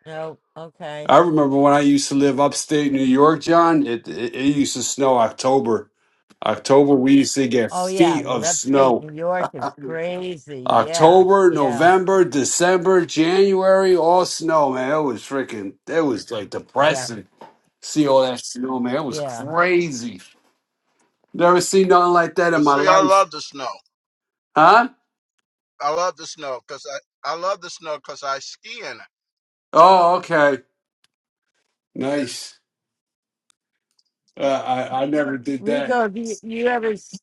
S1: No, okay.
S4: I remember when I used to live upstate New York, John. It, it it used to snow October. October we used to get
S1: Oh yeah,
S4: feet
S1: well
S4: of
S1: upstate
S4: snow.
S1: New York is crazy. Yeah,
S4: October,
S1: yeah,
S4: November, December, January, all snow, man. It was freaking. It was like
S1: yeah,
S4: depressing. See all that snow, man. It was
S1: yeah.
S4: crazy. Never seen nothing like that in my life, huh? Oh, okay, nice. Uh, I I never did that.
S1: Rico, have you, you ever s-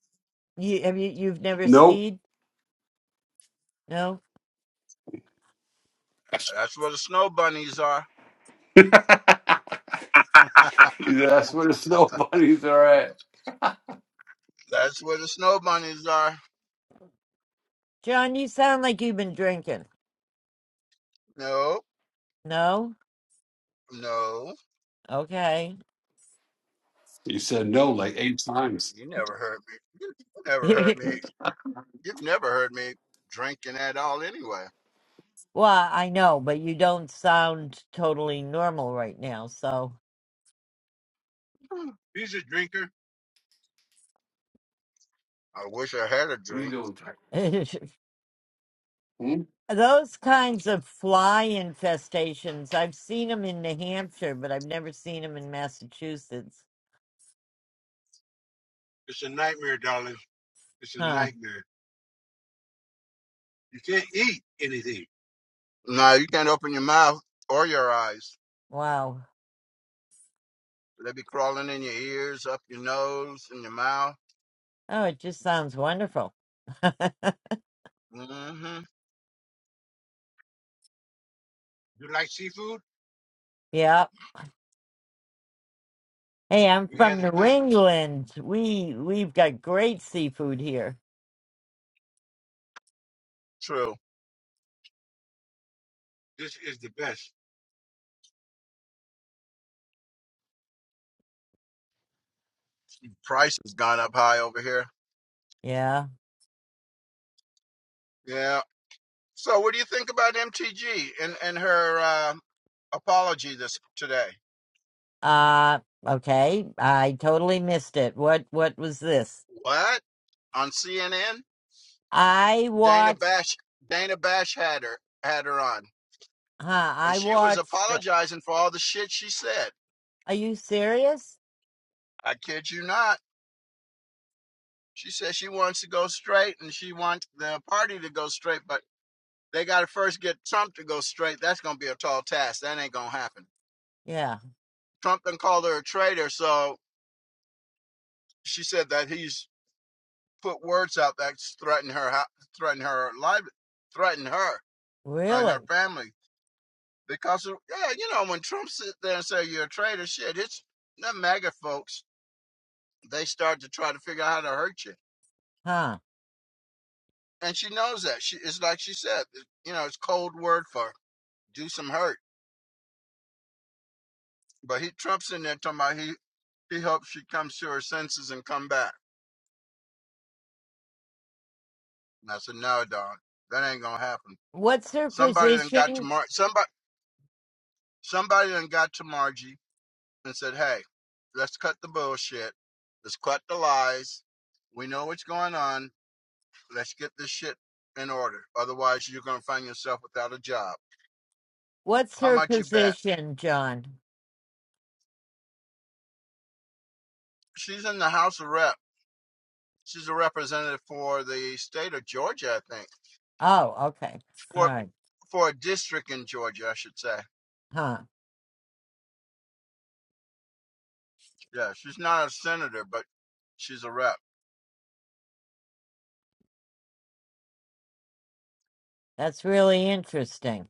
S1: you have you you've never
S4: Nope.
S1: skied? No,
S4: That's where the snow bunnies are at.
S1: John, you sound like you've been drinking. No, okay.
S4: You said no like eight times.
S1: well, I know, but you don't sound totally normal right now. So
S4: We don't.
S1: those kinds of fly infestations, I've seen them in New Hampshire, but I've never seen them in Massachusetts. Huh. Wow. Oh, it just sounds wonderful. yeah. Hey, I'm from New England. We we've got great seafood here. Yeah. Uh okay. I totally missed it. What what was this? I watched huh, I watched uh, Are you serious? Yeah. Really? Huh. What's her position? What's her position, John? Oh, okay. All right. Huh. That's really interesting.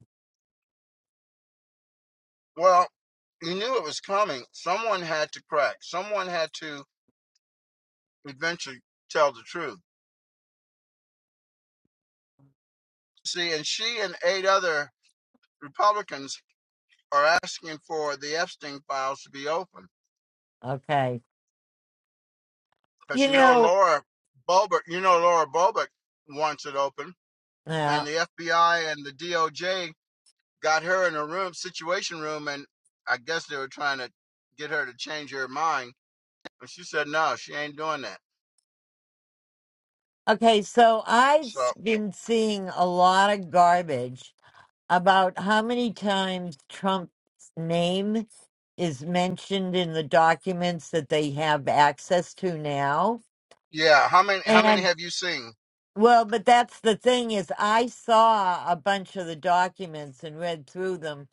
S1: Okay. You know, yeah. Okay, so I've s- been seeing a lot of garbage about how many times Trump's name is mentioned in the documents that they have access to now. And well, but that's the thing is I saw a bunch of the documents and read through them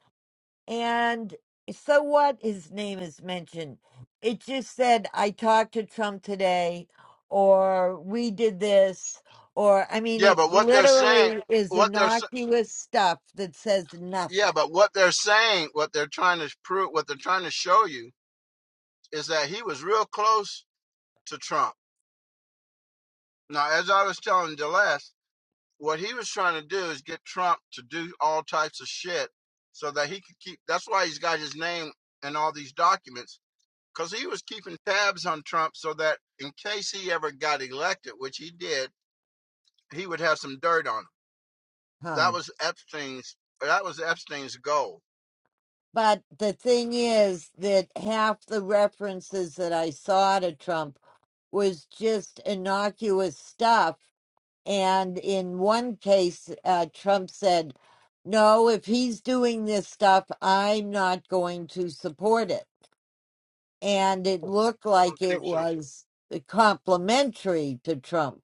S1: And so what his name is mentioned. It just said, I talked to Trump today, or we did this, or I mean, it literally is innocuous stuff that says nothing, huh? But the thing is that half the references that I saw to Trump was just innocuous stuff And in one case, uh, Trump said, no, if he's doing this stuff, I'm not going to support it. And it looked like it was uh, complimentary to Trump.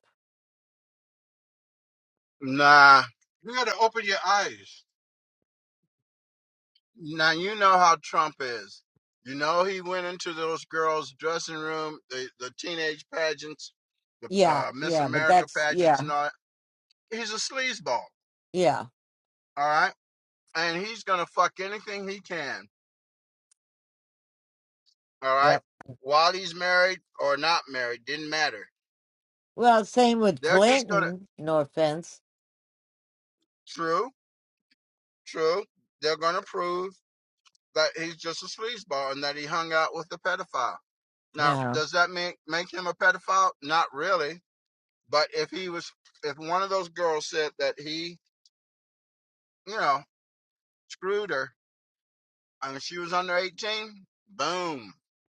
S1: Yeah, yeah, but that's, yeah, yeah, yeah. Well, same with Clinton, no offense. No,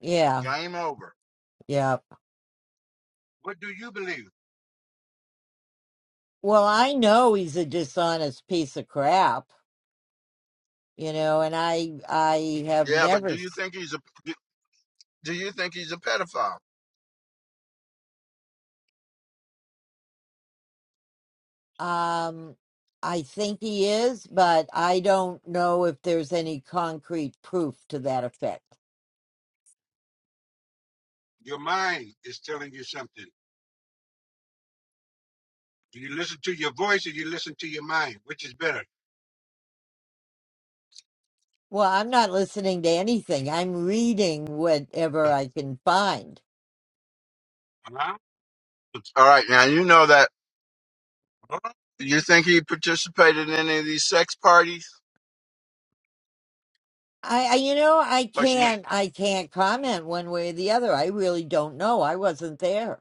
S1: yeah, yeah. Well, I know he's a dishonest piece of crap, you know, and I, I have never Um, I think he is, but I don't know if there's any concrete proof to that effect. Well, I'm not listening to anything. I'm reading whatever I can find. I, I you know, I can't I can't comment one way or the other. I really don't know. I wasn't there.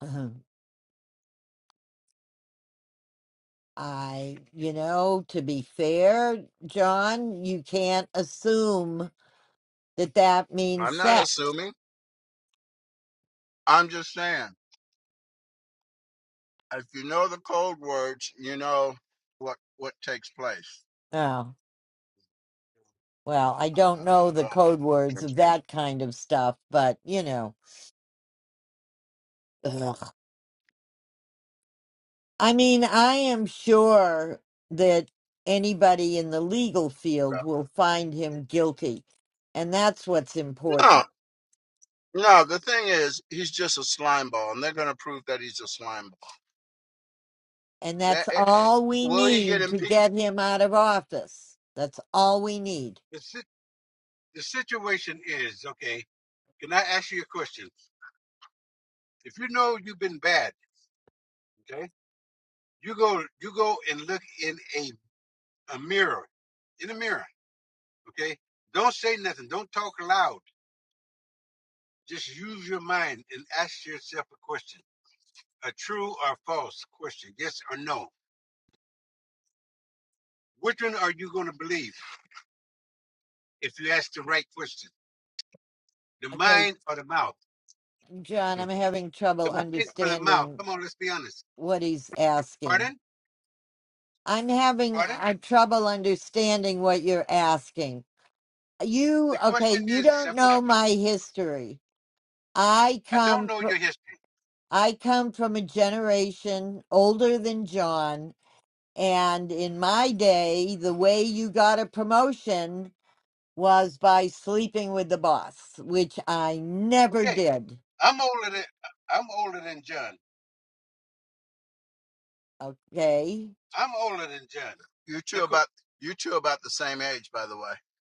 S1: Um, I, you know, to be fair, John, you can't assume that that means sex. Well, I don't know the code words of that kind of stuff, but you know, ugh. I mean, I am sure that anybody in the legal field will find him guilty, and that's what's important. And that's all we need to get him out of office. That's all we need. Okay, John, I'm having trouble understanding what he's asking. I'm having uh, trouble understanding what you're asking. you okay you don't know my history i come fr- i come from a generation older than john and in my day the way you got a promotion was by sleeping with the boss which i never did okay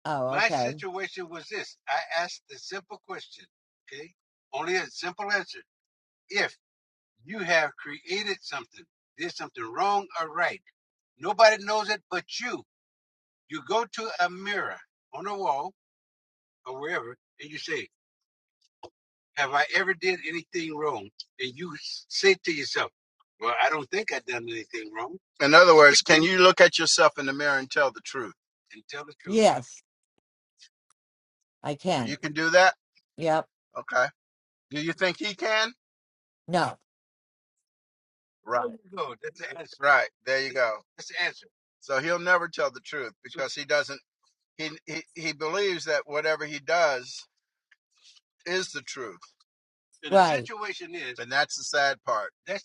S1: oh okay yes i can yep no right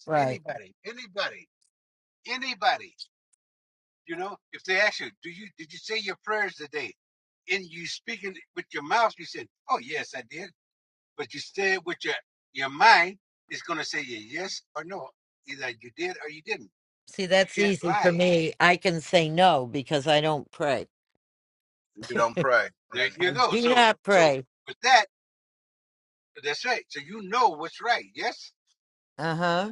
S1: right see that's easy for me i can say no because i don't pray i do not pray Uh huh.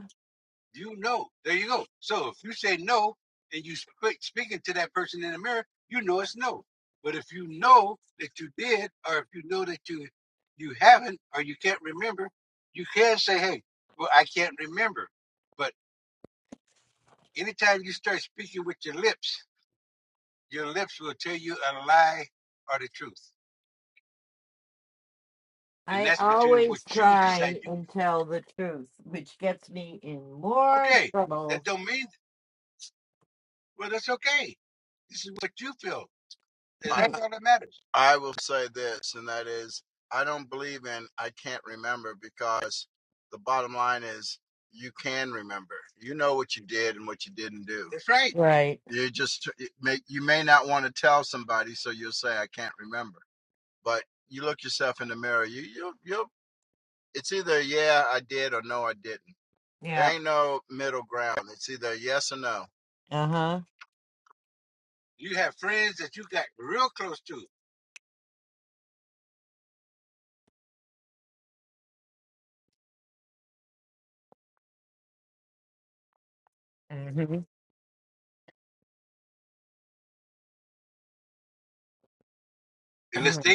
S1: I always try and tell the truth, which gets me in more trouble. right. Yeah. Uh huh. hmm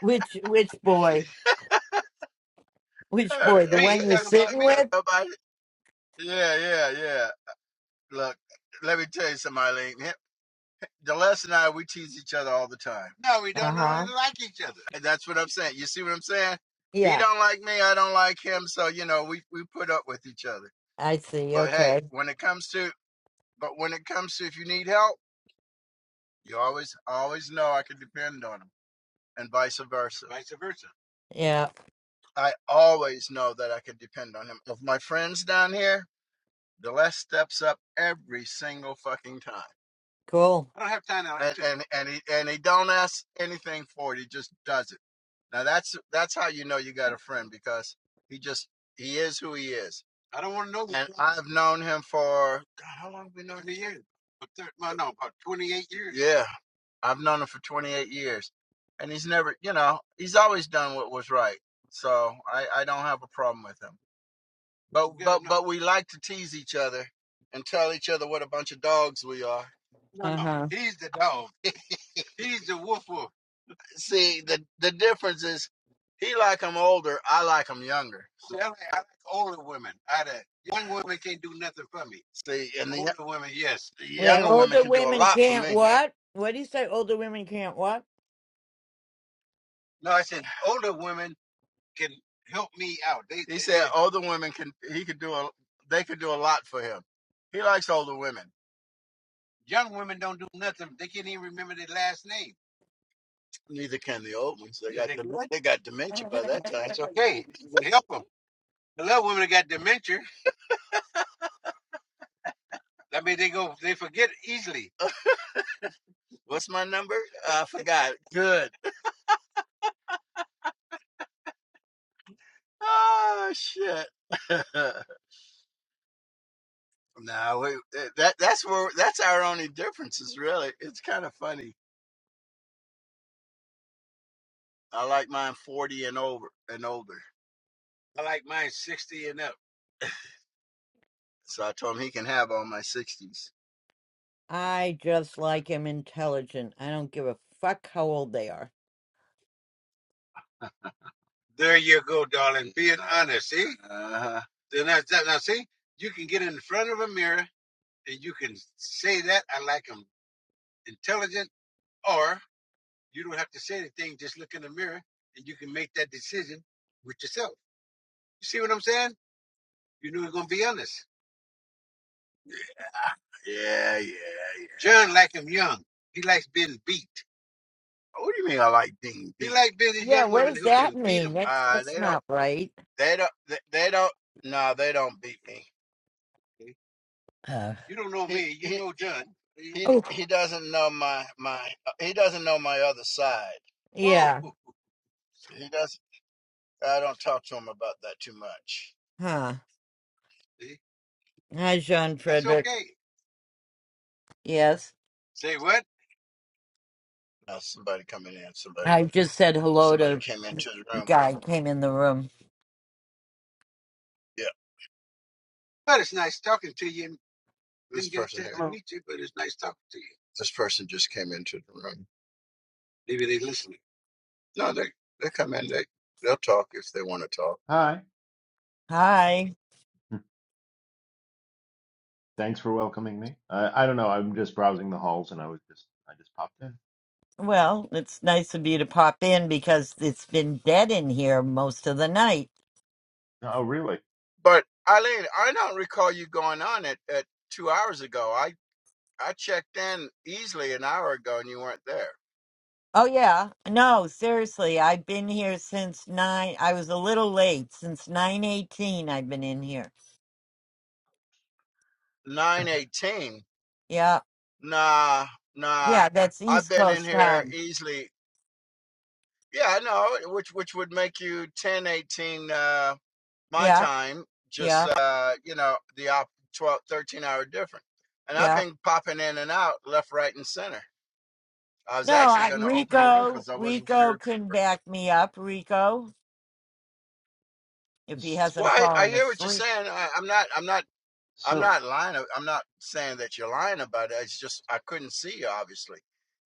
S1: which which boy? Which boy? The one you're sitting with? Uh huh. Yeah. I see. Okay. Yeah. Cool. Uh huh. Where older women can't what? What do you say? Older women can't what? I just like him intelligent. I don't give a fuck how old they are. Yeah, what does that mean? That's that's not right. Uh, oh, yeah. Huh. Hi, Jean Frederick. Yes. I just said hello to the guy came in the room.
S6: Hello. Hi.
S1: Hi.
S6: Thanks for welcoming me. I, I don't know. I'm just browsing the halls, and I was just I just popped in.
S1: Well, it's nice of you to pop in because it's been dead in here most of the night.
S6: Oh, really?
S1: Oh, yeah. No, seriously, I've been here since nine. I was a little late. Since 9:18, I've been in here. Yeah. Yeah, that's East Coast time. Yeah. Yeah.
S6: So
S1: Yeah. No, I, Rico, Rico can back me up, Rico, if he hasn't fallen asleep.
S6: so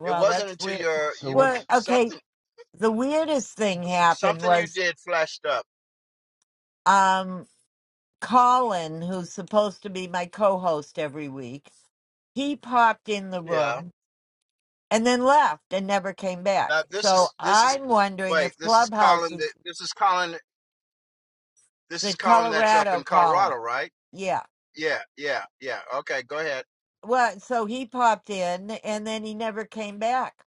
S1: Well, that's weird.
S6: so
S1: Well,
S6: what's
S1: okay, the weirdest thing happened was. um. Colin, who's supposed to be my co host every week, he popped in the room and then left and never came back. So I'm wondering if Clubhouse is the Colorado Colin. Yeah. Well, so he popped in and then he never came back.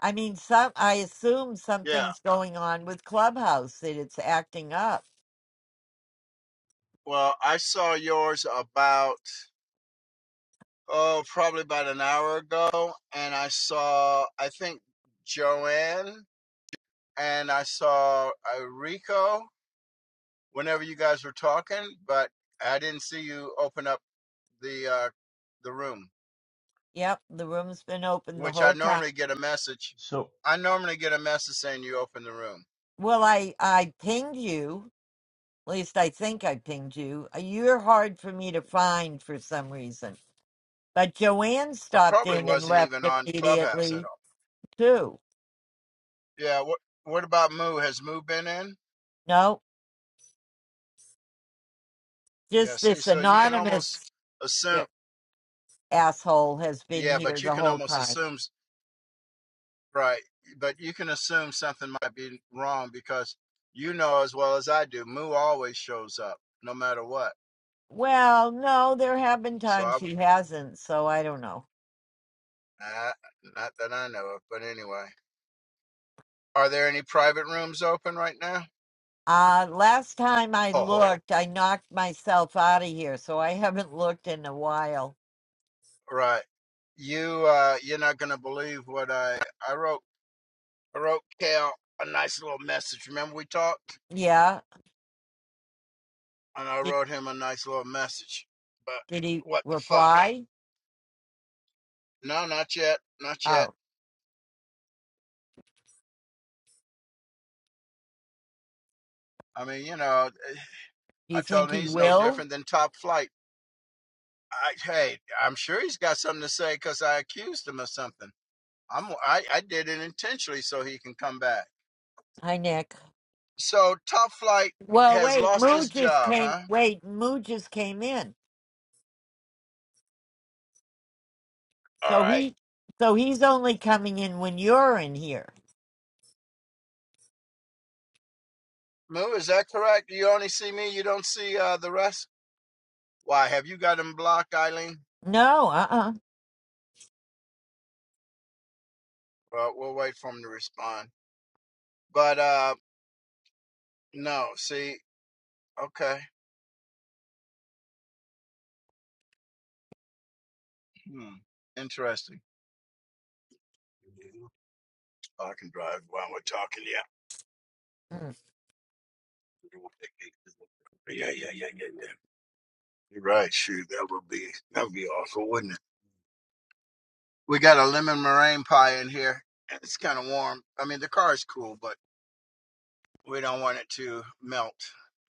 S1: I mean, some I assume something's going on with Clubhouse that it's acting up. Yep, the room's been open the whole time.
S6: so?
S1: Well, I I pinged you At least I think I pinged you. Uh, You're hard for me to find for some reason. But Joanne stopped in and left immediately, too. No, just this anonymous uh, asshole has been here the whole time. Well, no, there have been times he hasn't, so I don't know. Uh, last time I looked, I knocked myself out of here, so I haven't looked in a while. Yeah. Did, did he reply? Oh, do you think he will? Hi, Nick. Well, wait, Moo just came. Wait, Moo just came in. So he, so he's only coming in when you're in here. No, uh-uh. Mm.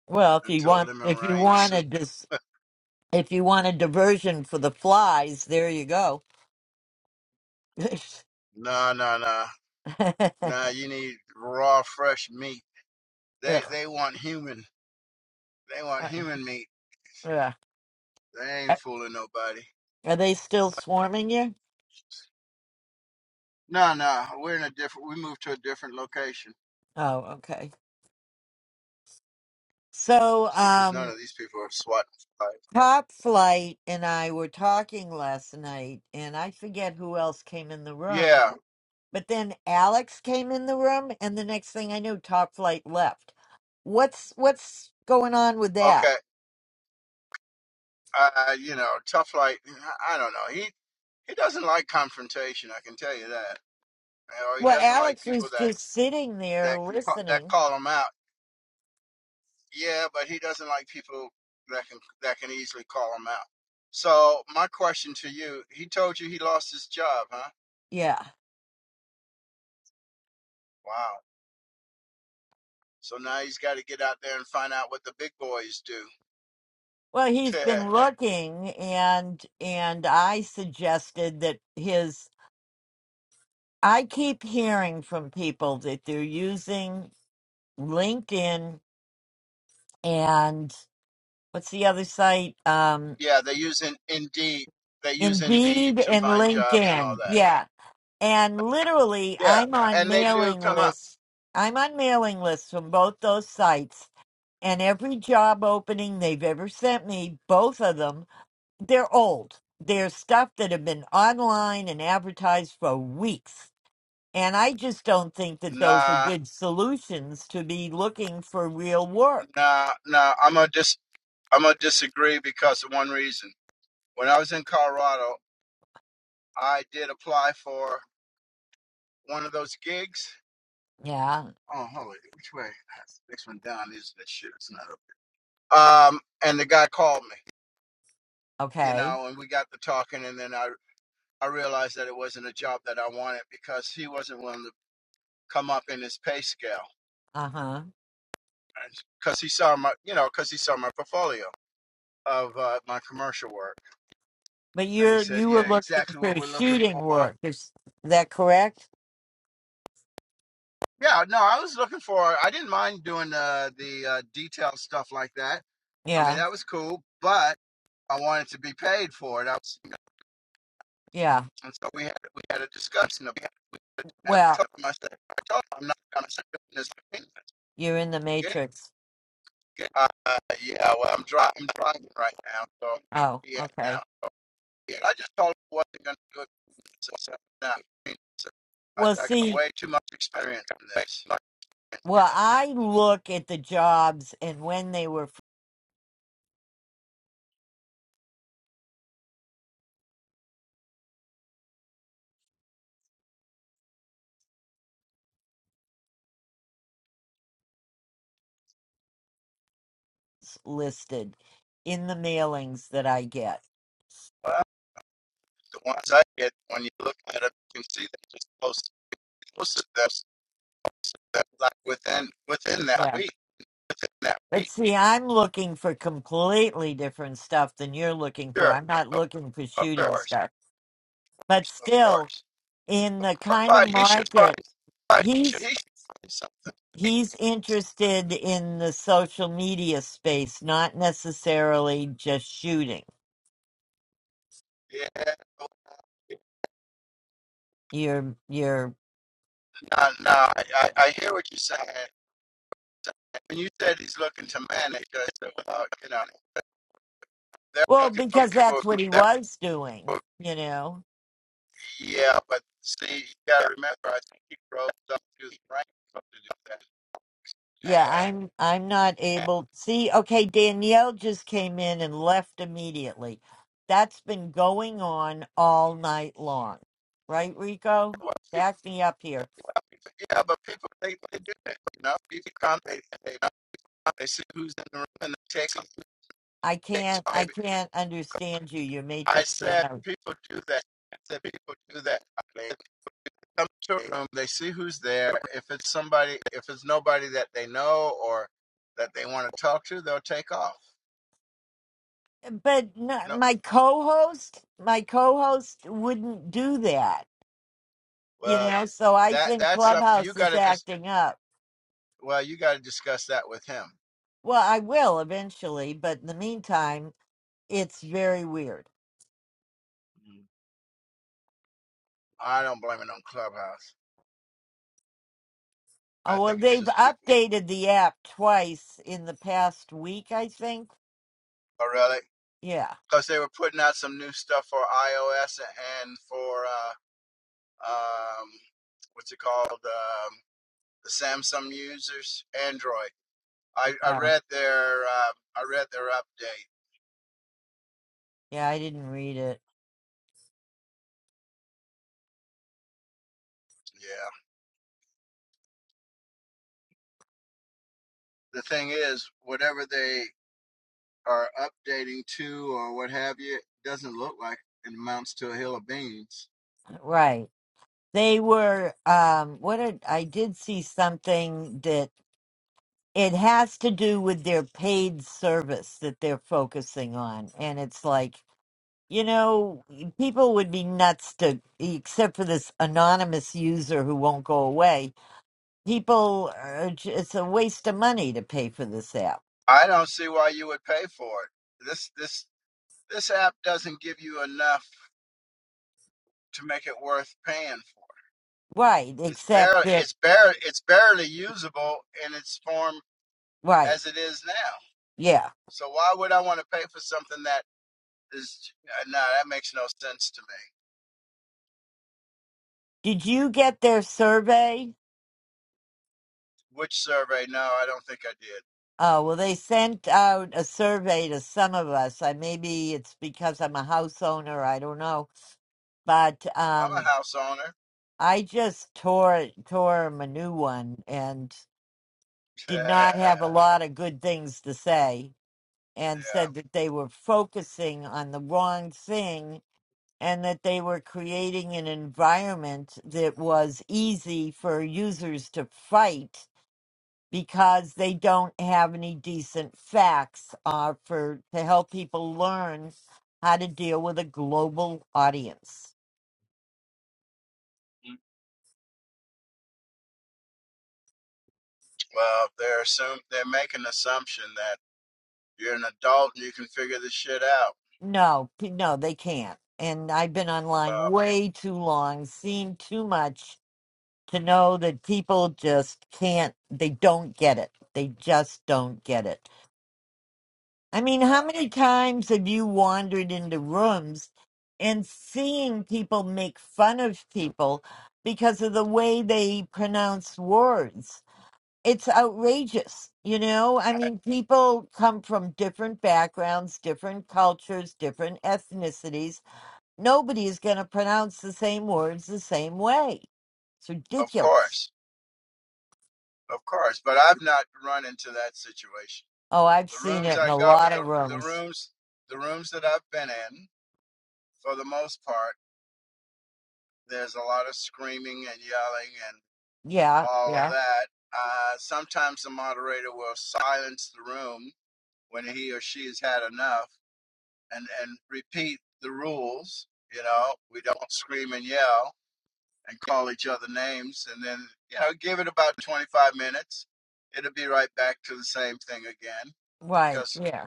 S1: Well, if you want, if you want a dis, if you want a diversion for the flies, there you go. Ugh. Ugh. Are they still swarming you? Oh, okay. So, um, Top Flight and I were talking last night, and I forget who else came in the room. But then Alex came in the room, and the next thing I knew, Top Flight left. What's what's going on with that? Well, Alex was just sitting there listening. Yeah. Well, he's been looking, and and I suggested that his. I keep hearing from people that they're using LinkedIn and what's the other site? Um, Indeed and LinkedIn. Yeah And literally, I'm on mailing lists. I'm on mailing lists from both those sites. And every job opening they've ever sent me, both of them, they're old. They're stuff that have been online and advertised for weeks. And I just don't think that those are good solutions to be looking for real work. Yeah. Okay. Uh huh. But you're you were looking for shooting work. Is that correct? Yeah. Yeah. Well. You're in the matrix. Oh, okay. Well, see, well, I look at the jobs and when they were first listed in the mailings that I get. Yeah. But see, I'm looking for completely different stuff than you're looking for. I'm not looking for shooting stuff. But still, in the kind of market, he's he's interested in the social media space, not necessarily just shooting. You're you're Well, because that's what he was doing, you know. Yeah, I'm I'm not able see, okay, Danielle just came in and left immediately. That's been going on all night long. Right, Rico? Back me up here. I can't I can't understand you. You're matrixing out. But no, my co-host, my co-host wouldn't do that, you know. So I think Clubhouse is acting up. Well, I will eventually, but in the meantime, it's very weird. Oh, well, they've updated the app twice in the past week, I think. Yeah. Oh. Yeah, I didn't read it. Right. They were, um, what did, I did see something that it has to do with their paid service that they're focusing on. And it's like, you know, people would be nuts to, except for this anonymous user who won't go away people uh, j- it's a waste of money to pay for this app right except that right yeah did you get their survey oh well they sent out a survey to some of us i maybe it's because i'm a house owner i don't know but um i just tore it- tore him a new one and did not have a lot of good things to say and said that they were focusing on the wrong thing and that they were creating an environment that was easy for users to fight because they don't have any decent facts uh, for to help people learn how to deal with a global audience. No, p- no, they can't. And I've been online way too long, seen too much to know that people just can't. They don't get it. They just don't get it. I mean, how many times have you wandered into rooms and seeing people make fun of people because of the way they pronounce words? It's outrageous, you know? I mean, people come from different backgrounds, different cultures, different ethnicities. Nobody is going to pronounce the same words the same way. It's ridiculous. Oh, I've seen it in a lot of rooms. Yeah, yeah, right, yeah.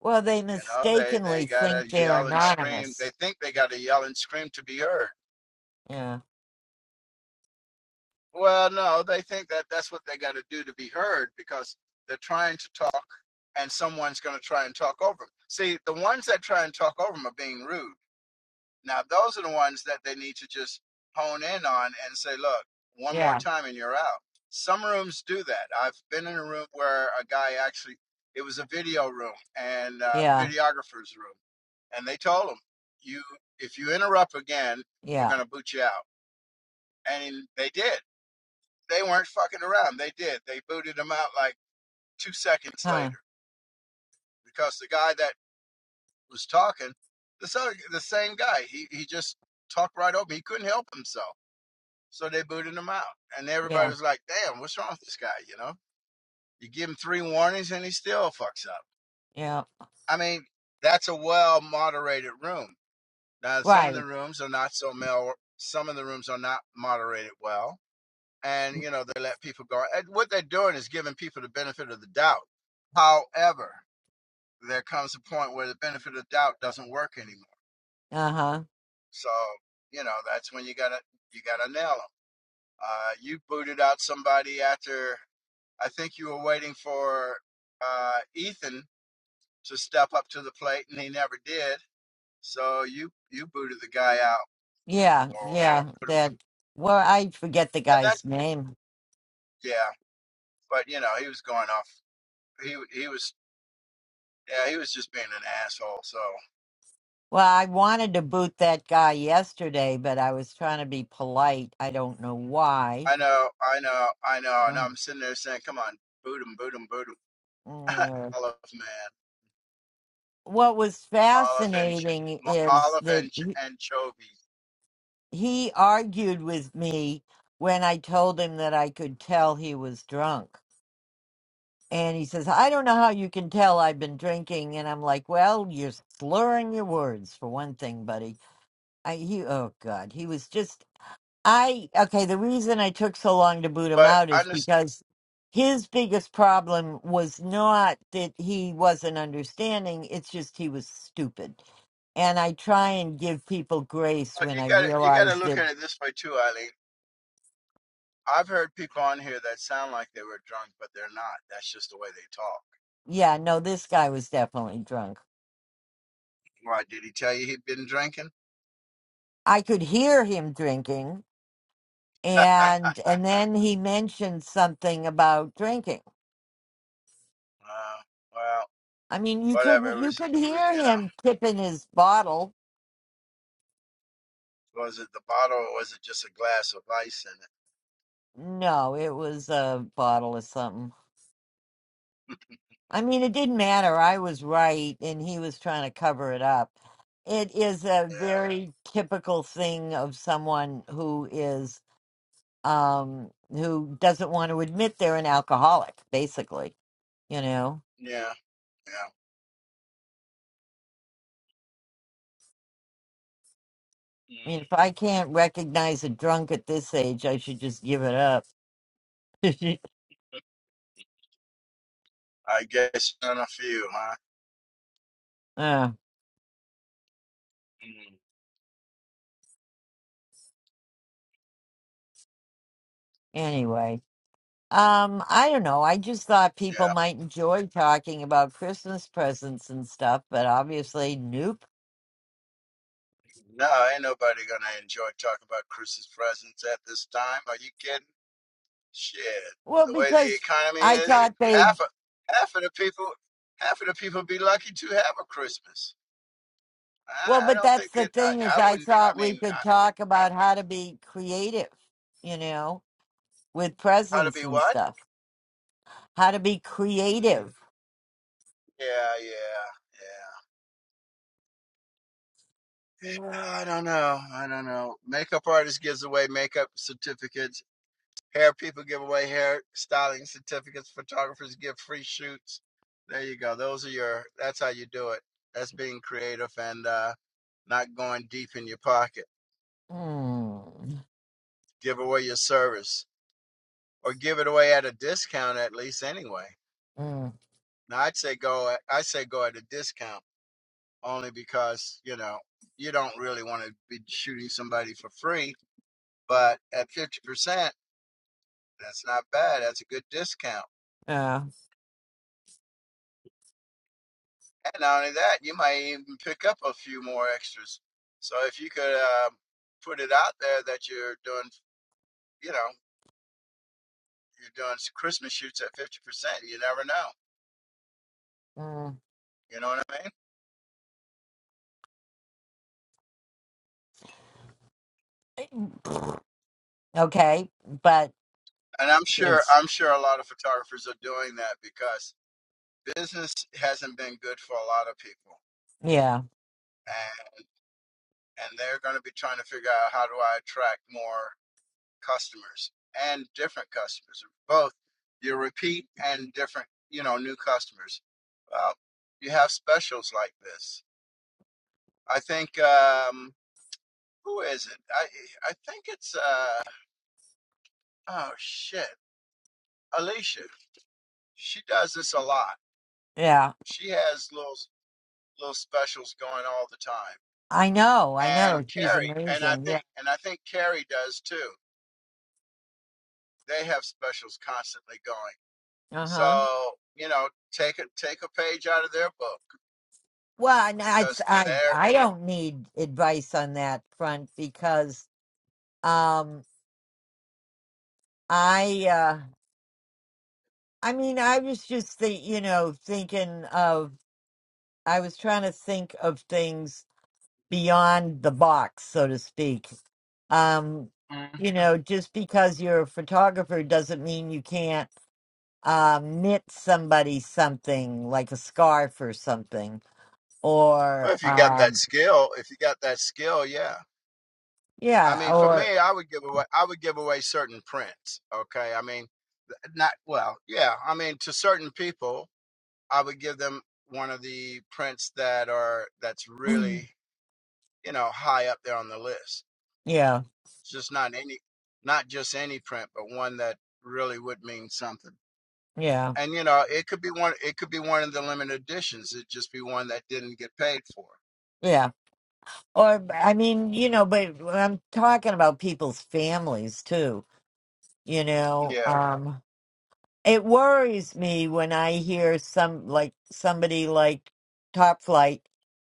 S1: Well, they mistakenly think they're anonymous. Yeah. Yeah. Yeah. Yeah. Huh. Yeah. Yeah. Right. Uh huh. Yeah. Yeah. That. Well, I forget the guy's name. Well, I wanted to boot that guy yesterday, but I was trying to be polite. I don't know why. Um, mm. What was fascinating is that he he argued with me when I told him that I could tell he was drunk. And he says, I don't know how you can tell I've been drinking. And I'm like, well, you're slurring your words for one thing, buddy. I, he, oh God, he was just, I, okay, the reason I took so long to boot him out is because his biggest problem was not that he wasn't understanding. It's just he was stupid. And I try and give people grace when I realize that, yeah, no, this guy was definitely drunk. I could hear him drinking and and then he mentioned something about drinking. I mean, you couldn't you could hear him tipping his bottle. No, it was a bottle of something. I mean, it didn't matter. I was right, and he was trying to cover it up. It is a very typical thing of someone who is um who doesn't want to admit they're an alcoholic, basically. You know, I mean, if I can't recognize a drunk at this age, I should just give it up. Uh, anyway, um, I don't know. I just thought people might enjoy talking about Christmas presents and stuff, but obviously, nope. Well, because I thought they, well, but that's the thing is, I thought we could talk about how to be creative, you know, with presents and stuff. How to be creative. Mm, mm, yeah. Mm. Okay, but it's yeah, yeah. I know, I know. She's amazing. Yeah. Uh huh. Well, and I, it's- I, I don't need advice on that front because, um, I, uh, I mean, I was just the, you know, thinking of, I was trying to think of things beyond the box, so to speak. Um, you know, just because you're a photographer doesn't mean you can't, um, knit somebody something like a scarf or something or, um, Yeah, or yeah, yeah, yeah. Or I mean, you know, but I'm talking about people's families too, you know. Um it worries me when I hear some like somebody like Top Flight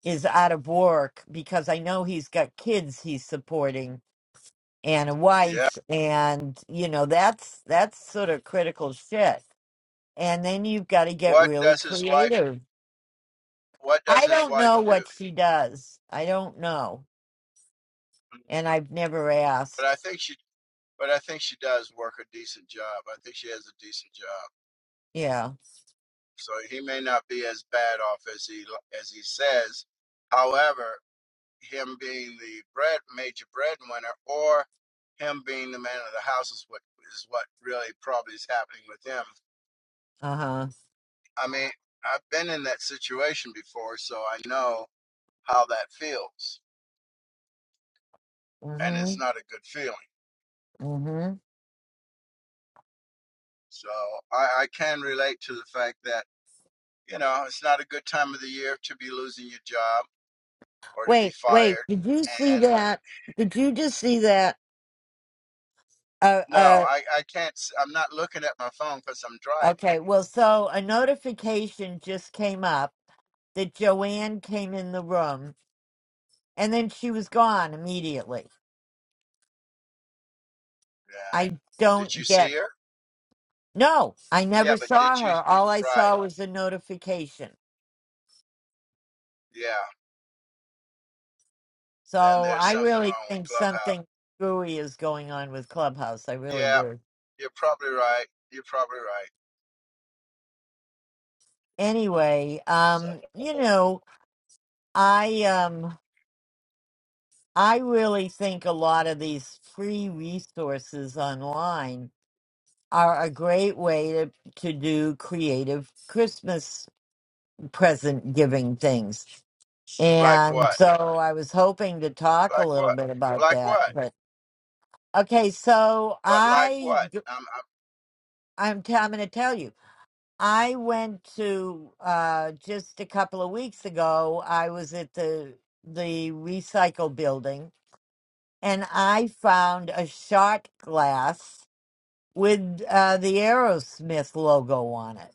S1: is out of work because I know he's got kids he's supporting and a wife and you know, that's that's sort of critical shit. And then you've got to get really creative I don't know what she does. I don't know. And I've never asked. Yeah. Uh-huh. Mm-hmm. Mm-hmm. Wait, wait, did you see that? Did you just see that? Uh uh okay. Well, so a notification just came up that Joanne came in the room and then she was gone immediately. I don't get no, I never saw her. All I saw was a notification. So I really think something screwy is going on with Clubhouse. I really do. Anyway, um, you know, I um I really think a lot of these free resources online are a great way to, to do creative Christmas present giving things. And so I was hoping to talk a little bit about that. But okay, so I I'm, t- I'm going to tell you. I went to uh, just a couple of weeks ago. I was at the the recycle building, and I found a shot glass with uh, the Aerosmith logo on it.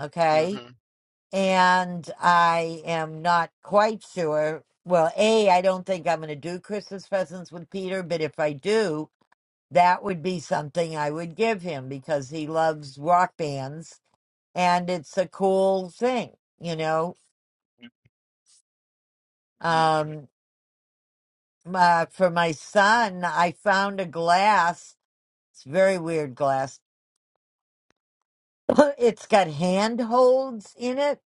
S1: Okay, and I am not quite sure. Well, a I don't think I'm going to do Christmas presents with Peter, but if I do, that would be something I would give him because he loves rock bands and it's a cool thing, you know. Um, uh, for my son, I found a glass. It's a very weird glass. it's got handholds in it,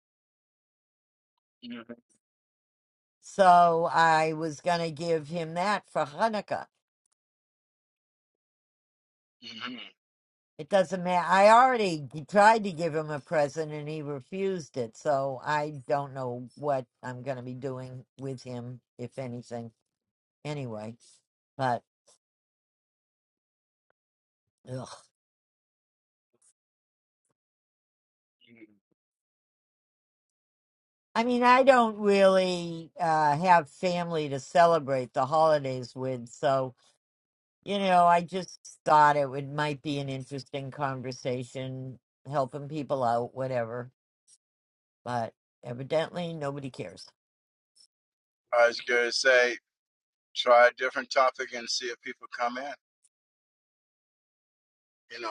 S1: so I was gonna give him that for Hanukkah. It doesn't matter. I already g- tried to give him a present and he refused it, so I don't know what I'm gonna be doing with him, if anything. Anyway, but. ugh. I mean, I don't really uh, have family to celebrate the holidays with, so you know, I just thought it would might be an interesting conversation, helping people out, whatever. But evidently, nobody cares.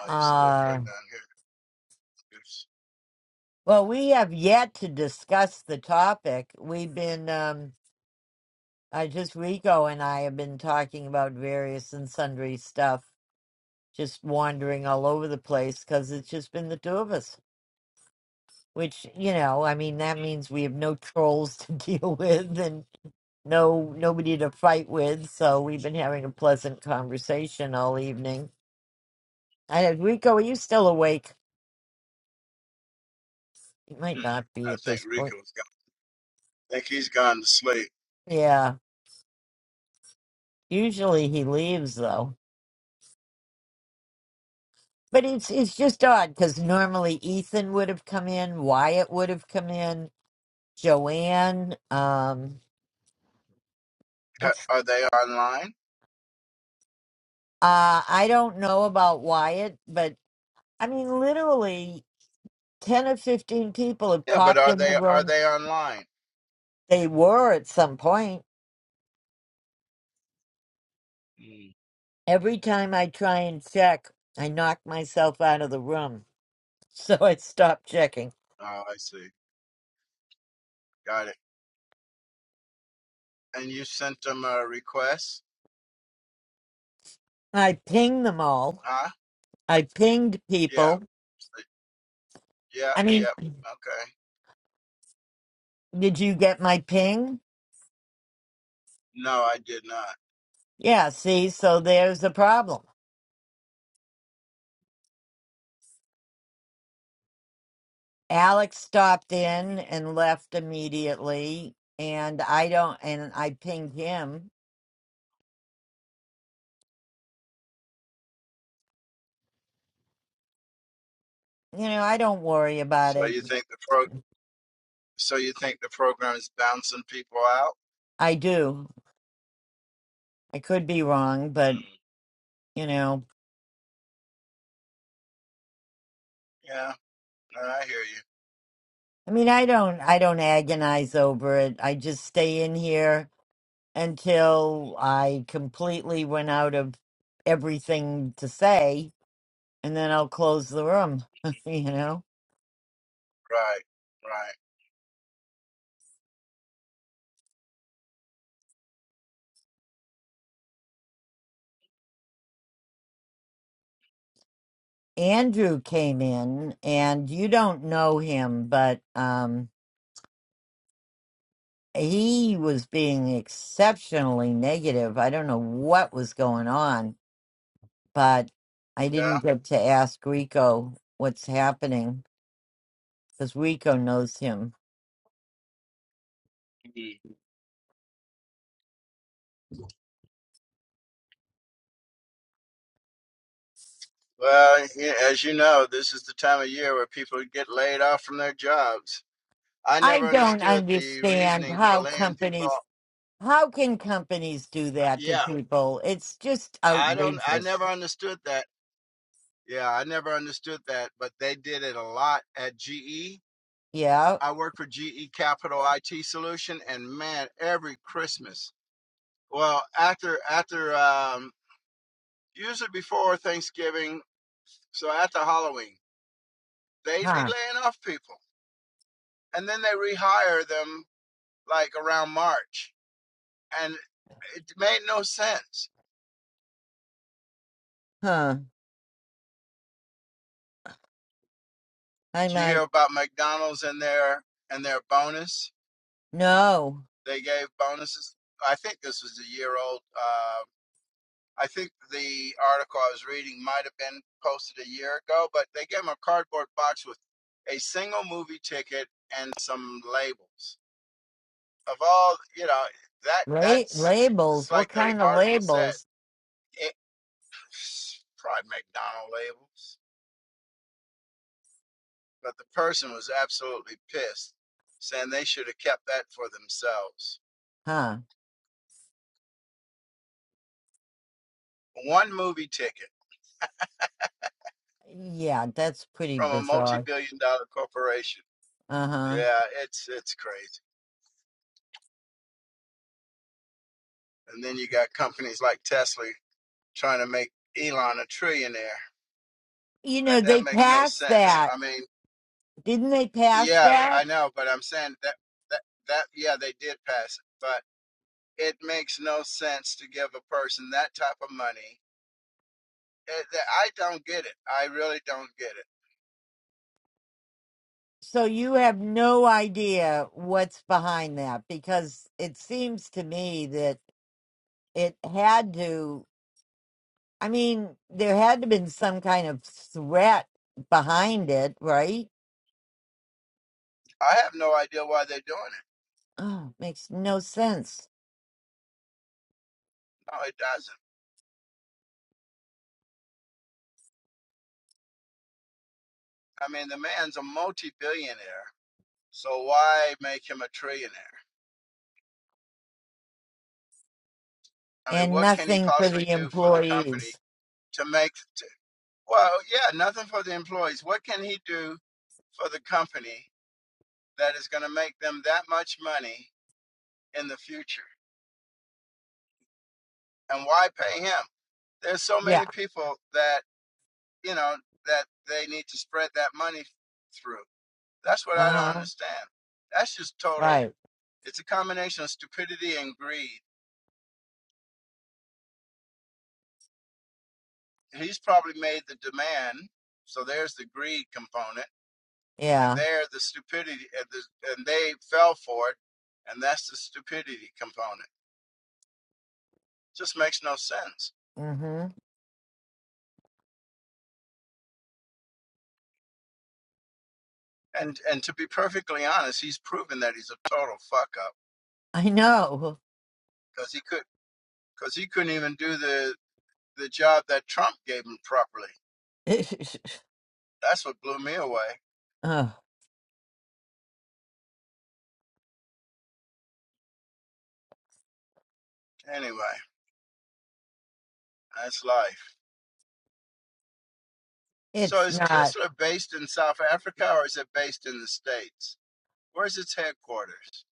S1: Uh, well, we have yet to discuss the topic. We've been, um, uh, just Rico and I have been talking about various and sundry stuff, just wandering all over the place because it's just been the two of us. which you know i mean that means we have no trolls to deal with and no nobody to fight with so we've been having a pleasant conversation all evening I, rico are you still awake he might not be at this point yeah usually he leaves though but it's it's just odd because normally ethan would have come in wyatt would have come in joanne um it's uh i don't know about wyatt but i mean literally 10 or 15 people have popped in the room. They were at some point. Every time I try and check, I knock myself out of the room. So I stop checking. I pinged them all. I pinged people. I mean, did you get my ping? Yeah, see, so there's the problem. Alex stopped in and left immediately, and I don't, and I pinged him. You know, I don't worry about it. I do. I could be wrong, but you know i mean i don't i don't agonize over it i just stay in here until i completely run out of everything to say and then i'll close the room you know andrew came in and you don't know him but um he was being exceptionally negative i don't know what was going on but i didn't get to ask rico what's happening because rico knows him I don't understand how companies how can companies do that to people? It's just outrageous. Yeah. Huh. Huh. I might no. La- labels. What kind of labels? Huh. Yeah, that's pretty bizarre. Uh-huh. You know, they passed that. Didn't they pass that? So you have no idea what's behind that because it seems to me that it had to. I mean, there had to have been some kind of threat behind it, right? Oh, makes no sense. And nothing for the employees. Yeah. Uh huh. Right. Yeah. Mm hmm. I know. Ugh, it's not.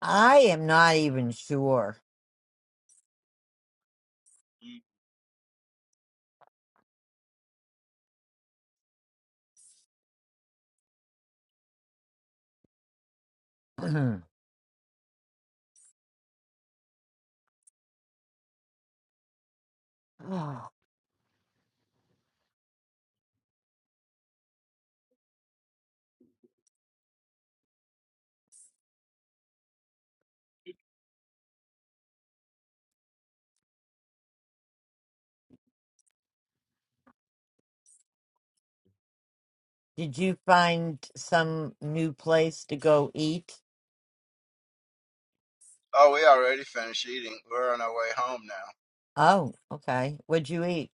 S1: I am not even sure. Oh, Did you find some new place to go eat? Oh, okay. What'd you eat?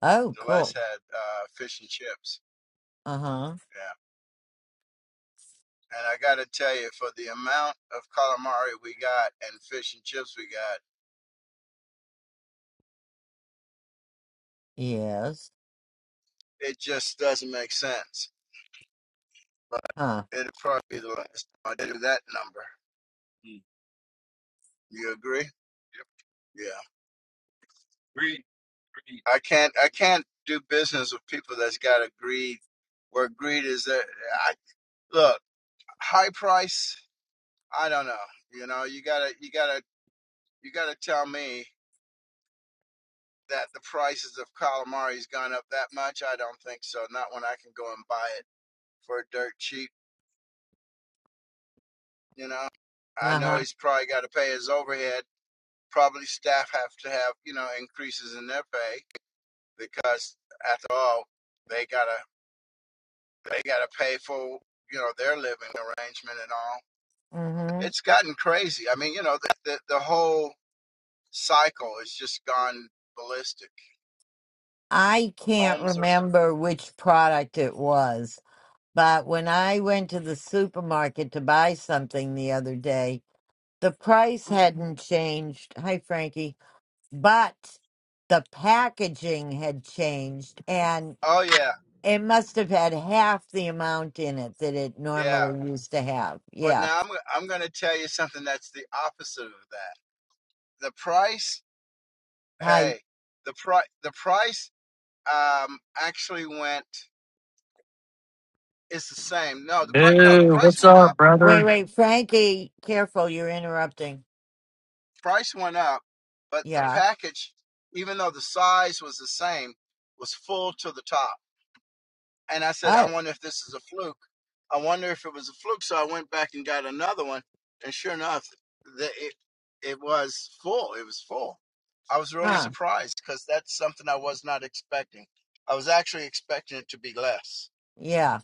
S1: Oh, cool. Uh huh. Yes. Huh. Uh-huh. hmm I can't remember which product it was, but when I went to the supermarket to buy something the other day, the price hadn't changed. Hi, Frankie. But the packaging had changed, and it must have had half the amount in it that it normally used to have. Yeah. Hi.
S7: Dude, what's up,
S1: Wait,
S7: brother?
S1: wait, Frankie, careful, you're interrupting. Yeah. Oh, huh. Yeah.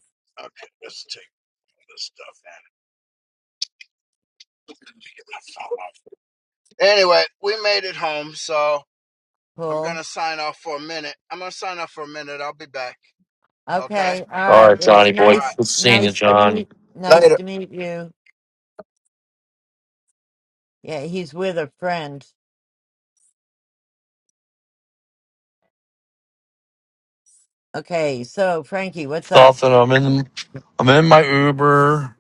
S1: Cool. Okay, all
S7: All
S1: right.
S7: right,
S1: It was
S7: Johnny boy.
S1: nice,
S7: Good seeing you,
S1: nice to
S7: John.
S1: meet, nice to meet you. Yeah, he's with a friend. Okay, so Frankie, what's up?
S7: Nothing. I'm in. I'm in my Uber,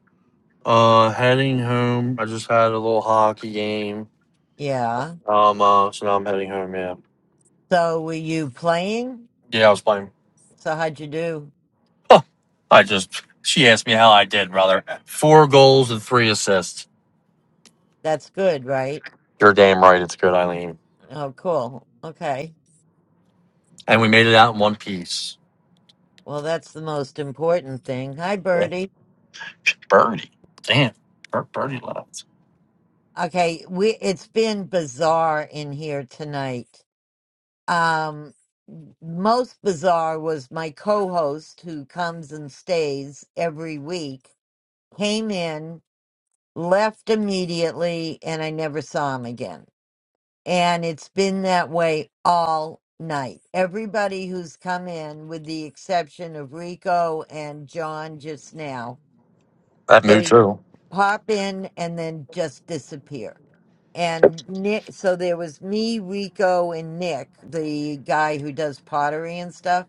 S7: uh, heading home. I just had a little hockey game.
S1: Yeah.
S7: Um, uh, so now I'm heading home. Yeah.
S1: So were you playing?
S7: Yeah, I was playing.
S1: So how'd you do?
S7: Huh. I just. She asked me how I did, brother. Four goals and three assists.
S1: That's good, right?
S7: You're damn right. It's good, Eileen.
S1: Oh, cool. Okay.
S7: And we made it out in one piece.
S1: Well, that's the most important thing. Hi,
S7: Yeah.
S1: Birdie.
S7: Birdie. Damn. Bir- Birdie left.
S1: Okay, we it's been bizarre in here tonight. Um, most bizarre was my co-host who comes and stays every week came in, left immediately, and I never saw him again. And it's been that way all night. Everybody who's come in, with the exception of Rico and John just now,
S7: That moved
S1: they
S7: too.
S1: pop in and then just disappear. And Nick, so there was me, Rico, and Nick, the guy who does pottery and stuff.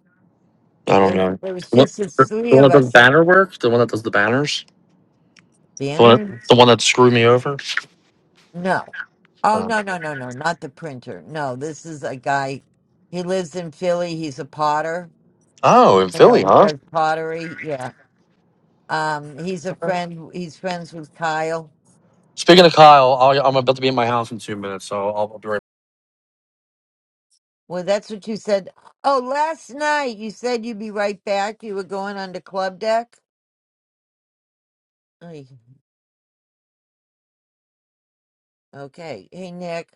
S7: I don't
S1: And
S7: know.
S1: it was
S7: The one,
S1: just the
S7: the
S1: three
S7: one
S1: of
S7: that does
S1: us.
S7: banner work? The one that does the banners? The one,
S1: Banners?
S7: the one that screwed me over?
S1: No. Oh,
S7: Um,
S1: no, no, no, no. Not the printer. No, this is a guy. He lives in Philly. He's a potter.
S7: oh, in
S1: You
S7: Philly,
S1: know, he
S7: huh?
S1: does pottery. Yeah. Um, he's a
S7: Okay.
S1: friend. He's friends with Kyle.
S7: Speaking of Kyle, I'll, I'm about to be in my house in two minutes, so I'll, I'll be right
S1: Well, that's what you said. Oh, last night you said you'd be right back. You were going on to Club Deck. Ay, Okay. Hey, Nick,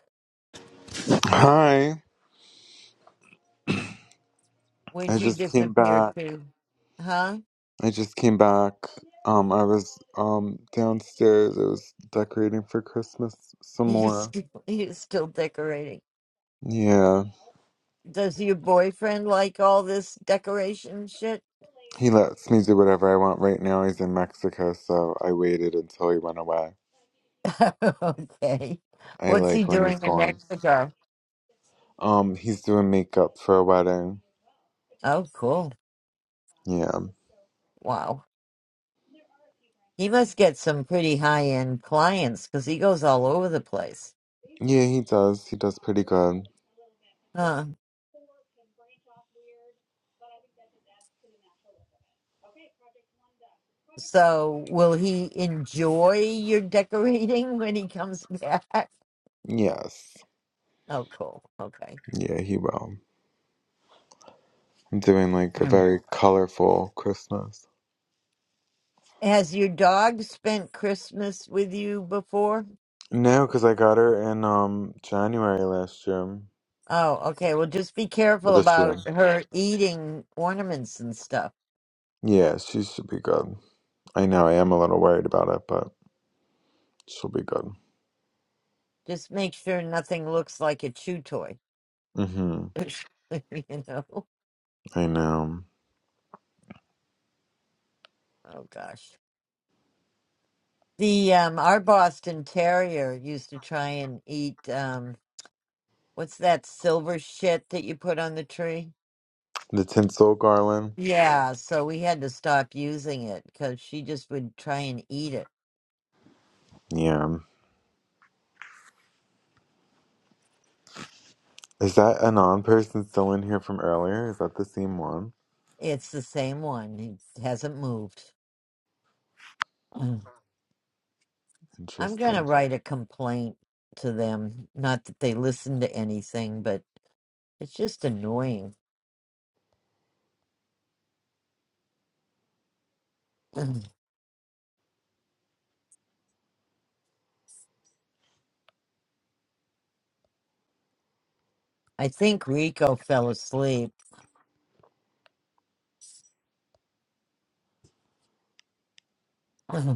S2: Hi. I
S1: where'd you
S2: just came
S1: disappear
S2: back.
S1: to? Huh?
S2: I just came back. Um, I was um downstairs. I was decorating for Christmas some
S1: You
S2: more.
S1: still, you still decorating.
S2: Yeah,
S1: Does your boyfriend like all this decoration shit?
S2: he lets me do whatever I want. Right now, he's in Mexico, so I waited until he went away.
S1: okay.
S2: I
S1: What's he
S2: like when
S1: doing
S2: he's
S1: in
S2: gone.
S1: Mexico?
S2: Um, he's doing makeup for a wedding.
S1: Oh, cool.
S2: Yeah,
S1: Wow. He must get some pretty high end clients because he goes all over the place.
S2: yeah, he does. He does pretty good.
S1: Huh. So, will he enjoy your decorating when he comes back?
S2: Yes,
S1: Oh, cool. Okay.
S2: yeah, he will. I'm doing like a
S1: Mm.
S2: very colorful Christmas.
S1: Has your dog spent Christmas with you before?
S2: No, because I got her in um January last year.
S1: Oh, okay. Well, just be careful
S2: This year.
S1: about her eating ornaments and stuff.
S2: Yeah, she should be good. I know I am a little worried about it, but she'll be good.
S1: Just make sure nothing looks like a chew toy.
S2: Mm-hmm.
S1: you know.
S2: I know.
S1: Oh gosh. The um our Boston Terrier used to try and eat um what's that silver shit that you put on the tree?
S2: The tinsel garland.
S1: Yeah, so we had to stop using it cuz she just would try and eat it.
S2: Yeah. Is that a non-person still in here from earlier? Is that the same one?
S1: It's the same one. It hasn't moved. Mm. I'm going to
S2: Interesting.
S1: write a complaint to them. Not that they listen to anything, but it's just annoying. I think Rico fell asleep.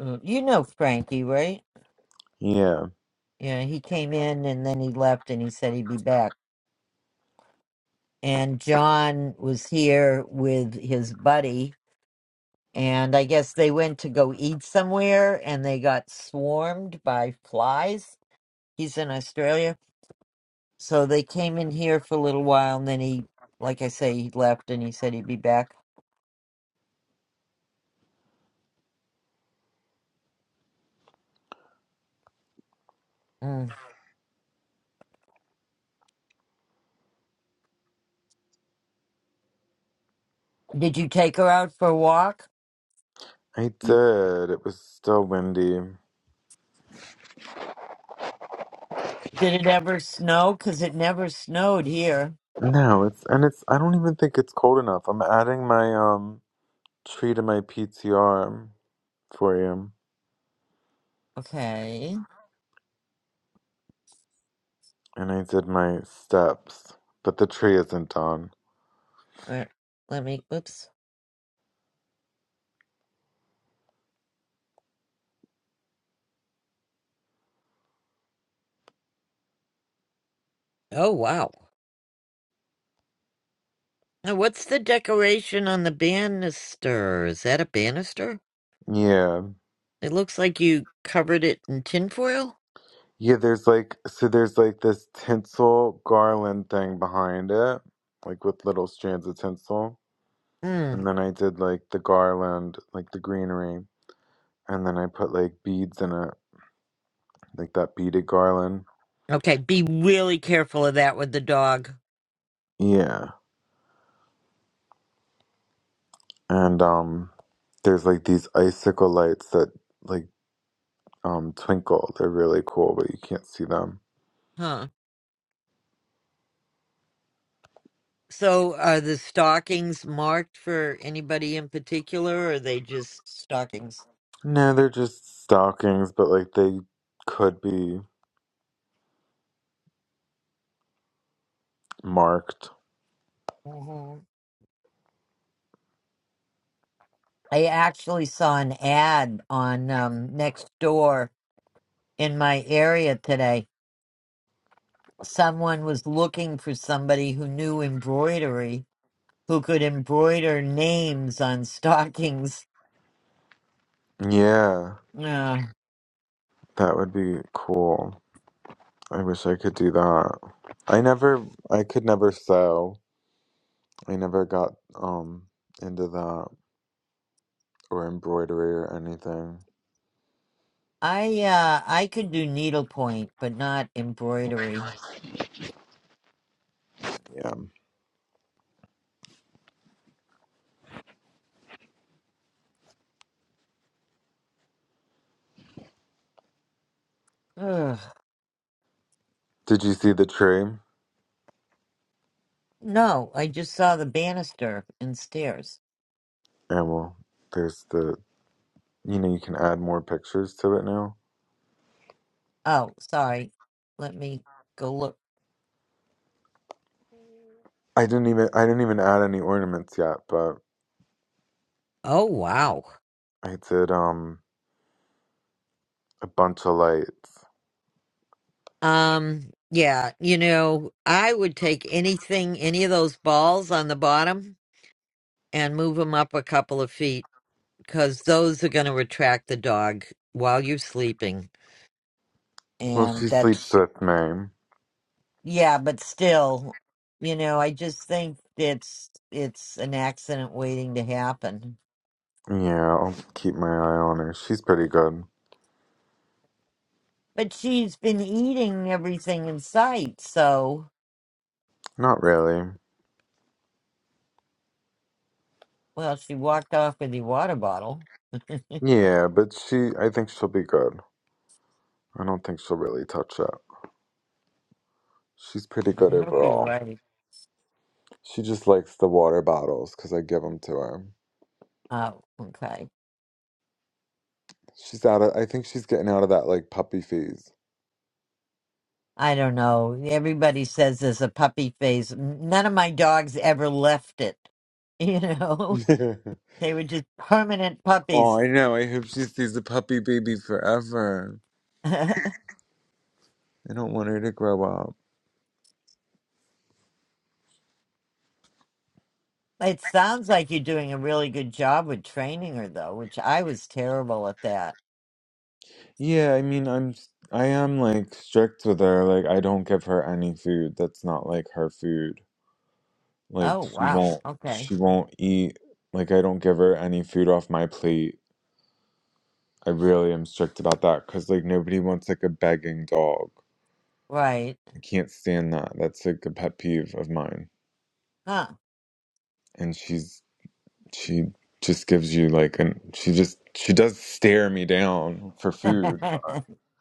S1: Mm, You know Frankie, right?
S2: Yeah,
S1: Yeah, he came in and then he left and he said he'd be back. And John was here with his buddy. And I guess they went to go eat somewhere and they got swarmed by flies. He's in Australia. So they came in here for a little while and then he, like I say, he left and he said he'd be back. Mm. Did you take her out for a walk?
S2: I did. It was still windy.
S1: Did it ever snow? Because it never snowed here.
S2: No, it's and it's. I don't even think it's cold enough. I'm adding my um tree to my PTR for you,
S1: Okay.
S2: and I did my steps, but the tree isn't done.
S1: All right. Let me, oops. Oh wow. Now what's the decoration on the banister? Is that a banister?
S2: Yeah,
S1: It looks like you covered it in tinfoil?
S2: Yeah, there's like so there's like this tinsel garland thing behind it, like with little strands of tinsel.
S1: Hmm.
S2: And then I did like the garland, like the greenery, and then I put like beads in it, like that beaded garland.
S1: Okay, be really careful of that with the dog.
S2: Yeah. And um there's like these icicle lights that like um twinkle. They're really cool, but you can't see them.
S1: Huh. So are the stockings marked for anybody in particular or are they just stockings?
S2: No, they're just stockings, but like they could be marked.
S1: hmm I actually saw an ad on um next door in my area today. Someone was looking for somebody who knew embroidery who could embroider names on stockings.
S2: Yeah,
S1: Ugh.
S2: that would be cool. I wish I could do that. I never, I could never sew. I never got um into that or embroidery or anything.
S1: I uh I could do needlepoint, but not embroidery.
S2: Yeah.
S1: Ugh.
S2: Did you see the tree?
S1: No, I just saw the banister and stairs.
S2: Yeah. Well, there's the. You know, you can add more pictures to it now.
S1: Oh, sorry. Let me go look.
S2: I didn't even, I didn't even add any ornaments yet, but
S1: Oh wow.
S2: I did um a bunch of lights.
S1: Um yeah, you know, I would take anything, any of those balls on the bottom and move them up a couple of feet because those are going to attract the dog while you're sleeping
S2: Well,
S1: and
S2: she
S1: that's
S2: sleeps with me.
S1: Yeah, but still, you know, I just think it's it's an accident waiting to happen.
S2: Yeah, I'll keep my eye on her. She's pretty good.
S1: But she's been eating everything in sight, so
S2: Not really.
S1: well, she walked off with the water bottle.
S2: Yeah, but she, I think she'll be good. I don't think she'll really touch it. She's pretty
S1: I
S2: good
S1: hope you're
S2: overall.
S1: right.
S2: She just likes the water bottles because I give them to her.
S1: Oh, okay.
S2: She's out of, I think she's getting out of that like puppy phase.
S1: I don't know. Everybody says there's a puppy phase. N- None of my dogs ever left it. You know, they were just permanent
S2: oh,
S1: puppies.
S2: I know. I hope she stays a puppy baby forever. I don't want her to grow up.
S1: It sounds like you're doing a really good job with training her, though, which I was terrible at that.
S2: Yeah, I mean, I'm, I am like strict with her. Like, I don't give her any food that's not like her food. Like,
S1: Oh,
S2: she
S1: wow.
S2: won't,
S1: Okay.
S2: she won't eat. Like, I don't give her any food off my plate. I really am strict about that because like nobody wants like a begging dog.
S1: Right.
S2: I can't stand that. That's like a pet peeve of mine.
S1: Huh.
S2: And she's she just gives you like an she just she does stare me down for food. but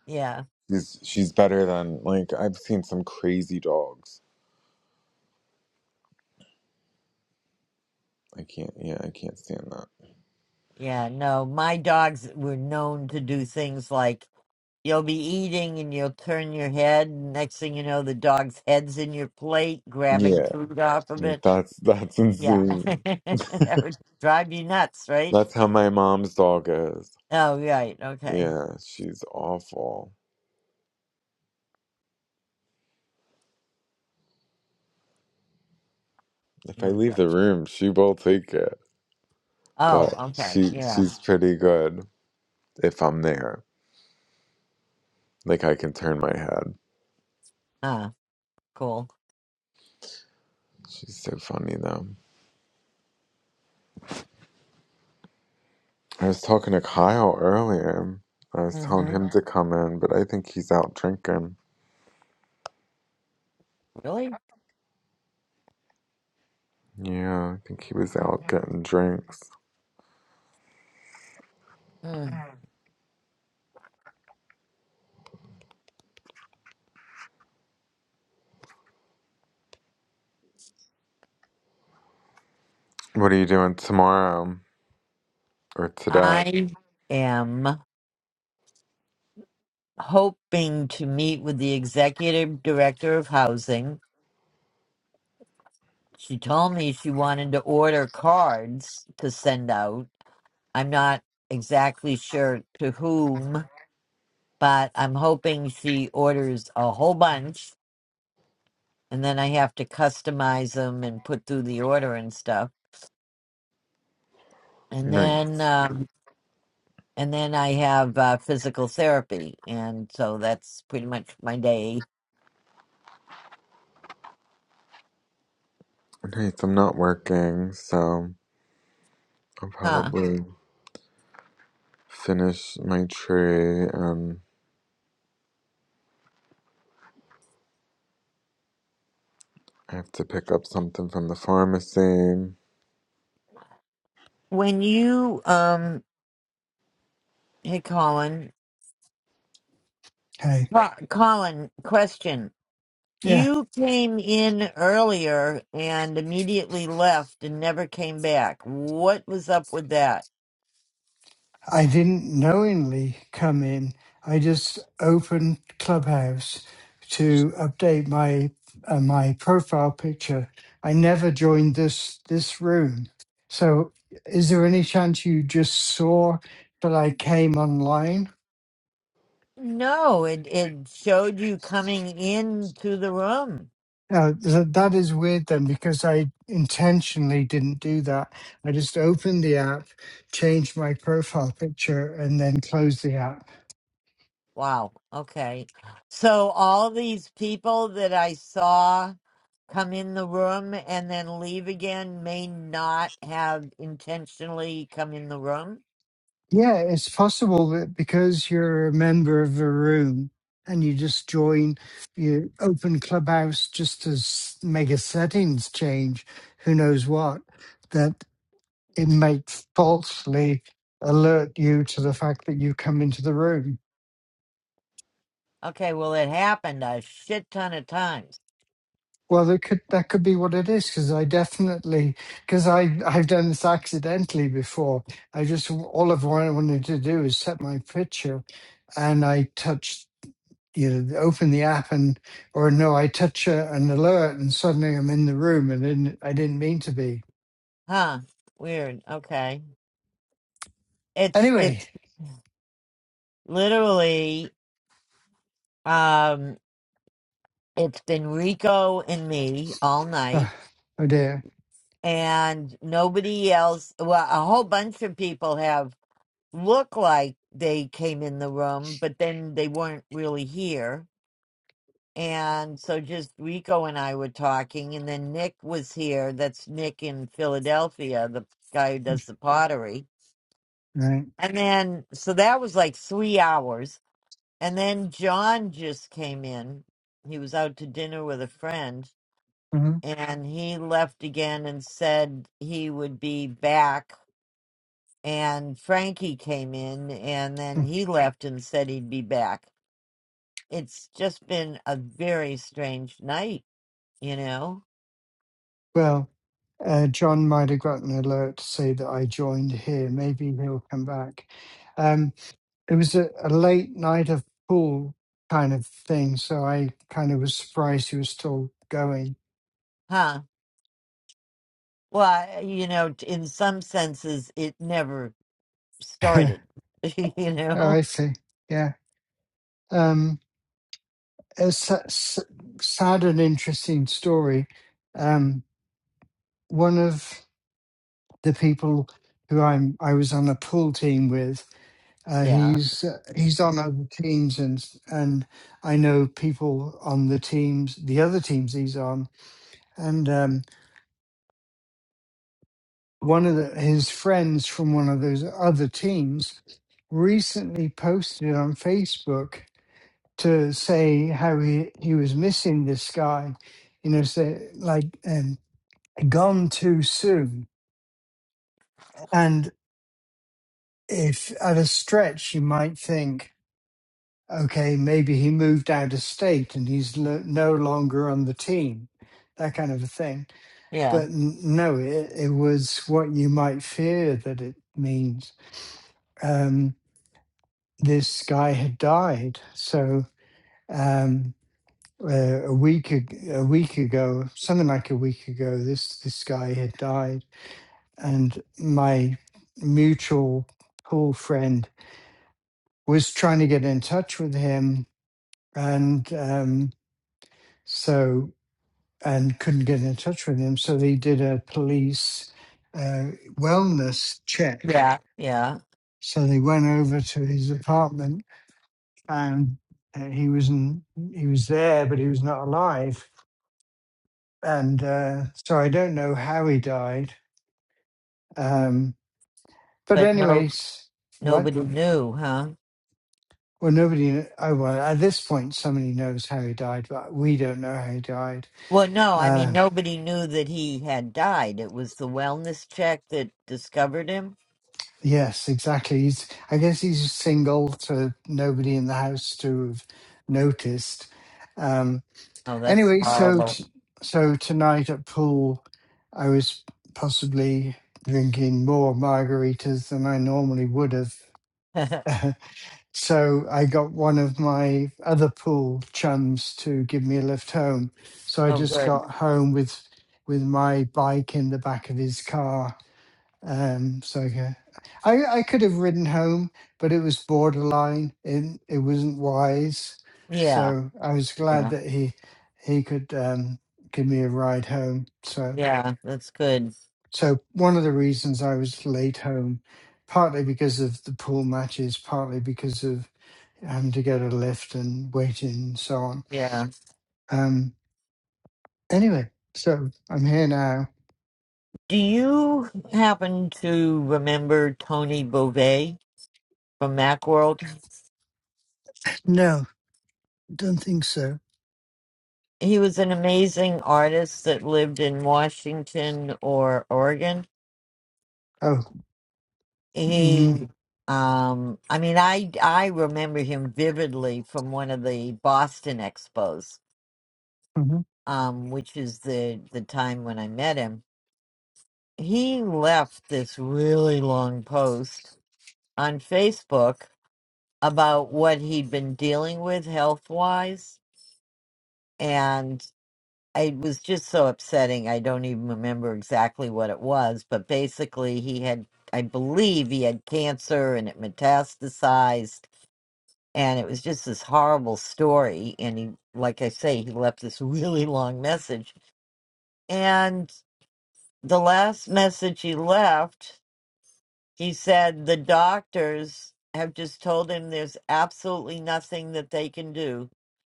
S1: yeah.
S2: She's she's better than like I've seen some crazy dogs. I can't yeah, I can't stand that.
S1: Yeah. No, my dogs were known to do things like you'll be eating and you'll turn your head. And next thing you know, the dog's head's in your plate, grabbing
S2: Yeah.
S1: food off of
S2: Like
S1: it.
S2: that's that's
S1: Yeah.
S2: insane.
S1: that would drive you nuts, right?
S2: That's how my mom's dog is.
S1: Oh, right. Okay.
S2: Yeah, she's awful. If I
S1: Oh,
S2: leave the
S1: gosh.
S2: room, she will take it. but
S1: Oh, okay.
S2: she
S1: Yeah.
S2: she's pretty good if I'm there. Like I can turn my head.
S1: Ah, Cool.
S2: She's so funny though. I was talking to Kyle earlier. I was telling
S1: hmm
S2: him to come in, but I think he's out drinking.
S1: Really?
S2: Yeah, I think he was out getting drinks.
S1: Mm-mm.
S2: What are you doing tomorrow or today?
S1: I am hoping to meet with the executive director of housing. She told me she wanted to order cards to send out. I'm not exactly sure to whom, but I'm hoping she orders a whole bunch and then I have to customize them and put through the order and stuff. And
S2: Nice.
S1: then um and then I have uh, physical therapy and so that's pretty much my day
S2: Nice. I'm not working, so I'll
S1: Huh.
S2: probably finish my tree and I have to pick up something from the pharmacy.
S1: When you um hey Colin
S8: Okay.
S1: Co- Colin question
S8: Yeah.
S1: you came in earlier and immediately left and never came back. What was up with that?
S8: I didn't knowingly come in. I just opened Clubhouse to update my uh, my profile picture. I never joined this this room. So, is there any chance you just saw that I came online?
S1: No, it it showed you coming into the room.
S8: Uh, th- that is weird then, because I intentionally didn't do that. I just opened the app, changed my profile picture, and then closed the app.
S1: Wow. Okay. So all these people that I saw come in the room and then leave again may not have intentionally come in the room.
S8: Yeah, it's possible that because you're a member of a room and you just join, you open Clubhouse just to s- make a settings change, who knows what, that it might falsely alert you to the fact that you come into the room.
S1: Okay, well, it happened a shit ton of times.
S8: Well, that could that could be what it is because I definitely because I I've done this accidentally before. I just all of what I wanted to do is set my picture and I touched. you open the app and or no i touch a, an alert and suddenly i'm in the room and then i didn't mean to be
S1: Huh. Weird. Okay. It's
S8: anyway
S1: it's literally um it's been Rico and me all night
S8: oh, oh dear
S1: and nobody else well a whole bunch of people have look like they came in the room, but then they weren't really here. And so just Rico and I were talking, and then Nick was here. That's Nick in Philadelphia, the guy who does the pottery.
S8: right
S1: And then, so that was like three hours. And then John just came in. He was out to dinner with a friend,
S8: Mm-hmm.
S1: and he left again and said he would be back. And Frankie came in, and then
S8: hmm
S1: he left and said he'd be back. it's just been a very strange night, you know?
S8: well uh, john might have got an alert to say that i joined here maybe he'll come back um, it was a, a late night of pool kind of thing so i kind of was surprised he was still going
S1: Huh? Well, I- you know, t- in some senses, it never
S8: oh
S1: started, you know?
S8: i see yeah Um, a sa- s- sad and interesting story. Um, one of the people who I'm I was on a pool team with, uh,
S1: Yeah,
S8: he's uh, he's on other teams, and and I know people on the teams, the other teams he's on, and um, one of the, his friends from one of those other teams recently posted on Facebook to say how he, he was missing this guy, you know, say like. um, gone too soon. And if at a stretch you might think, okay, maybe he moved out of state and he's lo- no longer on the team, that kind of a thing.
S1: yeah,
S8: But n- no, it, it was what you might fear that it means. Um, this guy had died. So um, uh, a week ag- a week ago, something like a week ago, this this guy had died, and my mutual pool friend was trying to get in touch with him and um, so and couldn't get in touch with him so they did a police uh, wellness check
S1: yeah, yeah.
S8: so they went over to his apartment and uh, he was in, he was there but he was not alive and uh, so i don't know how he died um, but
S1: But no,
S8: anyways what
S1: nobody knew, huh?
S8: well nobody oh well at this point somebody knows how he died but we don't know how he died
S1: Well, no, I mean,
S8: Uh,
S1: nobody knew that he had died. It was the wellness check that discovered him.
S8: Yes, exactly. He's, I guess he's single, so nobody in the house to have noticed. Um,
S1: Oh, that's
S8: anyway, so
S1: horrible.
S8: t- so tonight at pool, I was possibly drinking more margaritas than I normally would have.
S1: oh,
S8: so I got one of my other pool chums to give me a lift home. So I just
S1: good.
S8: got home with with my bike in the back of his car um, so yeah, I I could have ridden home, but it was borderline. It it wasn't wise.
S1: Yeah,
S8: So I was glad
S1: yeah,
S8: that he he could um, give me a ride home. So
S1: yeah, that's good.
S8: so one of the reasons I was late home, partly because of the pool matches, partly because of having to get a lift and waiting and so on.
S1: Yeah.
S8: Um, anyway, so I'm here now.
S1: Do you happen to remember Tony Beauvais from Macworld?
S8: No, don't think so.
S1: He was an amazing artist that lived in Washington or Oregon.
S8: Oh. Hmm.
S1: He, um, I mean, I I remember him vividly from one of the Boston expos, um, which is the the time when I met him. He left this really long post on Facebook about what he'd been dealing with health wise and. it was just so upsetting. I don't even remember exactly what it was, but basically, he had, I believe, he had cancer and it metastasized. And it was just this horrible story. And he, like I say, he left this really long message. And the last message he left, he said, The doctors have just told him there's absolutely nothing that they can do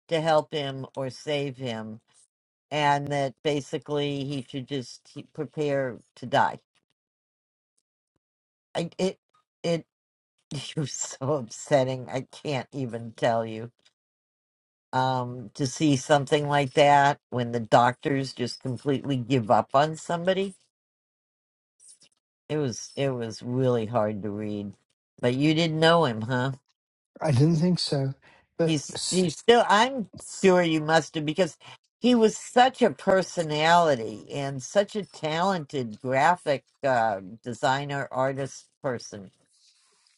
S1: to help him or save him and that basically he should just he- prepare to die. I, it it it was so upsetting. I can't even tell you. Um, to see something like that when the doctors just completely give up on somebody, it was it was really hard to read. But you didn't know him, huh?
S8: I didn't think so. But,
S1: He's
S8: s-
S1: he's still. I'm sure you must have because he was such a personality and such a talented graphic uh, designer artist person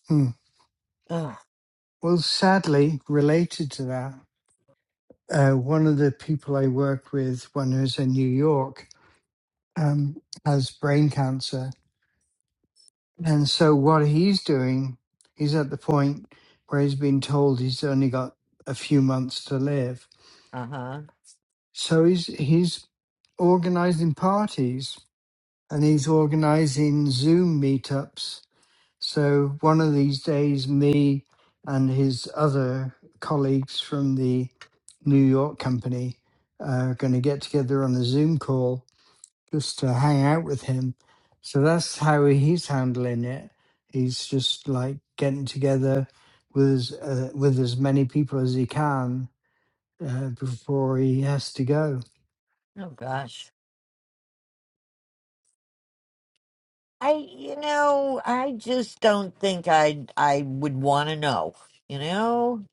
S8: mm.
S1: Ugh.
S8: well, sadly, related to that, uh, one of the people I work with, one who's in New York, um, has brain cancer. And so what he's doing, he's at the point where he's been told he's only got a few months to live.
S1: Uh-huh.
S8: So he's, he's organizing parties and he's organizing Zoom meetups So one of these days, me and his other colleagues from the New York company are going to get together on a Zoom call just to hang out with him. So that's how he's handling it. He's just like getting together with as, uh, with as many people as he can uh, before he has to go.
S1: Oh gosh. I you know, I just don't think I I would want to know, you know?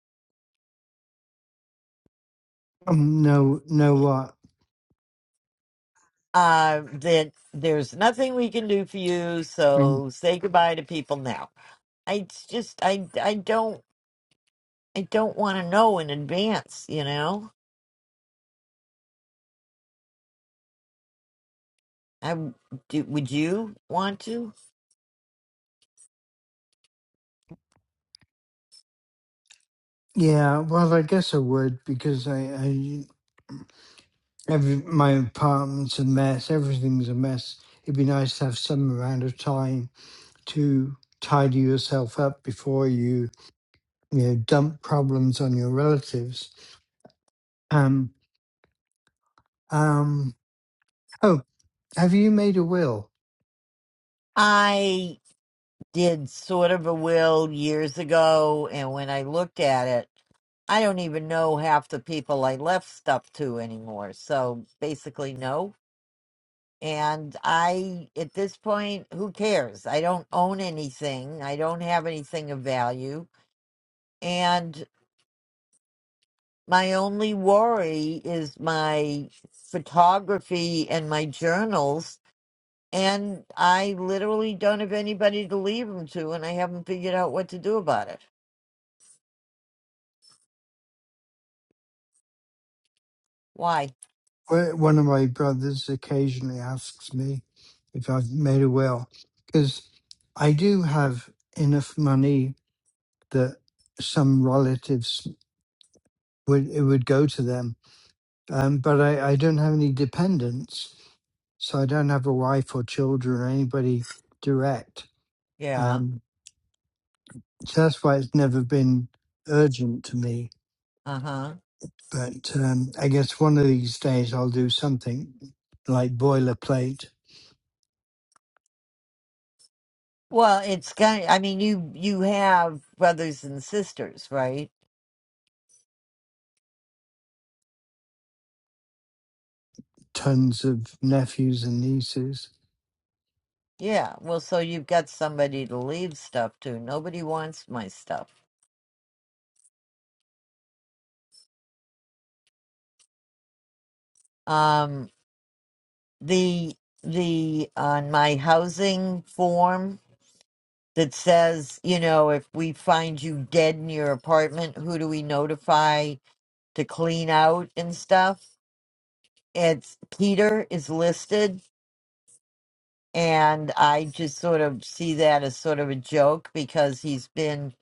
S8: Um, no, no, what?
S1: Uh that there's nothing we can do for you,
S8: Um,
S1: so say goodbye to people now. I it's just I I don't I don't want to know in advance, you know? I w- do, would you want to?
S8: yeah, well, I guess I would because I, I Every, my apartment's a mess. Everything's a mess. It'd be nice to have some amount of time to tidy yourself up before you, you know, dump problems on your relatives. Um, um, oh, have you made a will?
S1: I did sort of a will years ago, and when I looked at it, I don't even know half the people I left stuff to anymore. So basically, no. And I, at this point, who cares? I don't own anything. I don't have anything of value. And my only worry is my photography and my journals And I literally don't have anybody to leave them to, and I haven't figured out what to do about it. Why?
S8: Well, One of my brothers occasionally asks me if I've made a will because I do have enough money that some relatives would it would go to them Um, but I, I don't have any dependents, so I don't have a wife or children or anybody direct.
S1: Yeah.
S8: Um, so that's why it's never been urgent to me.
S1: Uh huh.
S8: But um, I guess one of these days I'll do something like boilerplate,
S1: Well, it's kind of, I mean, you you have brothers and sisters, right?
S8: tons of nephews and nieces.
S1: Yeah. Well, so you've got somebody to leave stuff to. Nobody wants my stuff. Um, the the on my housing form that says, you know, if we find you dead in your apartment, who do we notify to clean out and stuff? it's Peter is listed, and I just sort of see that as sort of a joke because he's been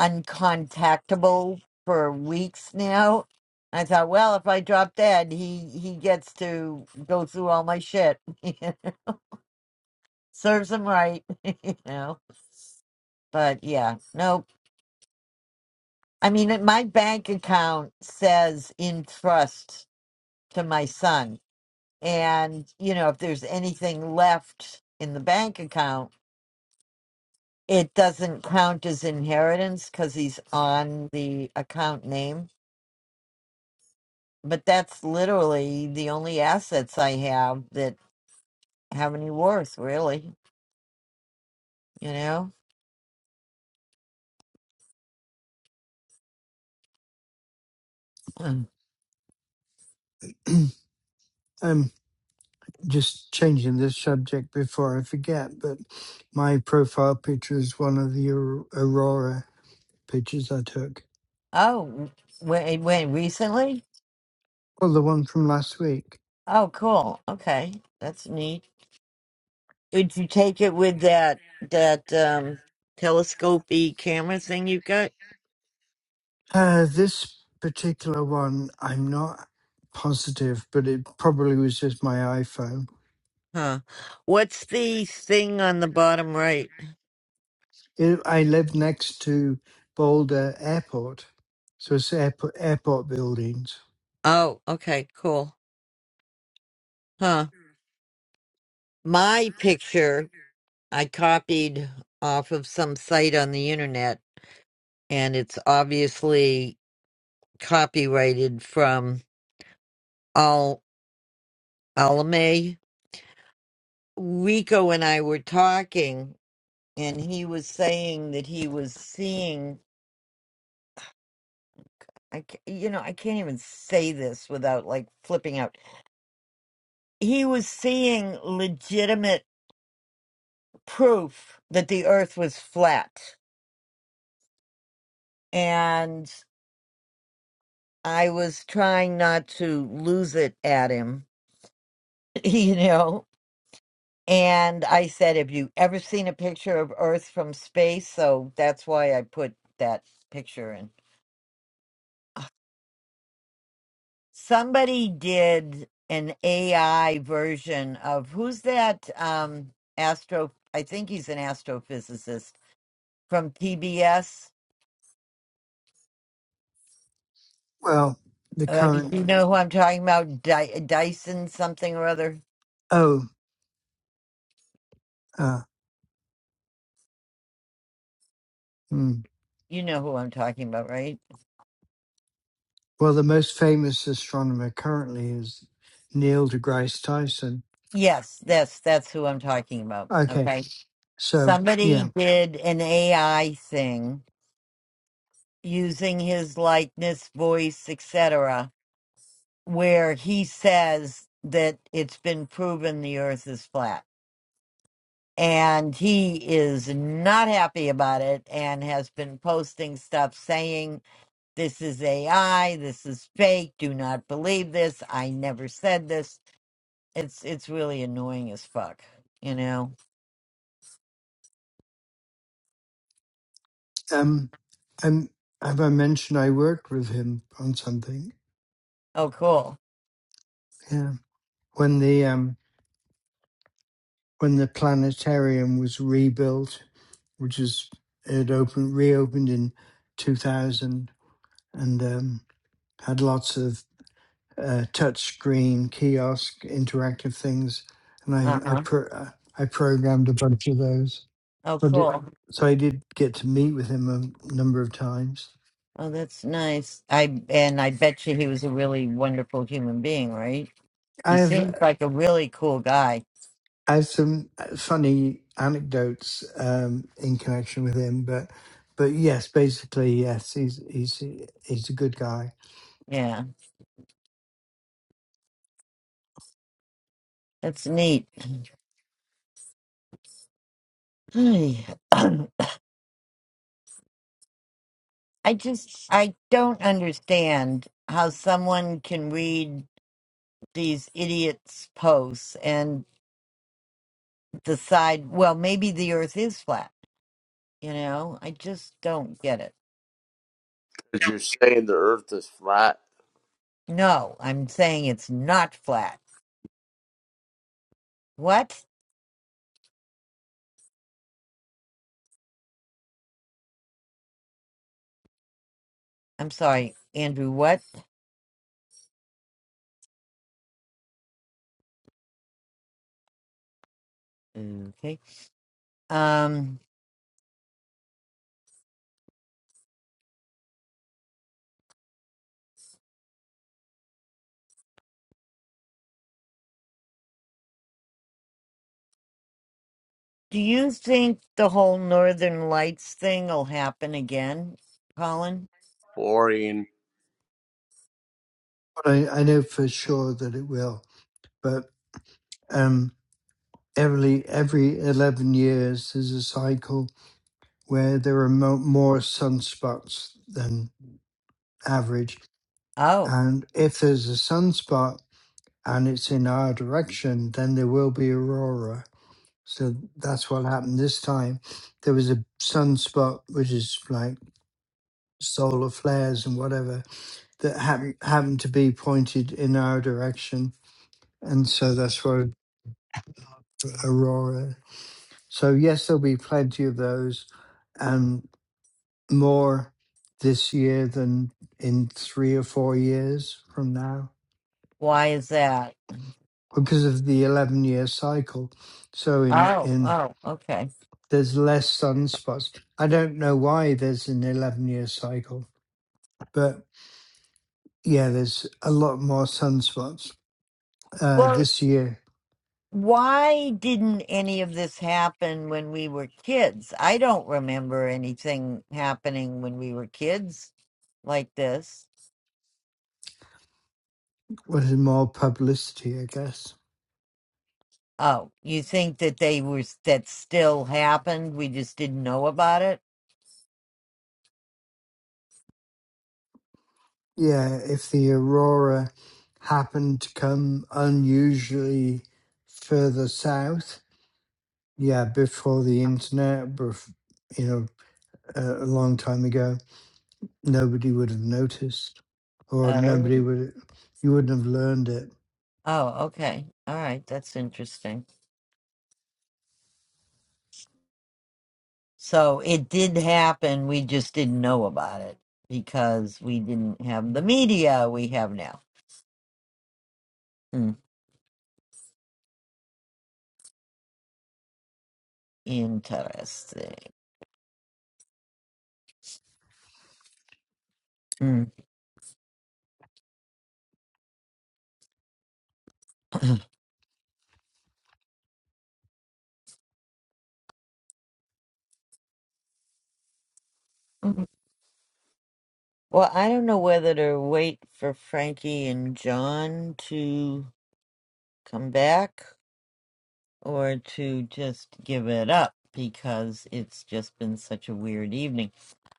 S1: uncontactable for weeks now. I thought, well, if I drop dead, he he gets to go through all my shit. Serves him right, you know. But yeah, nope. I mean, my bank account says in trust to my son, and you know, if there's anything left in the bank account It doesn't count as inheritance because he's on the account name. But that's literally the only assets I have that have any worth, really. You know? Mm.
S8: Um, just changing this subject before I forget, but my profile picture is one of the Aur- Aurora pictures I took.
S1: Oh, wait, wait, recently?
S8: Well, the one from last week.
S1: Oh, cool. Okay, that's neat. Would you take it with that that um telescopy camera thing you've got?
S8: Uh, this particular one, I'm not positive, but it probably was just my iPhone.
S1: Huh. What's the thing on the bottom right?
S8: It, I live next to Boulder Airport, so it's airport, airport buildings.
S1: Oh, okay, cool. Huh. My picture I copied off of some site on the internet, and it's obviously copyrighted from Al Alame. Rico and I were talking, and he was saying that he was seeing. I, ca- you know, I can't even say this without like flipping out. He was seeing legitimate proof that the earth was flat. And I was trying not to lose it at him, you know? And I said, Have you ever seen a picture of Earth from space? So that's why I put that picture in. Somebody did an AI version of who's that um astro I think he's an astrophysicist from PBS.
S8: Well, the
S1: Uh, you
S8: current,
S1: do know who I'm talking about? Dy- Dyson something or other.
S8: oh, uh, hmm.
S1: You know who I'm talking about, right?
S8: well, the most famous astronomer currently is Neil deGrasse Tyson.
S1: Yes, that's that's who I'm talking about.
S8: Okay,
S1: Okay.
S8: so yeah,
S1: Somebody did an AI thing using his likeness, voice, etc., where he says that it's been proven the earth is flat. And he is not happy about it and has been posting stuff saying, This is AI, this is fake, do not believe this, I never said this. It's it's really annoying as fuck, you know.
S8: um, i have I mentioned I worked with him on something?
S1: Oh cool.
S8: Yeah, when the um, when the planetarium was rebuilt, which is it opened reopened in 2000 and um, had lots of uh, touch screen kiosk interactive things, and I I,
S1: Uh-huh.
S8: pro- uh, I programmed a bunch of those.
S1: Oh
S8: But it,
S1: cool.
S8: so I did get to meet with him a number of times.
S1: Oh that's nice. I and I bet you he was a really wonderful human being, right?
S8: I
S1: He
S8: have
S1: seems like a really cool guy.
S8: I have some funny anecdotes um, in connection with him, but but yes, basically yes, he's he's he's a good guy.
S1: Yeah, that's neat. I just I don't understand how someone can read these idiots' posts and decide, well, maybe the earth is flat. You know, I just don't get it.
S5: Because you're saying the earth is flat.
S1: No, I'm saying it's not flat. What? I'm sorry, Andrew, what? Okay. Um, do you think the whole Northern Lights thing will happen again, Colin?
S5: Boring.
S8: But I, I know for sure that it will. But um, every every eleven years, there's a cycle where there are mo- more sunspots than average.
S1: Oh,
S8: And if there's a sunspot and it's in our direction, then there will be aurora. So that's what happened this time. There was a sunspot, which is like solar flares and whatever, that happened, happened to be pointed in our direction. And so that's what aurora So, yes, there'll be plenty of those and more this year than in three or four years from now
S1: why is that?
S8: because of the 11 year cycle. So, in,
S1: Oh,
S8: in
S1: oh, okay.
S8: there's less sunspots. I don't know why there's an 11 year cycle, but yeah, there's a lot more sunspots uh,
S1: Well,
S8: this year.
S1: why didn't any of this happen when we were kids? I don't remember anything happening when we were kids like this.
S8: Was more publicity, I guess.
S1: Oh, you think that they were that still happened? We just didn't know about it?
S8: Yeah, if the aurora happened to come unusually further south, yeah, before the internet, bef- you know, a a long time ago, nobody would have noticed, or
S1: Oh.
S8: nobody would, you wouldn't have learned it.
S1: Oh, okay. All right, that's interesting. So it did happen, we just didn't know about it because we didn't have the media we have now. Hmm. Interesting. Mm. Mhm. Well, I don't know whether to wait for Frankie and John to come back or to just give it up because it's just been such a weird evening.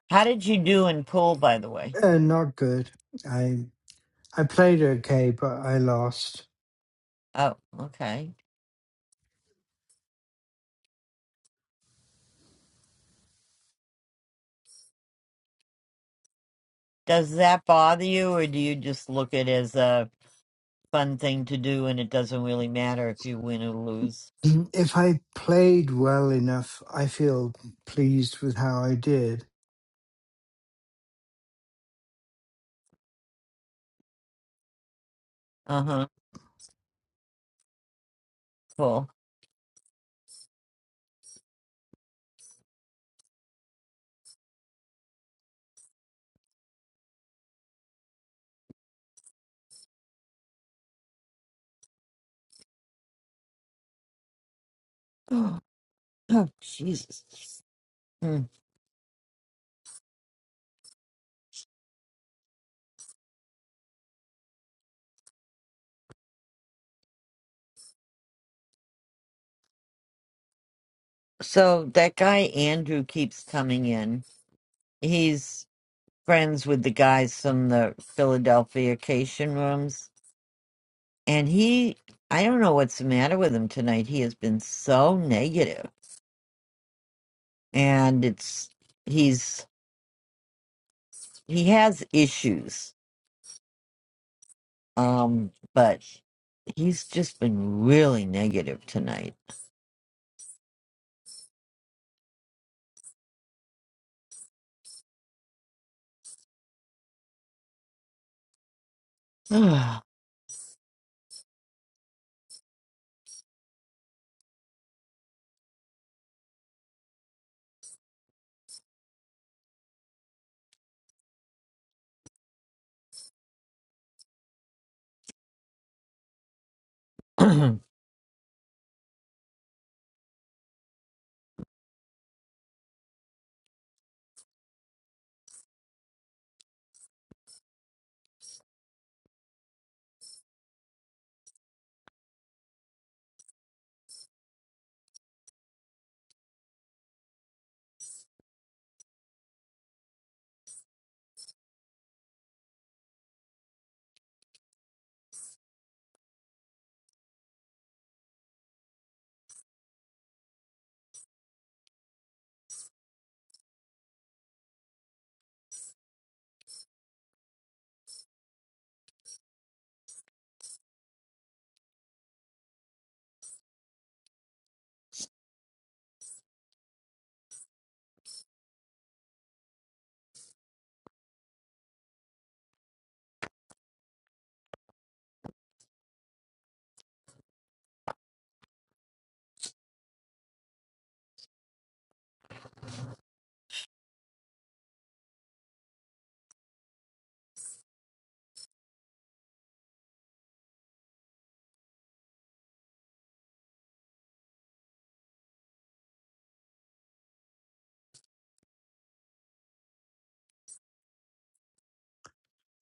S1: How did you do in pool, by the way?
S8: Uh, not good. I I played okay, but I lost.
S1: Oh, okay. Does that bother you, or do you just look at it as a fun thing to do and it doesn't really matter if you win or lose?
S8: If I played well enough, I feel pleased with how I did
S1: Uh huh. Cool. Oh, Jesus. Hmm. So that guy Andrew keeps coming in. He's friends with the guys from the Philadelphia Cation rooms. And he, I don't know what's the matter with him tonight. He has been so negative And it's, he's, he has issues. Um, but he's just been really negative tonight. oh,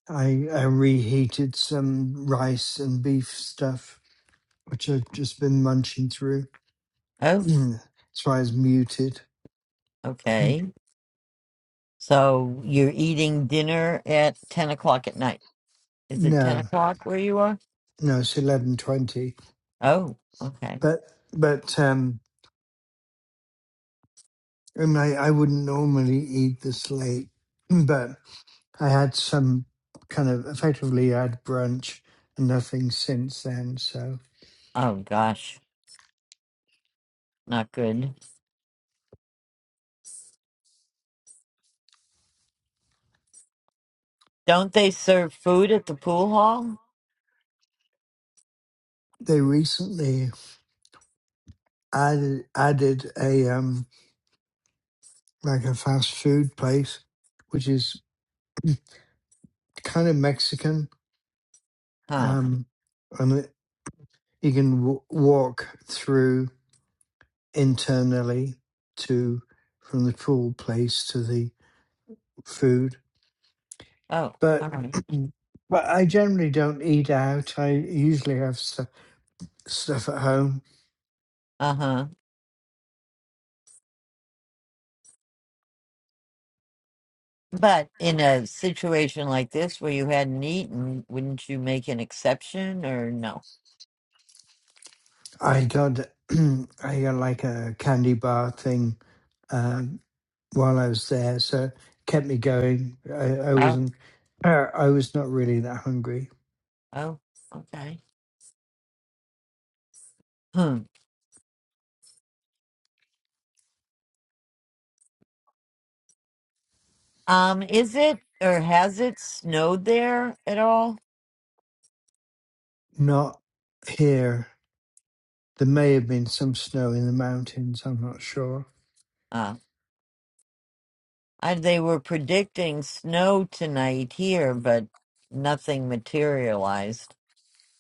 S8: I, I reheated some rice and beef stuff, which I've just been munching through. That's why I was muted. no,
S1: okay. So you're eating dinner at 10 o'clock at night. Is it 10
S8: no,
S1: o'clock where you are?
S8: it's eleven twenty.
S1: Oh, okay.
S8: But but um, and I I wouldn't normally eat this late, but I had some kind of effectively I had brunch and nothing since then. So
S1: Oh gosh, not good. Don't they serve food at the pool hall?
S8: they recently added added a um like a fast food place, which is kind of Mexican
S1: Huh.
S8: um, and it- you can w- walk through internally to from the pool place to the food.
S1: Oh, all
S8: But
S1: right.
S8: but I generally don't eat out. I usually have stu- stuff at home.
S1: Uh huh. But in a situation like this where you hadn't eaten, wouldn't you make an exception or no?
S8: I got I got like a candy bar thing um, while I was there, so it kept me going. I, I
S1: Oh,
S8: wasn't. I I was not really that hungry.
S1: oh, okay. Hmm. Um, is it or has it snowed there at all?
S8: Not here. There may have been some snow in the mountains. I'm not sure.
S1: Uh, I, they were predicting snow tonight here, but nothing materialized.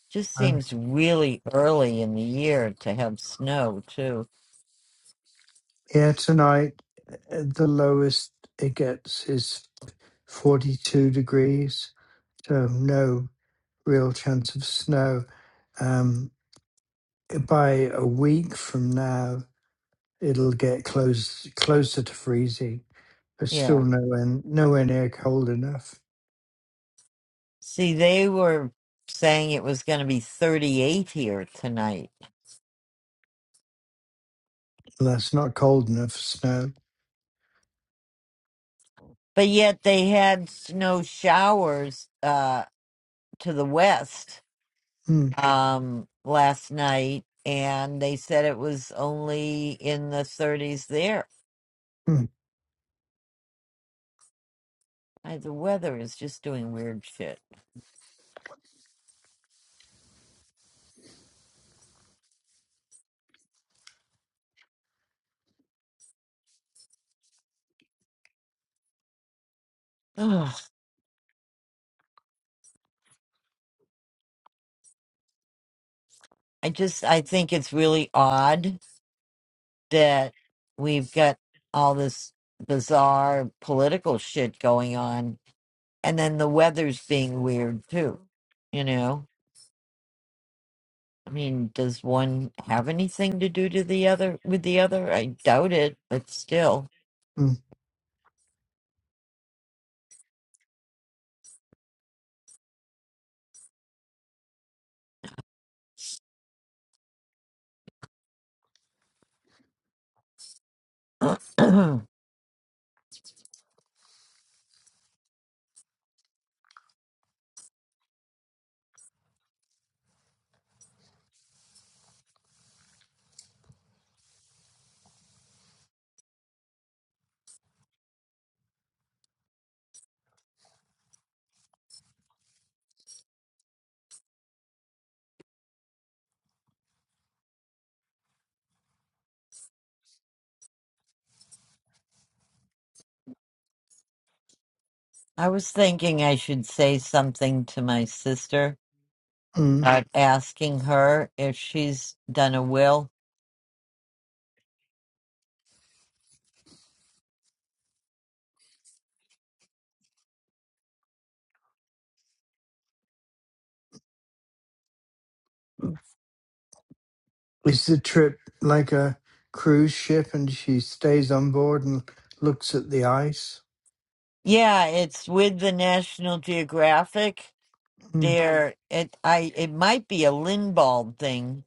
S1: Just
S8: Um,
S1: seems really early in the year to have snow, too.
S8: yeah, tonight uh, the lowest it gets is 42 degrees, so no real chance of snow. Um, by a week from now, it'll get close closer to freezing, but still
S1: Yeah.
S8: nowhere nowhere near cold enough.
S1: See, they were saying it was going to be 38 here tonight,
S8: Well, That's not cold enough for snow.
S1: but yet they had snow showers uh, to the west
S8: Mm,
S1: um, last night, and they said it was only in the 30s there.
S8: mm,
S1: I, the weather is just doing weird shit. Ugh. I just, I think it's really odd that we've got all this bizarre political shit going on and then the weather's being weird too you know i mean does one have anything to do to the other with the other i doubt it but still
S8: mm,
S1: i was thinking i should say something to my sister
S8: mm.
S1: about asking her if she's done a will
S8: Is the trip like a cruise ship and she stays on board and looks at the ice?
S1: yeah it's with the national geographic
S8: Mm,
S1: There, it I it might be a Lindbald thing,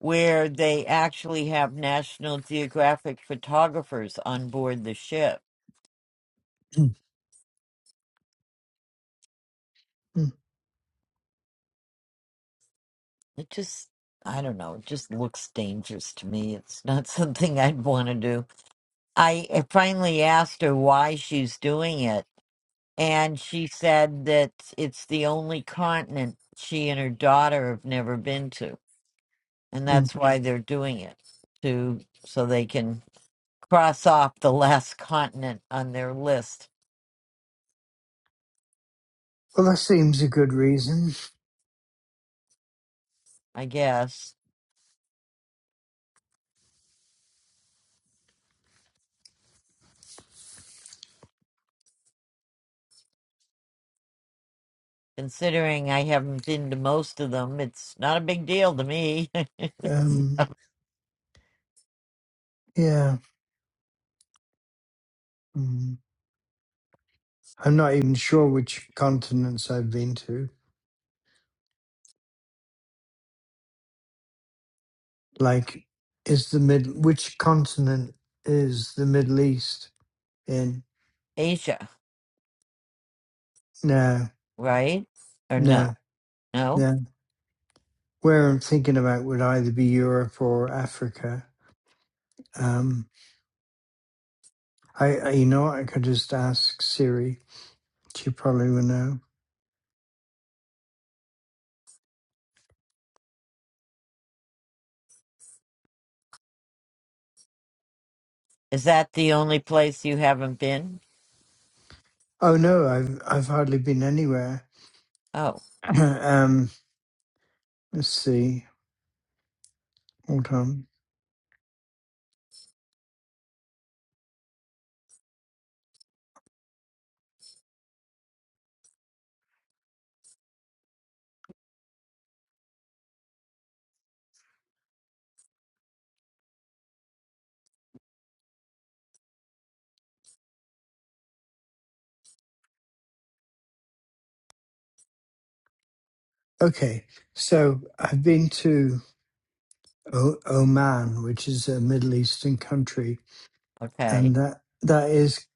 S1: where they actually have National Geographic photographers on board the ship.
S8: mm, mm,
S1: It just, I don't know, it just looks dangerous to me. It's not something I'd want to do. I I finally asked her why she's doing it, and she said that it's the only continent she and her daughter have never been to, and
S8: mm.
S1: that's why they're doing it to so they can. cross off the last continent on their list,
S8: Well, that seems a good reason.
S1: I guess. Considering I haven't been to most of them, it's not a big deal to me.
S8: Um, yeah. Mm. I'm not even sure which continents I've been to. Like, is the mid which continent is the Middle East in?
S1: Asia,
S8: No,
S1: right? Or no?
S8: no,
S1: No?
S8: no. Where I'm thinking about would either be Europe or Africa. Um, I, I you know, I could just ask Siri She probably will know.
S1: Is that the only place you haven't been?
S8: Oh no, I've I've hardly been anywhere.
S1: Oh,
S8: um, let's see. Hold on. Okay, so I've been to o- Oman, which is a Middle Eastern country, and
S1: okay.
S8: that that is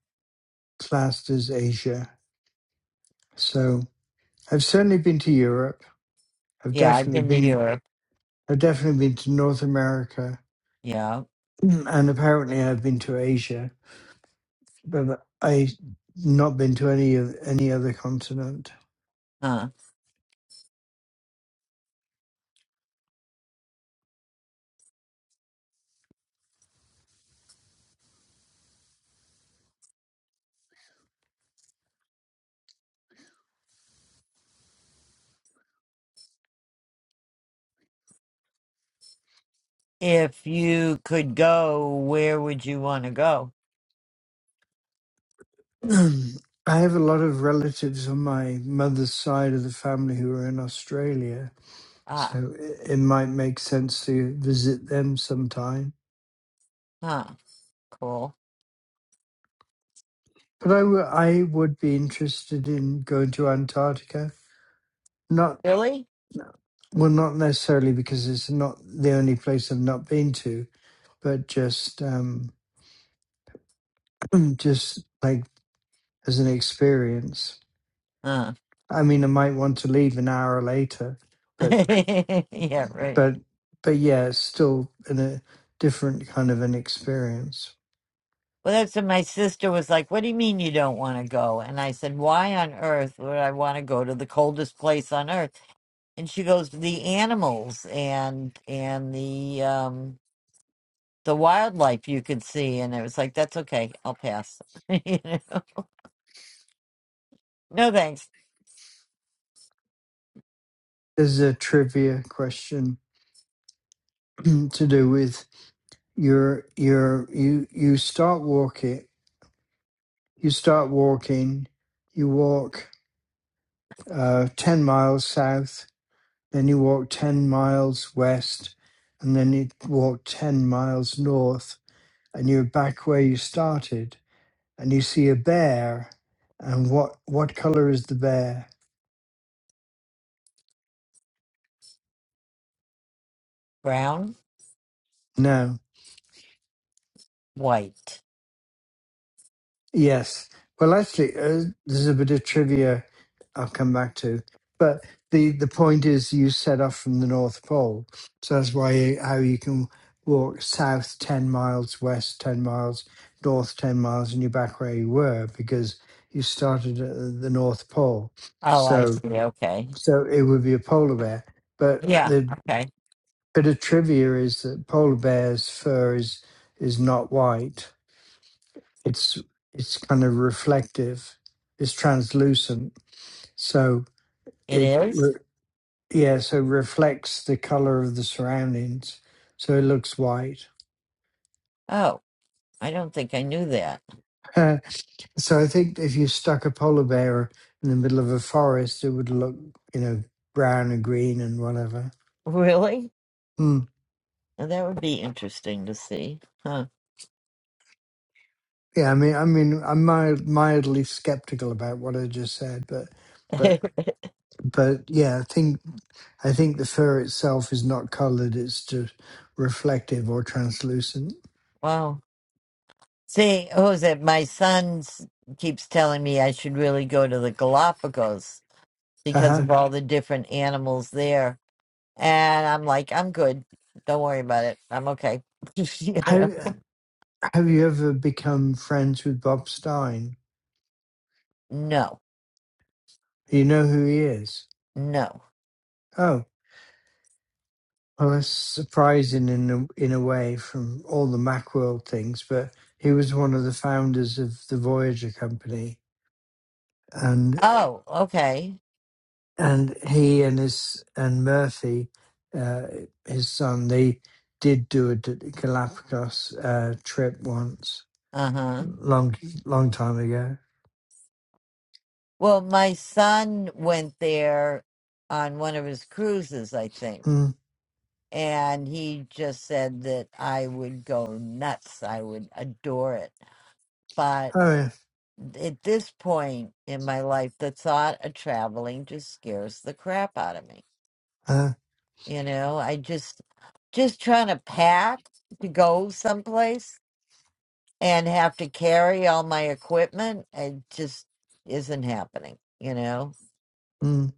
S8: classed as Asia. So I've certainly been to Europe. I've
S1: Yeah, I've
S8: definitely
S1: been to
S8: been.
S1: Europe.
S8: I've definitely been to North America,
S1: Yeah.
S8: and apparently I've been to Asia, but I've not been to any of any other continent.
S1: Huh. If you could go, where would you want to go?
S8: I have a lot of relatives on my mother's side of the family who are in Australia,
S1: Ah,
S8: so it, it might make sense to visit them sometime.
S1: huh. Cool.
S8: But I wou- I would be interested in going to Antarctica. Not,
S1: Really?
S8: well, not necessarily because it's not the only place I've not been to, but just, um, just like as an experience.
S1: Huh.
S8: I mean, I might want to leave an hour later, but.
S1: yeah, right.
S8: but but yeah, it's still in a different kind of an experience.
S1: Well, that's what my sister was like, What do you mean you don't want to go? And I said, Why on earth would I want to go to the coldest place on earth? And she goes, The animals and and the um the wildlife you could see and it was like, That's okay, I'll pass. you know? No thanks.
S8: There's a trivia question to do with your your you you start walking you start walking you walk uh, ten miles south then you walk ten miles west and then you walk ten miles north and you're back where you started and you see a bear and what what color is the bear?
S1: Brown,
S8: No.
S1: white.
S8: Yes. Well, actually, uh, there's a bit of trivia I'll come back to, but the the point is you set off from the North Pole, so that's why you, how you can walk south ten miles, west ten miles, north ten miles, and you're back where you were because you started at the North Pole.
S1: Oh, I see,
S8: So
S1: okay.
S8: so it would be a polar bear. But
S1: Yeah,
S8: the
S1: okay.
S8: bit of trivia is that polar bear's fur is is not white it's it's kind of reflective it's translucent so
S1: It
S8: it
S1: is?
S8: re- yeah so reflects the color of the surroundings so it looks white
S1: Oh, I don't think I knew that.
S8: Uh, so i think if you stuck a polar bear in the middle of a forest it would look you know brown and green and whatever
S1: Really?
S8: Hmm.
S1: Well, That would be interesting to see. Huh.
S8: yeah i mean i mean i'm mild, mildly skeptical about what i just said but but but yeah, I think I think the fur itself is not colored; it's just reflective or translucent.
S1: wow. See, Jose, my son s- keeps telling me I should really go to the Galapagos
S8: Uh
S1: because
S8: huh.
S1: of all the different animals there. And I'm like, I'm good. Don't worry about it. I'm okay. You know?
S8: Have Have you ever become friends with Bob Stein?
S1: No,
S8: You know who he is.
S1: no.
S8: Oh, well, that's surprising in a, in a way from all the Macworld things, but he was one of the founders of the Voyager company, and.
S1: Oh, okay.
S8: and he and his and Murphy, uh, his son, they did do a D- Galapagos uh, trip once,
S1: Uh huh.
S8: long long time ago.
S1: Well, my son went there on one of his cruises, I think.
S8: Mm.
S1: And he just said that I would go nuts. I would adore it. but.
S8: Oh yeah.
S1: at this point in my life, the thought of traveling just scares the crap out of me.
S8: Uh,
S1: You know, I just just trying to pack to go someplace and have to carry all my equipment. It just isn't happening. You know,
S8: mm,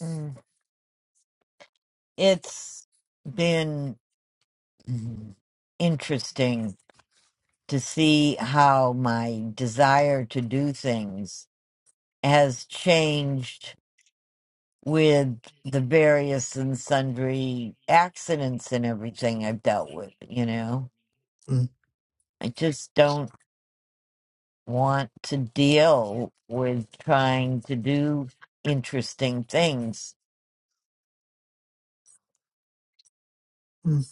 S1: Mm. it's been interesting to see how my desire to do things has changed with the various and sundry accidents and everything I've dealt with, you know.
S8: mm,
S1: I just don't want to deal with trying to do interesting things.
S8: mm.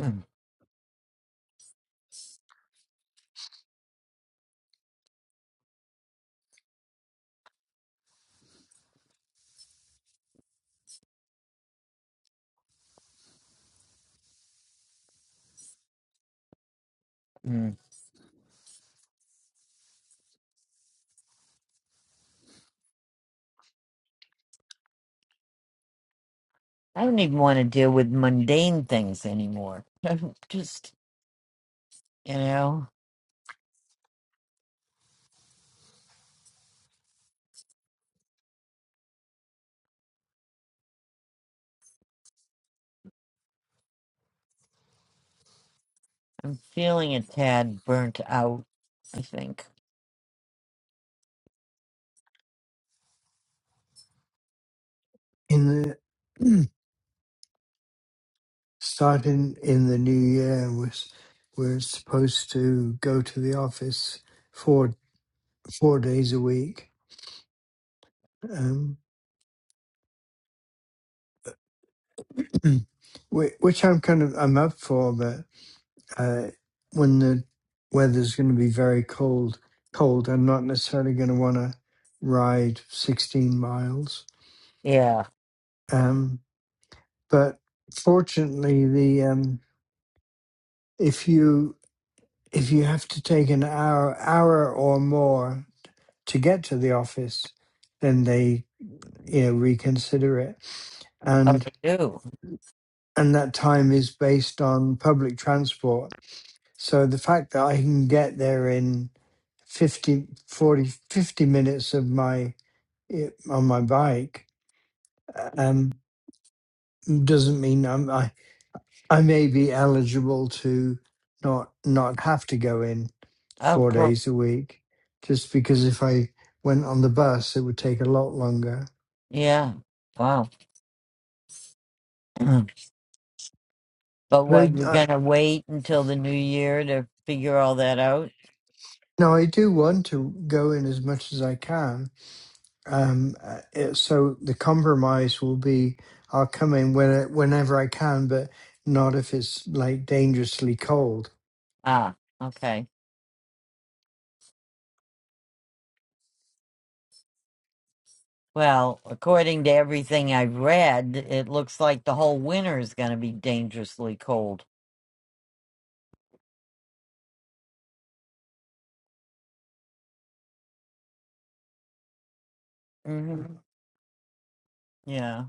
S1: Mm, mm. I don't even want to deal with mundane things anymore. I'm just, you know, I'm feeling a tad burnt out, I think.
S8: In the starting in the new year was we're supposed to go to the office four four days a week. Um, whi- which I'm kind of I'm up for, uh, when the weather's going to be very cold. Cold, I'm not necessarily going to want to ride 16 miles.
S1: Yeah.
S8: Um, but fortunately, the um, if you if you have to take an hour hour or more to get to the office, then they you know reconsider it,
S1: Oh,
S8: and
S1: I do.
S8: and that time is based on public transport So the fact that I can get there in 50, 40, 50 minutes of my eh, on my bike um, doesn't mean I'm, I I may be eligible to not not have to go in
S1: Oh,
S8: four
S1: cool.
S8: days a week. Just because if I went on the bus, it would take a lot longer.
S1: Yeah. Wow. But
S8: But
S1: what,
S8: I,
S1: you're
S8: I
S1: gonna wait until the new year to figure all that out?
S8: no, I do want to go in as much as I can Um, uh, it, so the compromise will be I'll come in when, whenever I can, but not if it's like dangerously cold.
S1: Ah, okay. Well, according to everything I've read, it looks like the whole winter is gonna be dangerously cold. hmm Yeah.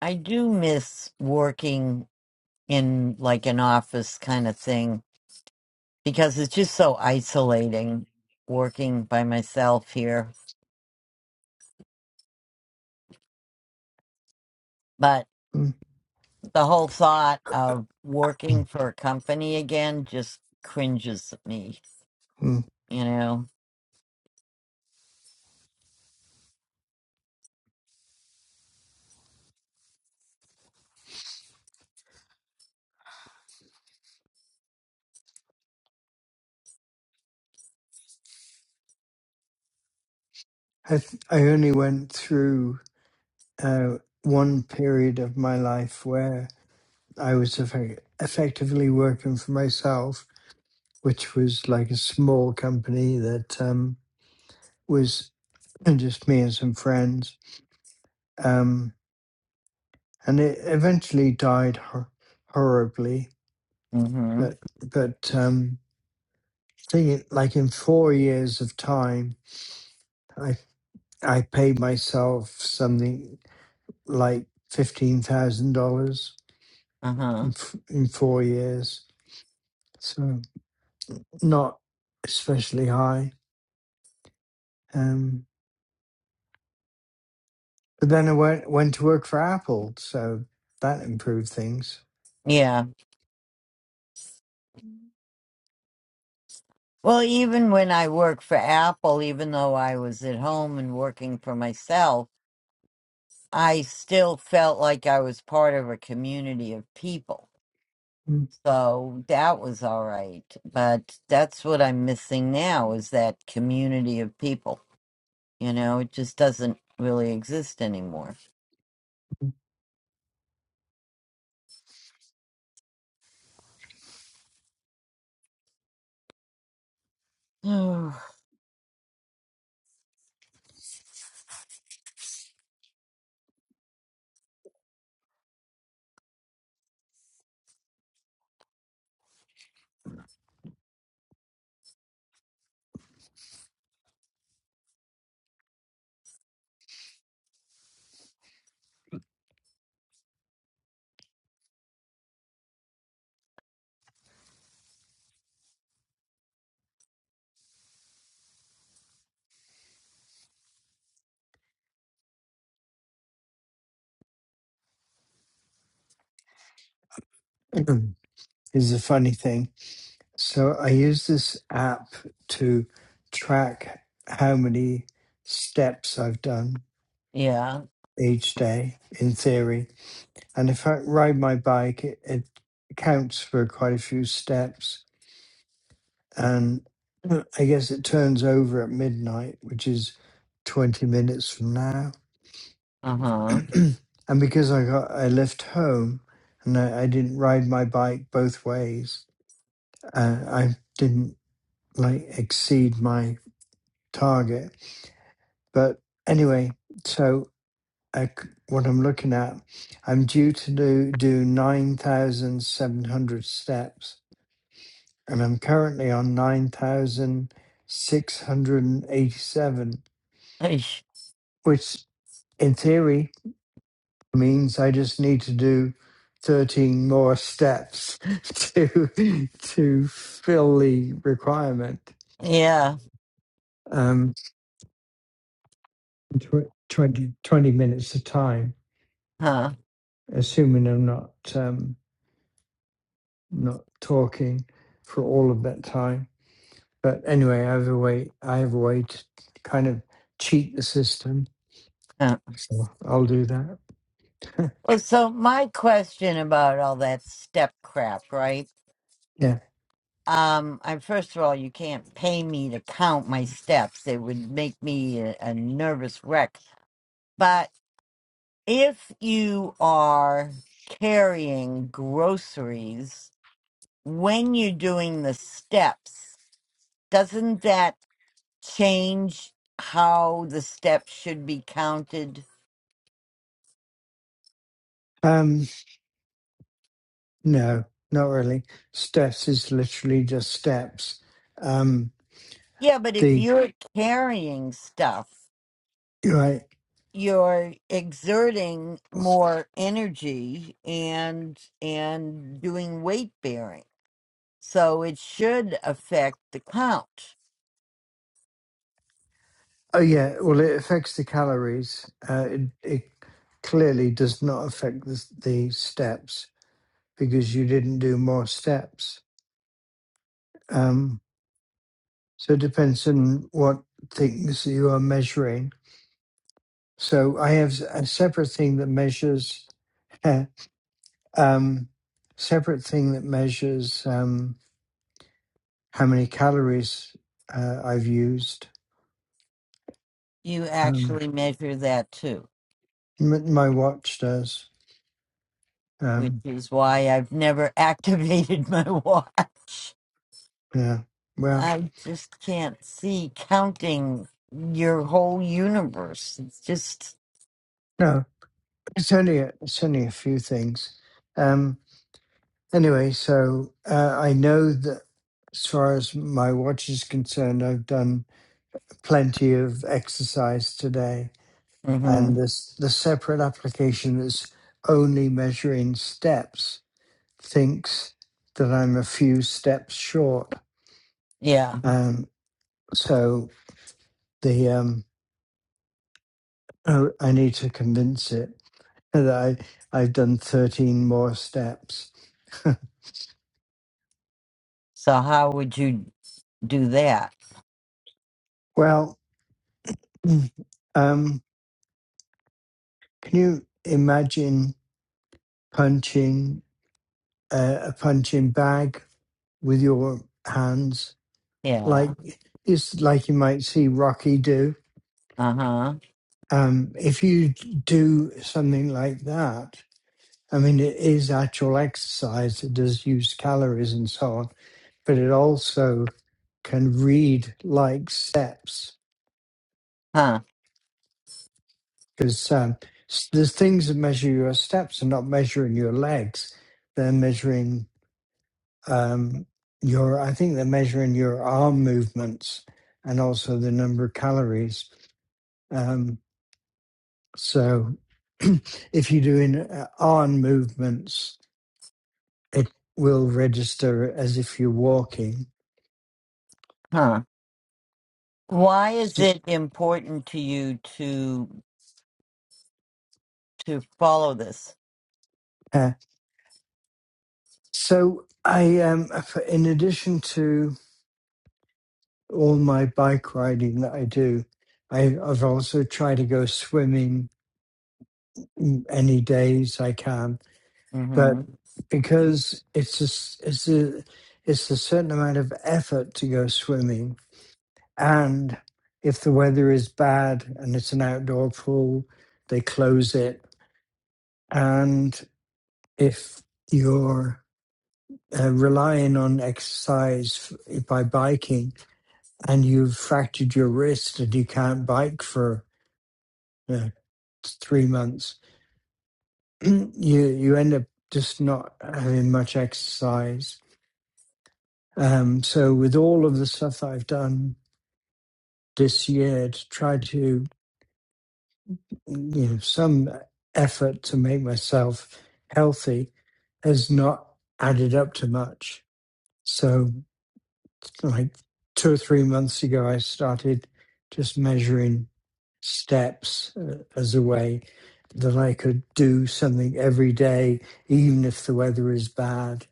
S1: I do miss working in like an office kind of thing because it's just so isolating working by myself here. But
S8: mm
S1: the whole thought of working for a company again just cringes at me,
S8: mm.
S1: you know?
S8: I, th- I only went through uh, one period of my life where I was effe- effectively working for myself, which was like a small company that um, was just me and some friends. Um, and it eventually died hor- horribly,
S1: Mm-hmm.
S8: but but um, think it- like in four years of time, I I paid myself something like fifteen thousand dollars in
S1: Uh-huh.
S8: f- in four years, so not especially high. Um, but then I went went to work for Apple, so that improved things.
S1: Yeah. Well, even when I worked for Apple, even though I was at home and working for myself, I still felt like I was part of a community of people.
S8: Mm.
S1: So that was all right. But that's what I'm missing now is that community of people. You know, it just doesn't really exist anymore. yeah.
S8: is a funny thing. So I use this app to track how many steps I've done each day in theory And if I ride my bike, it, it counts for quite a few steps. And I guess it turns over at midnight, which is 20 minutes from now.
S1: Uh-huh.
S8: and because I got I left home and I, I didn't ride my bike both ways, uh, I didn't like exceed my target. But anyway, so I c what I'm looking at, I'm due to do, do 9,700 steps and I'm currently on 9,687,
S1: Eesh.
S8: which in theory means I just need to do 13 more steps to to fill the requirement.
S1: Yeah.
S8: Um, tw- 20, twenty minutes of time,
S1: Huh.
S8: assuming I'm not um, not talking for all of that time. But anyway, I have a way. I have a way to kind of cheat the system, so I'll do that.
S1: Well, so my question about all that step crap, right?
S8: Yeah.
S1: Um, I first of all, you can't pay me to count my steps. It would make me a, a nervous wreck. But if you are carrying groceries when you're doing the steps, doesn't that change how the steps should be counted?
S8: Um, no, not really. Steps is literally just steps. Um,
S1: Yeah, but if
S8: the
S1: you're carrying stuff
S8: you're right.
S1: you're exerting more energy and and doing weight bearing so it should affect the count
S8: Oh yeah. Well, it affects the calories. Uh, it, it clearly does not affect the, the steps because you didn't do more steps. Um, so it depends on what things you are measuring. So I have a separate thing that measures. um, separate thing that measures. Um. how many calories uh, I've used.
S1: you
S8: Um,
S1: actually measure that too
S8: m- my watch does.
S1: which
S8: Um,
S1: is why i've never activated my watch
S8: yeah. Well,
S1: i just can't see counting your whole universe it's just
S8: no, it's only a, it's only a few things. Um, anyway, so uh, I know that as far as my watch is concerned, I've done plenty of exercise today, and
S1: Mm-hmm.
S8: this the separate application that's only measuring steps thinks that I'm a few steps short.
S1: Yeah.
S8: Um, so the um oh, I need to convince it that I I've done 13 more steps.
S1: So how would you do that?
S8: Well, um can you imagine punching uh, a punching bag with your hands
S1: Yeah.
S8: like it's like you might see Rocky do?
S1: Uh huh.
S8: Um if you do something like that, I mean it is actual exercise, it does use calories and so on but it also can read like steps
S1: Huh.
S8: because um, s- the things that measure your steps are not measuring your legs; they're measuring um, your. I think they're measuring your arm movements and also the number of calories. Um, so, if you're doing uh, arm movements, it will register as if you're walking.
S1: Huh. Why is
S8: S-
S1: it important to you to to follow this?
S8: uh, so I, um, f- in addition to all my bike riding that I do. I, I've also tried to go swimming mm, any days I can, but
S1: Mm-hmm.
S8: because it's a, s- it's a it's a certain amount of effort to go swimming, and if the weather is bad and it's an outdoor pool, they close it, and if you're uh, relying on exercise f- by biking and you've fractured your wrist and you can't bike for three months, you you end up just not having much exercise. Um, so with all of the stuff that I've done this year to try to you know some effort to make myself healthy has not added up to much. So like two or three months ago, I started just measuring steps uh, as a way that I could do something every day, even if the weather is bad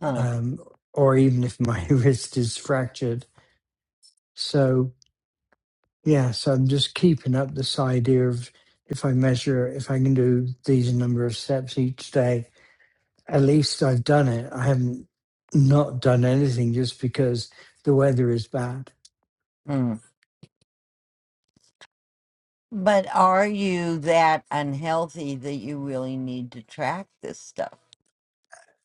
S1: Huh.
S8: um, or even if my wrist is fractured. So, yeah, so I'm just keeping up this idea of if I measure, if I can do these number of steps each day, at least I've done it. I haven't not done anything just because the weather is bad.
S1: Mm. But are you that unhealthy that you really need to track this stuff?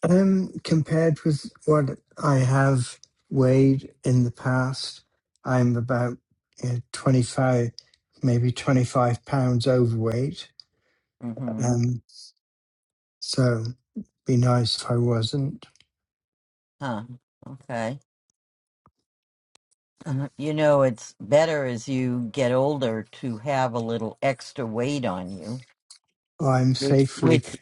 S8: Um, compared with what I have weighed in the past, I'm about you know, 25, maybe 25 pounds overweight.
S1: Mm-hmm.
S8: Um, so. Be nice if I wasn't.
S1: Huh. Okay. Uh, You know, it's better as you get older to have a little extra weight on you
S8: I'm
S1: which
S8: safely,
S1: which.
S8: c-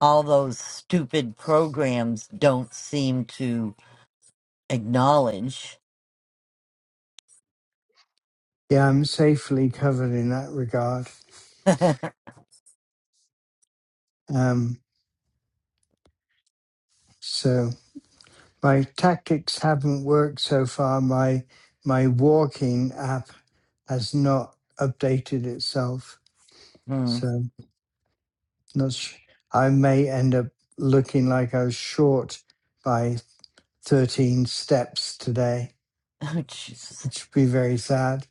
S1: all those stupid programs don't seem to acknowledge.
S8: yeah, I'm safely covered in that regard. Um, so my tactics haven't worked so far. My my walking app has not updated itself,
S1: Hmm.
S8: so not. Sh- I may end up looking like I was short by 13 steps today,
S1: Oh, Jesus.
S8: which would be very sad.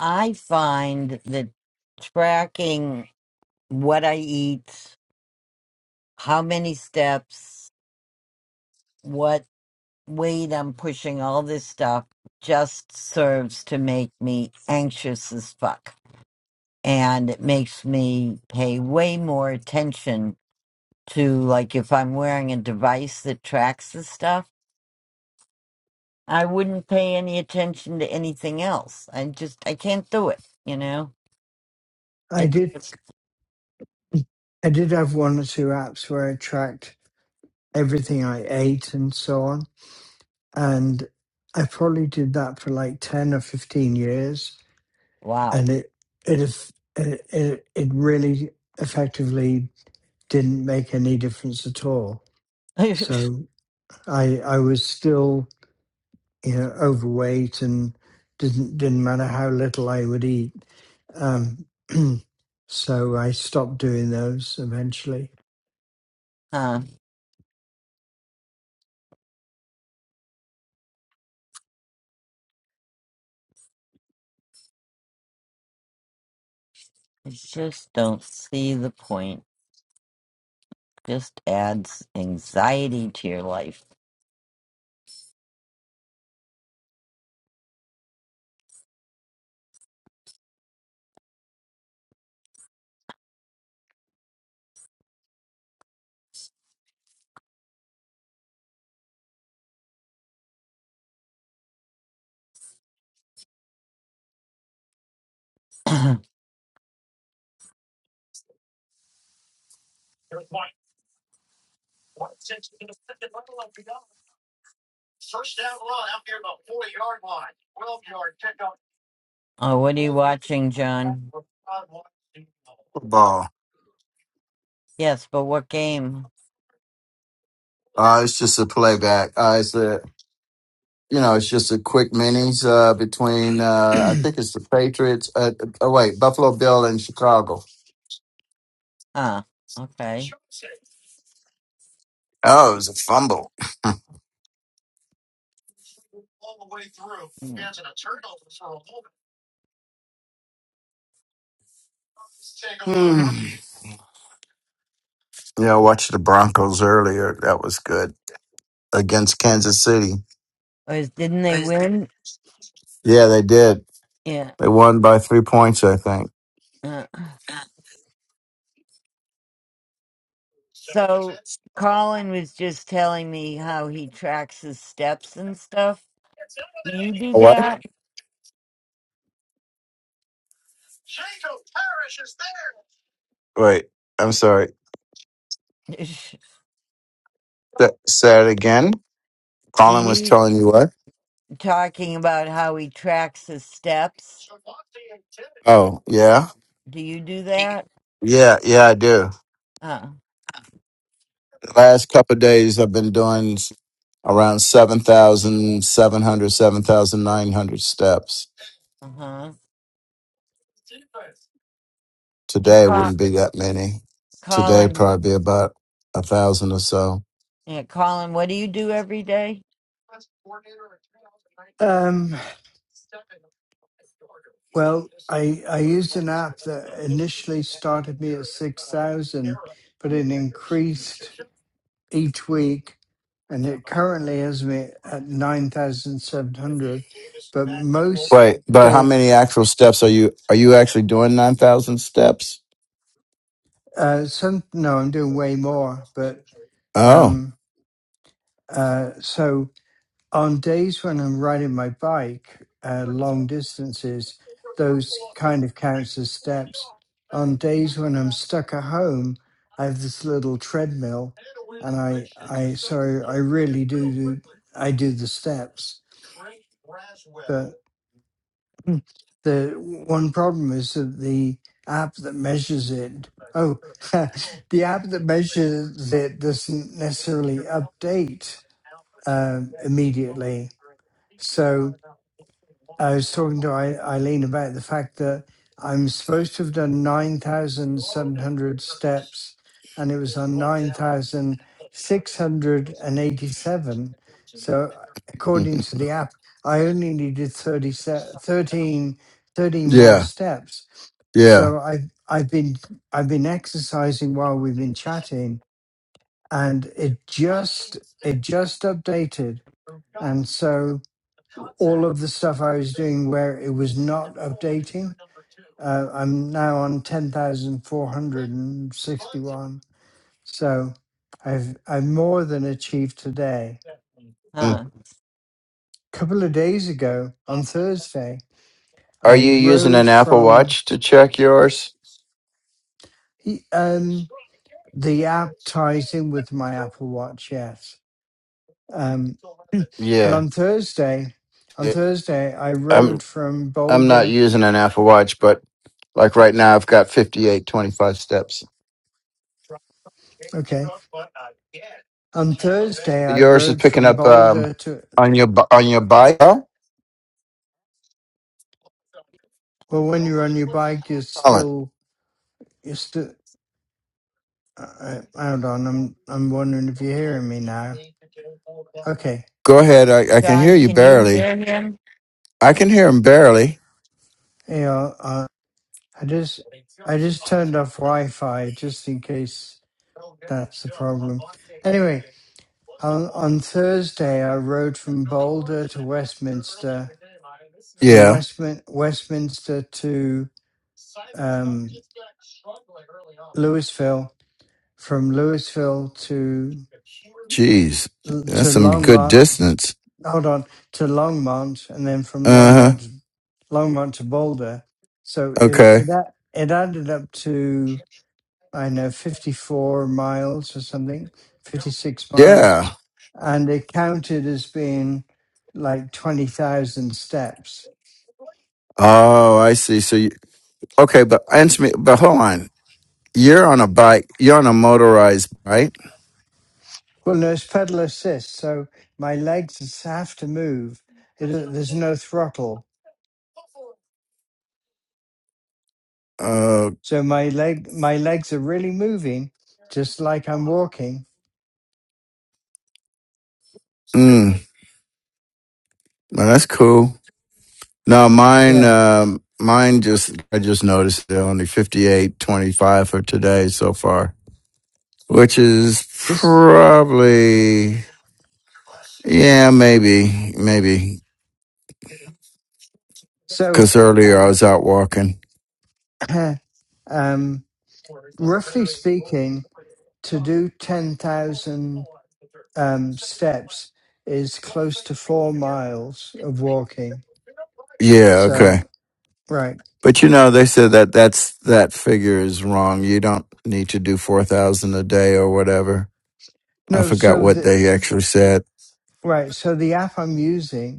S1: I find that tracking what I eat, how many steps, what weight I'm pushing, all this stuff just serves to make me anxious as fuck. And it makes me pay way more attention to, like, if I'm wearing a device that tracks the stuff. I wouldn't pay any attention to anything else. I just I can't do it. You know,
S8: I
S1: I
S8: did
S1: just
S8: I did have one or two apps where I tracked everything I ate and so on and I probably did that for like ten or fifteen years,
S1: wow.
S8: and it it aff- it it it really effectively didn't make any difference at all. So I I was still you know overweight and didn't didn't matter how little I would eat. Um, so I stopped doing those eventually.
S1: Huh. I just don't see the point. Just adds anxiety to your life. oh, what are you watching, John?
S9: Ball.
S1: Yes, but what game?
S9: Uh, it's just a playback. Uh, it's a you know, it's just a quick minis uh, between uh, I think it's the Patriots. Uh, oh wait, Buffalo Bill and Chicago.
S1: Ah, okay.
S9: Oh, it was a fumble.
S1: Mm.
S9: Hmm. Yeah, I watched the Broncos earlier. That was good against Kansas City.
S1: Was, didn't they win?
S9: Yeah, they did.
S1: Yeah.
S9: They won by three points, I think.
S1: Uh, so Colin was just telling me how he tracks his steps and stuff. Do you do
S9: What?
S1: that?
S9: Wait, I'm sorry. Th- say it again.
S1: Do
S9: Colin was
S1: you
S9: telling you what?
S1: talking about how he tracks his steps?
S9: Oh, yeah,
S1: Do you do that?
S9: yeah, yeah. I do.
S1: Uh
S9: last couple of days I've been doing s- around 7,700, 7,900 steps.
S1: huh. And
S9: Today
S1: Col-
S9: wouldn't be that many. Today
S1: Colin,
S9: probably be about a thousand or so.
S1: yeah, Colin, what do you do every day?
S8: Um, Well, I I used an app that initially started me at six thousand, but it increased each week, and it currently has me at nine thousand seven hundred. But most
S9: Wait, but how
S8: day,
S9: many actual steps are you are you actually doing 9,000 steps?
S8: uh, some no, I'm doing way more. But
S9: Oh.
S8: um, uh, so on days when I'm riding my bike uh, long distances, those kind of counts as steps. On days when I'm stuck at home, I have this little treadmill, and I I so I really do do I do the steps. But mm, the one problem is that the app that measures it oh the app that measures it doesn't necessarily update um, immediately. So I was talking to Ei- Eileen about the fact that I'm supposed to have done 9,700 steps, and it was on 9,687. So, according to the app, I only needed 30, se- 13 thirteen more
S9: yeah.
S8: steps.
S9: Yeah.
S8: So I've I've been I've been exercising while we've been chatting, and it just it just updated, and so all of the stuff I was doing where it was not updating. Uh, I'm now on 10,461. So I've, I've more than achieved today.
S9: Mm.
S1: Huh?
S8: But a couple of days ago on Thursday,
S9: Are
S8: I
S9: you using
S8: rode
S9: an Apple
S8: from
S9: Watch to check yours?
S8: he- um, the app ties in with my Apple Watch, yes. Um, but
S9: Yeah.
S8: on Thursday, on Thursday, I rode from
S9: I'm not
S8: Boulder.
S9: using an Apple Watch, but like right now, I've got 58.25 steps.
S8: Okay. On Thursday, I
S9: Yours is
S8: rode
S9: picking
S8: from
S9: up um,
S8: Boulder to
S9: on your bu- on your bike. Oh,
S8: Well, when you're on your bike, it's
S9: Colin,
S8: still, it's still, uh, uh, hold on. I'm, I'm wondering if you're hearing me now. Okay.
S9: go ahead. I, I can hear
S1: John,
S9: you
S1: can you
S9: barely.
S1: hear him?
S9: I can hear him barely.
S8: Yeah. Uh, I just, I just turned off Wi-Fi just in case that's the problem. Anyway, on, on Thursday, I rode from Boulder to Westminster, from
S9: Yeah.
S8: Westmin- Westminster to, um, Louisville, from Louisville to.
S9: Jeez,
S8: l- to
S9: that's some good
S8: Longmont.
S9: distance.
S8: Hold on to Longmont, and then from
S9: Uh huh.
S8: Longmont to Longmont to Boulder. So it
S9: Okay.
S8: it, a- it added up to I don't know fifty four miles or something, fifty six miles,
S9: Yeah.
S8: and it counted as being like twenty thousand steps.
S9: Oh, I see. So you okay? But answer me. But hold on. You're on a bike. You're on a motorized, right?
S8: Well, no, it's pedal assist, so my legs just have to move. It, there's no throttle,
S9: Uh.
S8: so my leg my legs are really moving, just like I'm walking.
S9: Mm, well, that's cool. No, mine,
S8: Yeah.
S9: um, mine just, I just noticed they're only 58 25 for today so far, which is
S8: This
S9: probably, yeah, maybe, maybe.
S8: so
S9: Cause earlier I was out walking.
S8: uh, um, roughly speaking, to do ten thousand um, steps is close to four miles of walking.
S9: Yeah. Okay.
S8: So right,
S9: But you know, they said that that's, that figure is wrong. You don't need to do 4,000 a day or whatever. I
S8: no,
S9: forgot
S8: so
S9: what they
S8: the
S9: actually said.
S8: right, so the app I'm using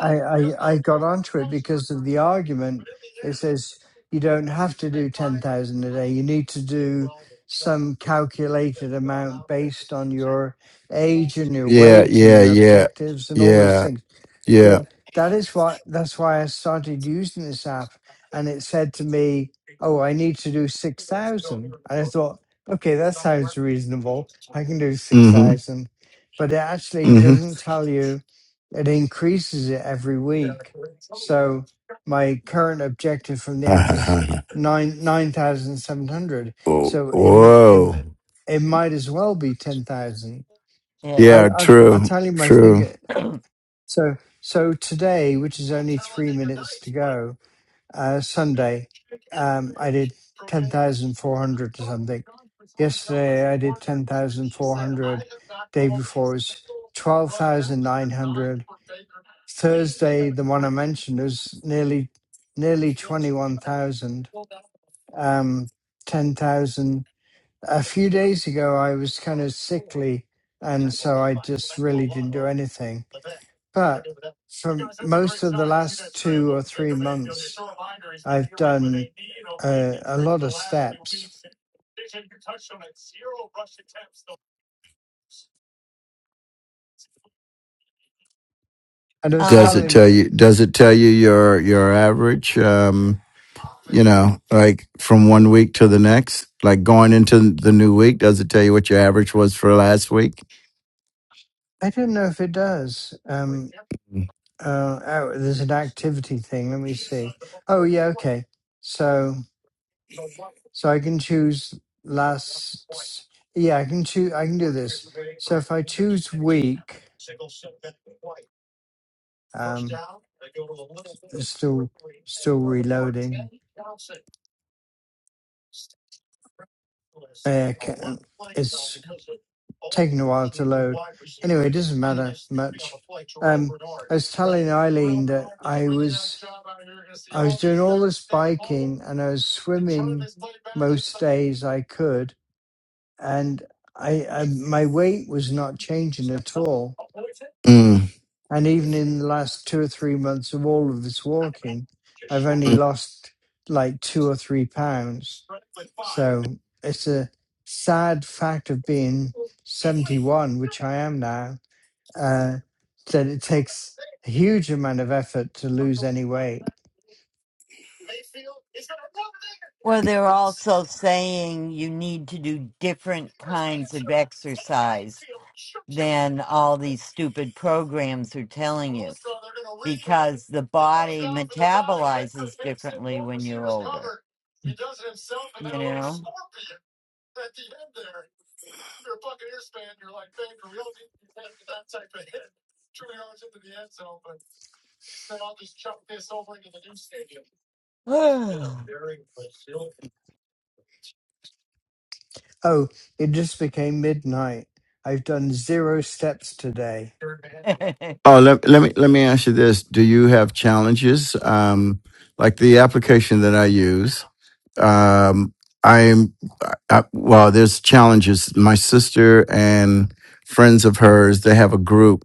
S8: I, I, I got onto it because of the argument. It says you don't have to do 10,000 a day. You need to do some calculated amount based on your age and your
S9: Yeah.
S8: weight and
S9: Yeah.
S8: your
S9: Yeah.
S8: objectives and all these
S9: Yeah.
S8: things.
S9: Yeah.
S8: So that is why that's why I started using this app, and it said to me, "Oh, I need to do six thousand." And I thought, "Okay, that sounds reasonable. I can do six
S9: Mm-hmm.
S8: thousand." but it actually
S9: Mm-hmm.
S8: doesn't tell you. It increases it every week. So my current objective from the app is nine nine thousand seven hundred.
S9: Oh.
S8: So it m- it
S9: Whoa.
S8: m- it might as well be ten thousand. I,
S1: Yeah.
S9: Yeah,
S8: I I'll
S9: true.
S8: tell you my
S9: True.
S8: figure. So, so today, which is only three minutes to go, uh, Sunday, um, I did 10,400 or something. Yesterday, I did 10,400. Day before was 12,900. Thursday, the one I mentioned was nearly, nearly 21,000. Um, 10,000. A few days ago, I was kind of sickly, and so I just really didn't do anything but from most of the last two or three months, I've done a, a lot of steps. And I was
S9: Does
S1: Um,
S9: it
S8: telling,
S9: tell
S8: her,
S9: you does it tell you your your average um you know, like from one week to the next, like going into the new week, does it tell you what your average was for last week?
S8: I don't know if it does. Um,
S9: Mm.
S8: uh, oh, there's an activity thing. Let me see. Oh, yeah, okay. So, so I can choose last. Yeah, I can choose. I can do this. So if I choose week, um, it's still still reloading. Uh, ca- it's taken a while to load. Anyway, it doesn't matter much. Um, I was telling Eileen that I was I was doing all this biking and I was swimming most days I could, and I, I my weight was not changing at all.
S9: Mm.
S8: And even in the last two or three months of all of this walking, I've only lost like two or three pounds. So it's a sad fact of being 71, which I am now uh, that it takes a huge amount of effort to lose any weight.
S1: well, they're also saying you need to do different kinds of exercise than all these stupid programs are telling you because the body metabolizes differently when you're older, you know?
S8: Oh, it just became midnight. I've done zero steps today.
S9: Oh, let, let me let me ask you this: Do you have challenges? Um, like the application that I use. um i'm I, well there's challenges my sister and friends of hers they have a group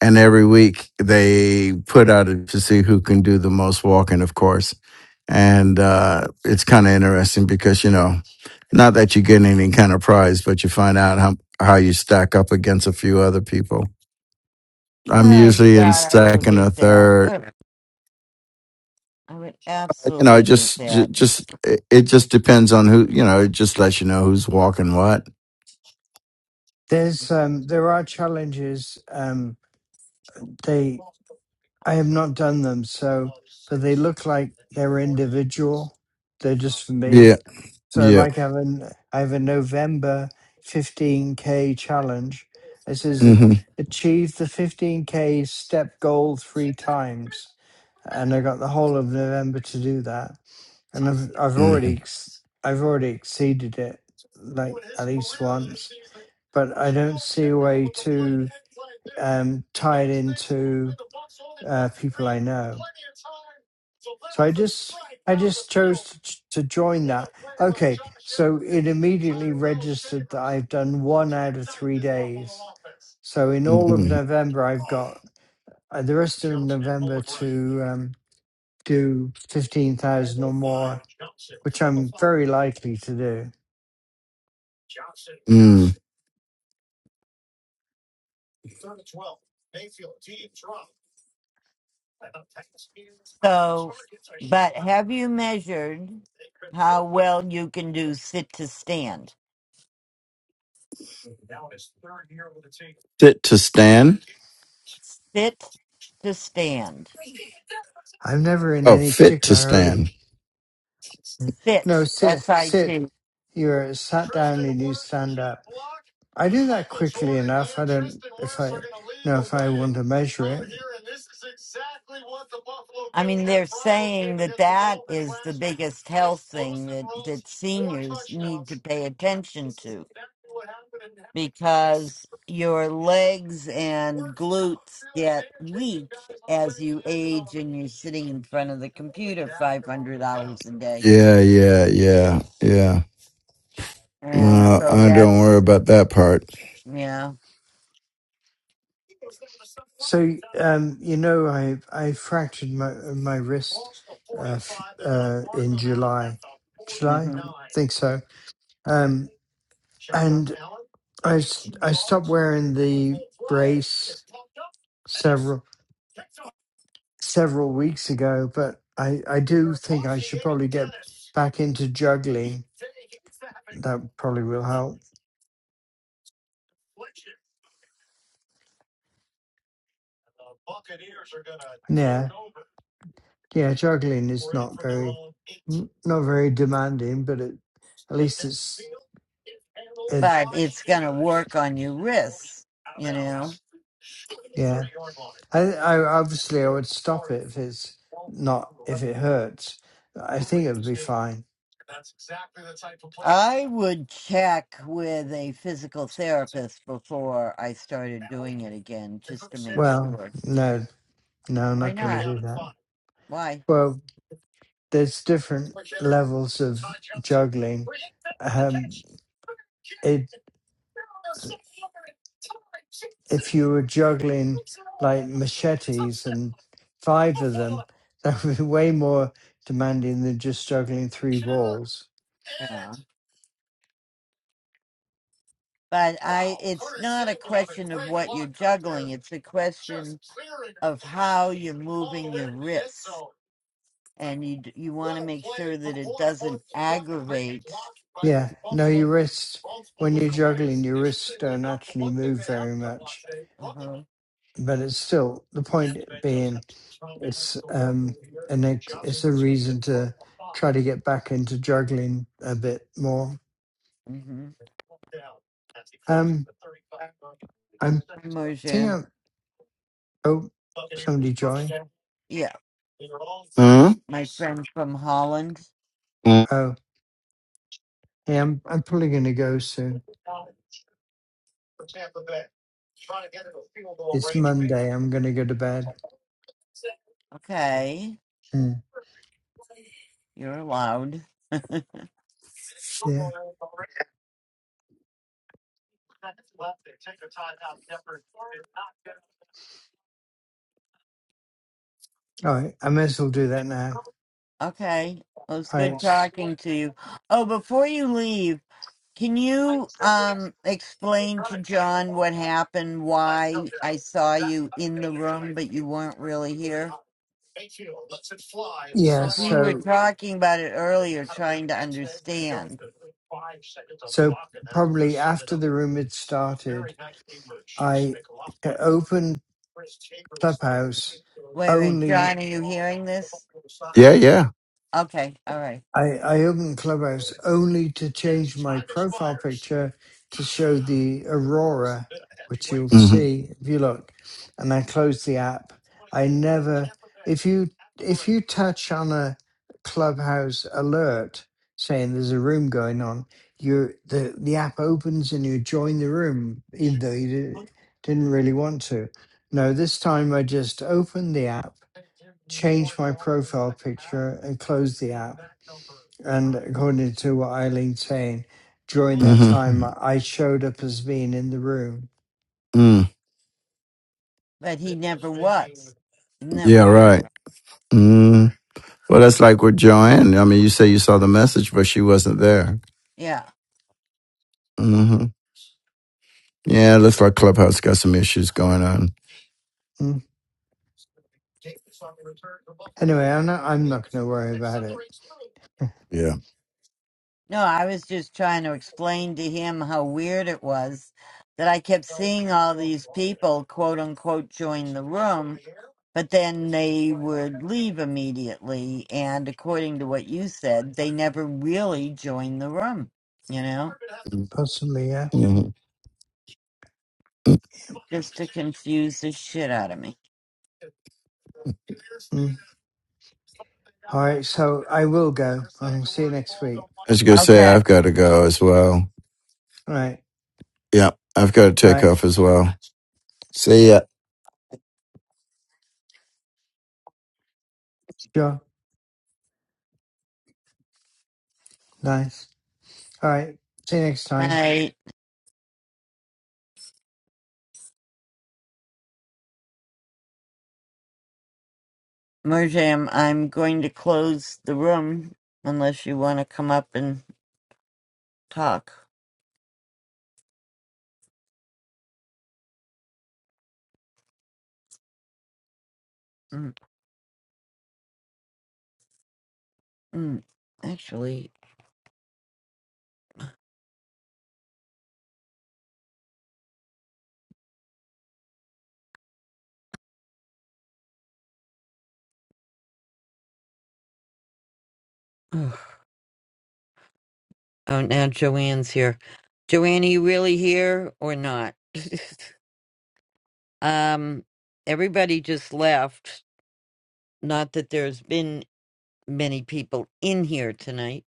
S9: and every week they put out it to see who can do the most walking of course and uh it's kind of interesting because you know not that you get any kind of prize but you find out how how you stack up against a few other people i'm
S1: Oh
S9: usually in
S1: God, I would
S9: second or
S1: hate that.
S9: third
S1: Ugh, I would
S9: you know it
S1: absolutely hate
S9: just ju-
S1: that.
S9: just it it just depends on who you know it just lets you know who's walking what
S8: There's um, there are challenges. Um, they I have not done them so, but they look like they're individual. They're just for me.
S9: Yeah.
S8: So
S9: Yeah.
S8: like I have a, I have a November 15K challenge. This is a,
S9: Mm-hmm.
S8: achieve the 15K step goal three times. And I got the whole of November to do that. And I've, I've
S9: Mm-hmm.
S8: already, ex- I've already exceeded it like at least once, but I don't see a way to um, tie it into uh, people I know. So I just I just chose to, to join that. Okay, so it immediately registered that I've done one out of three days. So in all of
S9: Mm-hmm.
S8: November, I've got uh, the rest of November to um, do fifteen thousand or more, which I'm very likely to do.
S9: Mm.
S1: So, but have you measured how well you can do sit to stand?
S9: Fit to stand.
S1: Sit to stand.
S8: I'm never in
S9: Oh,
S8: any
S9: fit to
S8: particular hurry.
S9: stand.
S8: Mm.
S1: Sit.
S8: No, sit,
S1: S I
S8: sit.
S1: T.
S8: You're sat down and you stand up. I do that quickly enough. I don't if I know if I want to measure it.
S1: I mean, they're saying that that is the biggest health thing that that seniors need to pay attention to. because your legs and glutes get weak as you age and you're sitting in front of the computer 500 hours a day.
S9: Yeah. Yeah. Yeah. Yeah.
S1: And
S9: Well,
S1: so
S9: I don't worry
S1: that's,
S9: about that part.
S1: yeah,
S8: So um, you know, I I fractured my my wrist uh, f- uh, in July, July,
S1: hmm
S8: think so. Um, and I s- I stopped wearing the brace several several weeks ago, but I I do think I should probably get back into juggling. That probably will help. Yeah, yeah, juggling is not very n- not very demanding, but it, at least it's it.
S1: but it's going to work on your wrists, you know.
S8: yeah. I, I obviously I would stop it if it's not if it hurts. I think it'll be fine.
S1: I would check with a physical therapist before I started doing it again just to make
S8: Well,
S1: sure.
S8: no, no, I'm
S1: Why
S8: not going to
S1: not?
S8: do that.
S1: Why?
S8: Well, there's different levels of juggling. Um, it if you were juggling like machetes and five of them, that would be way more demanding than just juggling three balls.
S1: Yeah. but I it's not a question of what you're juggling. It's a question of how you're moving your wrists, and you d- you want to make sure that it doesn't aggravate.
S8: Yeah, no, your wrist when you're juggling, your wrists don't actually move very much
S1: Uh-huh.
S8: but it's still the point being it's um an ex- it's a reason to try to get back into juggling a bit more
S1: Mm-hmm.
S8: um i'm thinking
S1: Moja,
S8: of- oh somebody joined
S1: yeah,
S9: Huh?
S1: my friend from Holland.
S8: oh yeah i'm, I'm probably gonna go soon it's monday i'm gonna go to bed
S1: Okay,
S8: Hmm.
S1: you're allowed.
S8: yeah all right i may as well do that now
S1: Okay, well, it's
S8: all right
S1: good
S8: s-
S1: talking to you. Oh, before you leave. Can you um explain to John what happened, why I saw you in the room but you weren't really here?
S8: yeah
S1: If we were
S8: so
S1: talking about it earlier, trying to understand.
S8: so probably after the room had started i opened clubhouse
S1: Wait, wait,
S8: only
S1: John, are you hearing this?
S9: Yeah. Yeah.
S1: Okay, all right.
S8: I, I opened Clubhouse only to change my profile picture to show the aurora, which you'll see if you look. And I closed the app. I never, if you if you touch on a Clubhouse alert saying there's a room going on, you the the app opens and you join the room, even though you di- didn't really want to. No, this time I just opened the app, changed my profile picture, and closed the app and according to what Eileen's saying, during
S9: Mm-hmm.
S8: that
S9: Mm-hmm.
S8: time, I showed up as being in the room.
S9: Mm.
S1: But he never was. Isn't that
S9: Yeah.
S1: weird?
S9: Right. Mm. Well, that's like with Joanne. I mean, you say you saw the message, but she wasn't there.
S1: Yeah.
S9: Mm-hmm. Yeah. It looks like Clubhouse got some issues going on.
S8: Mm. Anyway, I'm not, I'm not going to worry about it.
S9: Yeah.
S1: No, I was just trying to explain to him how weird it was that I kept seeing all these people, quote unquote, join the room but then they would leave immediately. And according to what you said, they never really joined the room, you know,
S8: Possibly, yeah.
S9: Mhm. I
S1: just to confuse the shit out of me.
S8: Mm. All right, so I will go. I'll see you next week.
S9: was gonna say
S1: Okay.
S9: I've got to go as well.
S8: All right,
S9: Yeah, I've got to take
S8: bye.
S9: off as well. See ya.
S8: Sure, nice. All right, see you next
S1: All
S8: time.
S1: right. Merjam, I'm going to close the room unless you want to come up and talk. mm mm. Actually, ugh. Oh, now Joanne's here. Joanne, are you really here or not? um, everybody just left. Not that there's been many people in here tonight.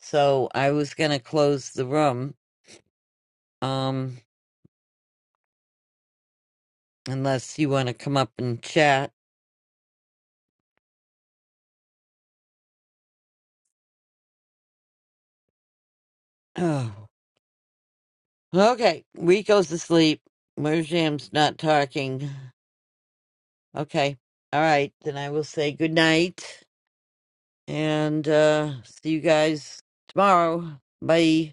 S1: So I was going to close the room. Um, unless you want to come up and chat. Oh, okay. Rico's asleep. Merjam's not talking. Okay. All right. Then I will say good night and, uh, see you guys tomorrow. Bye.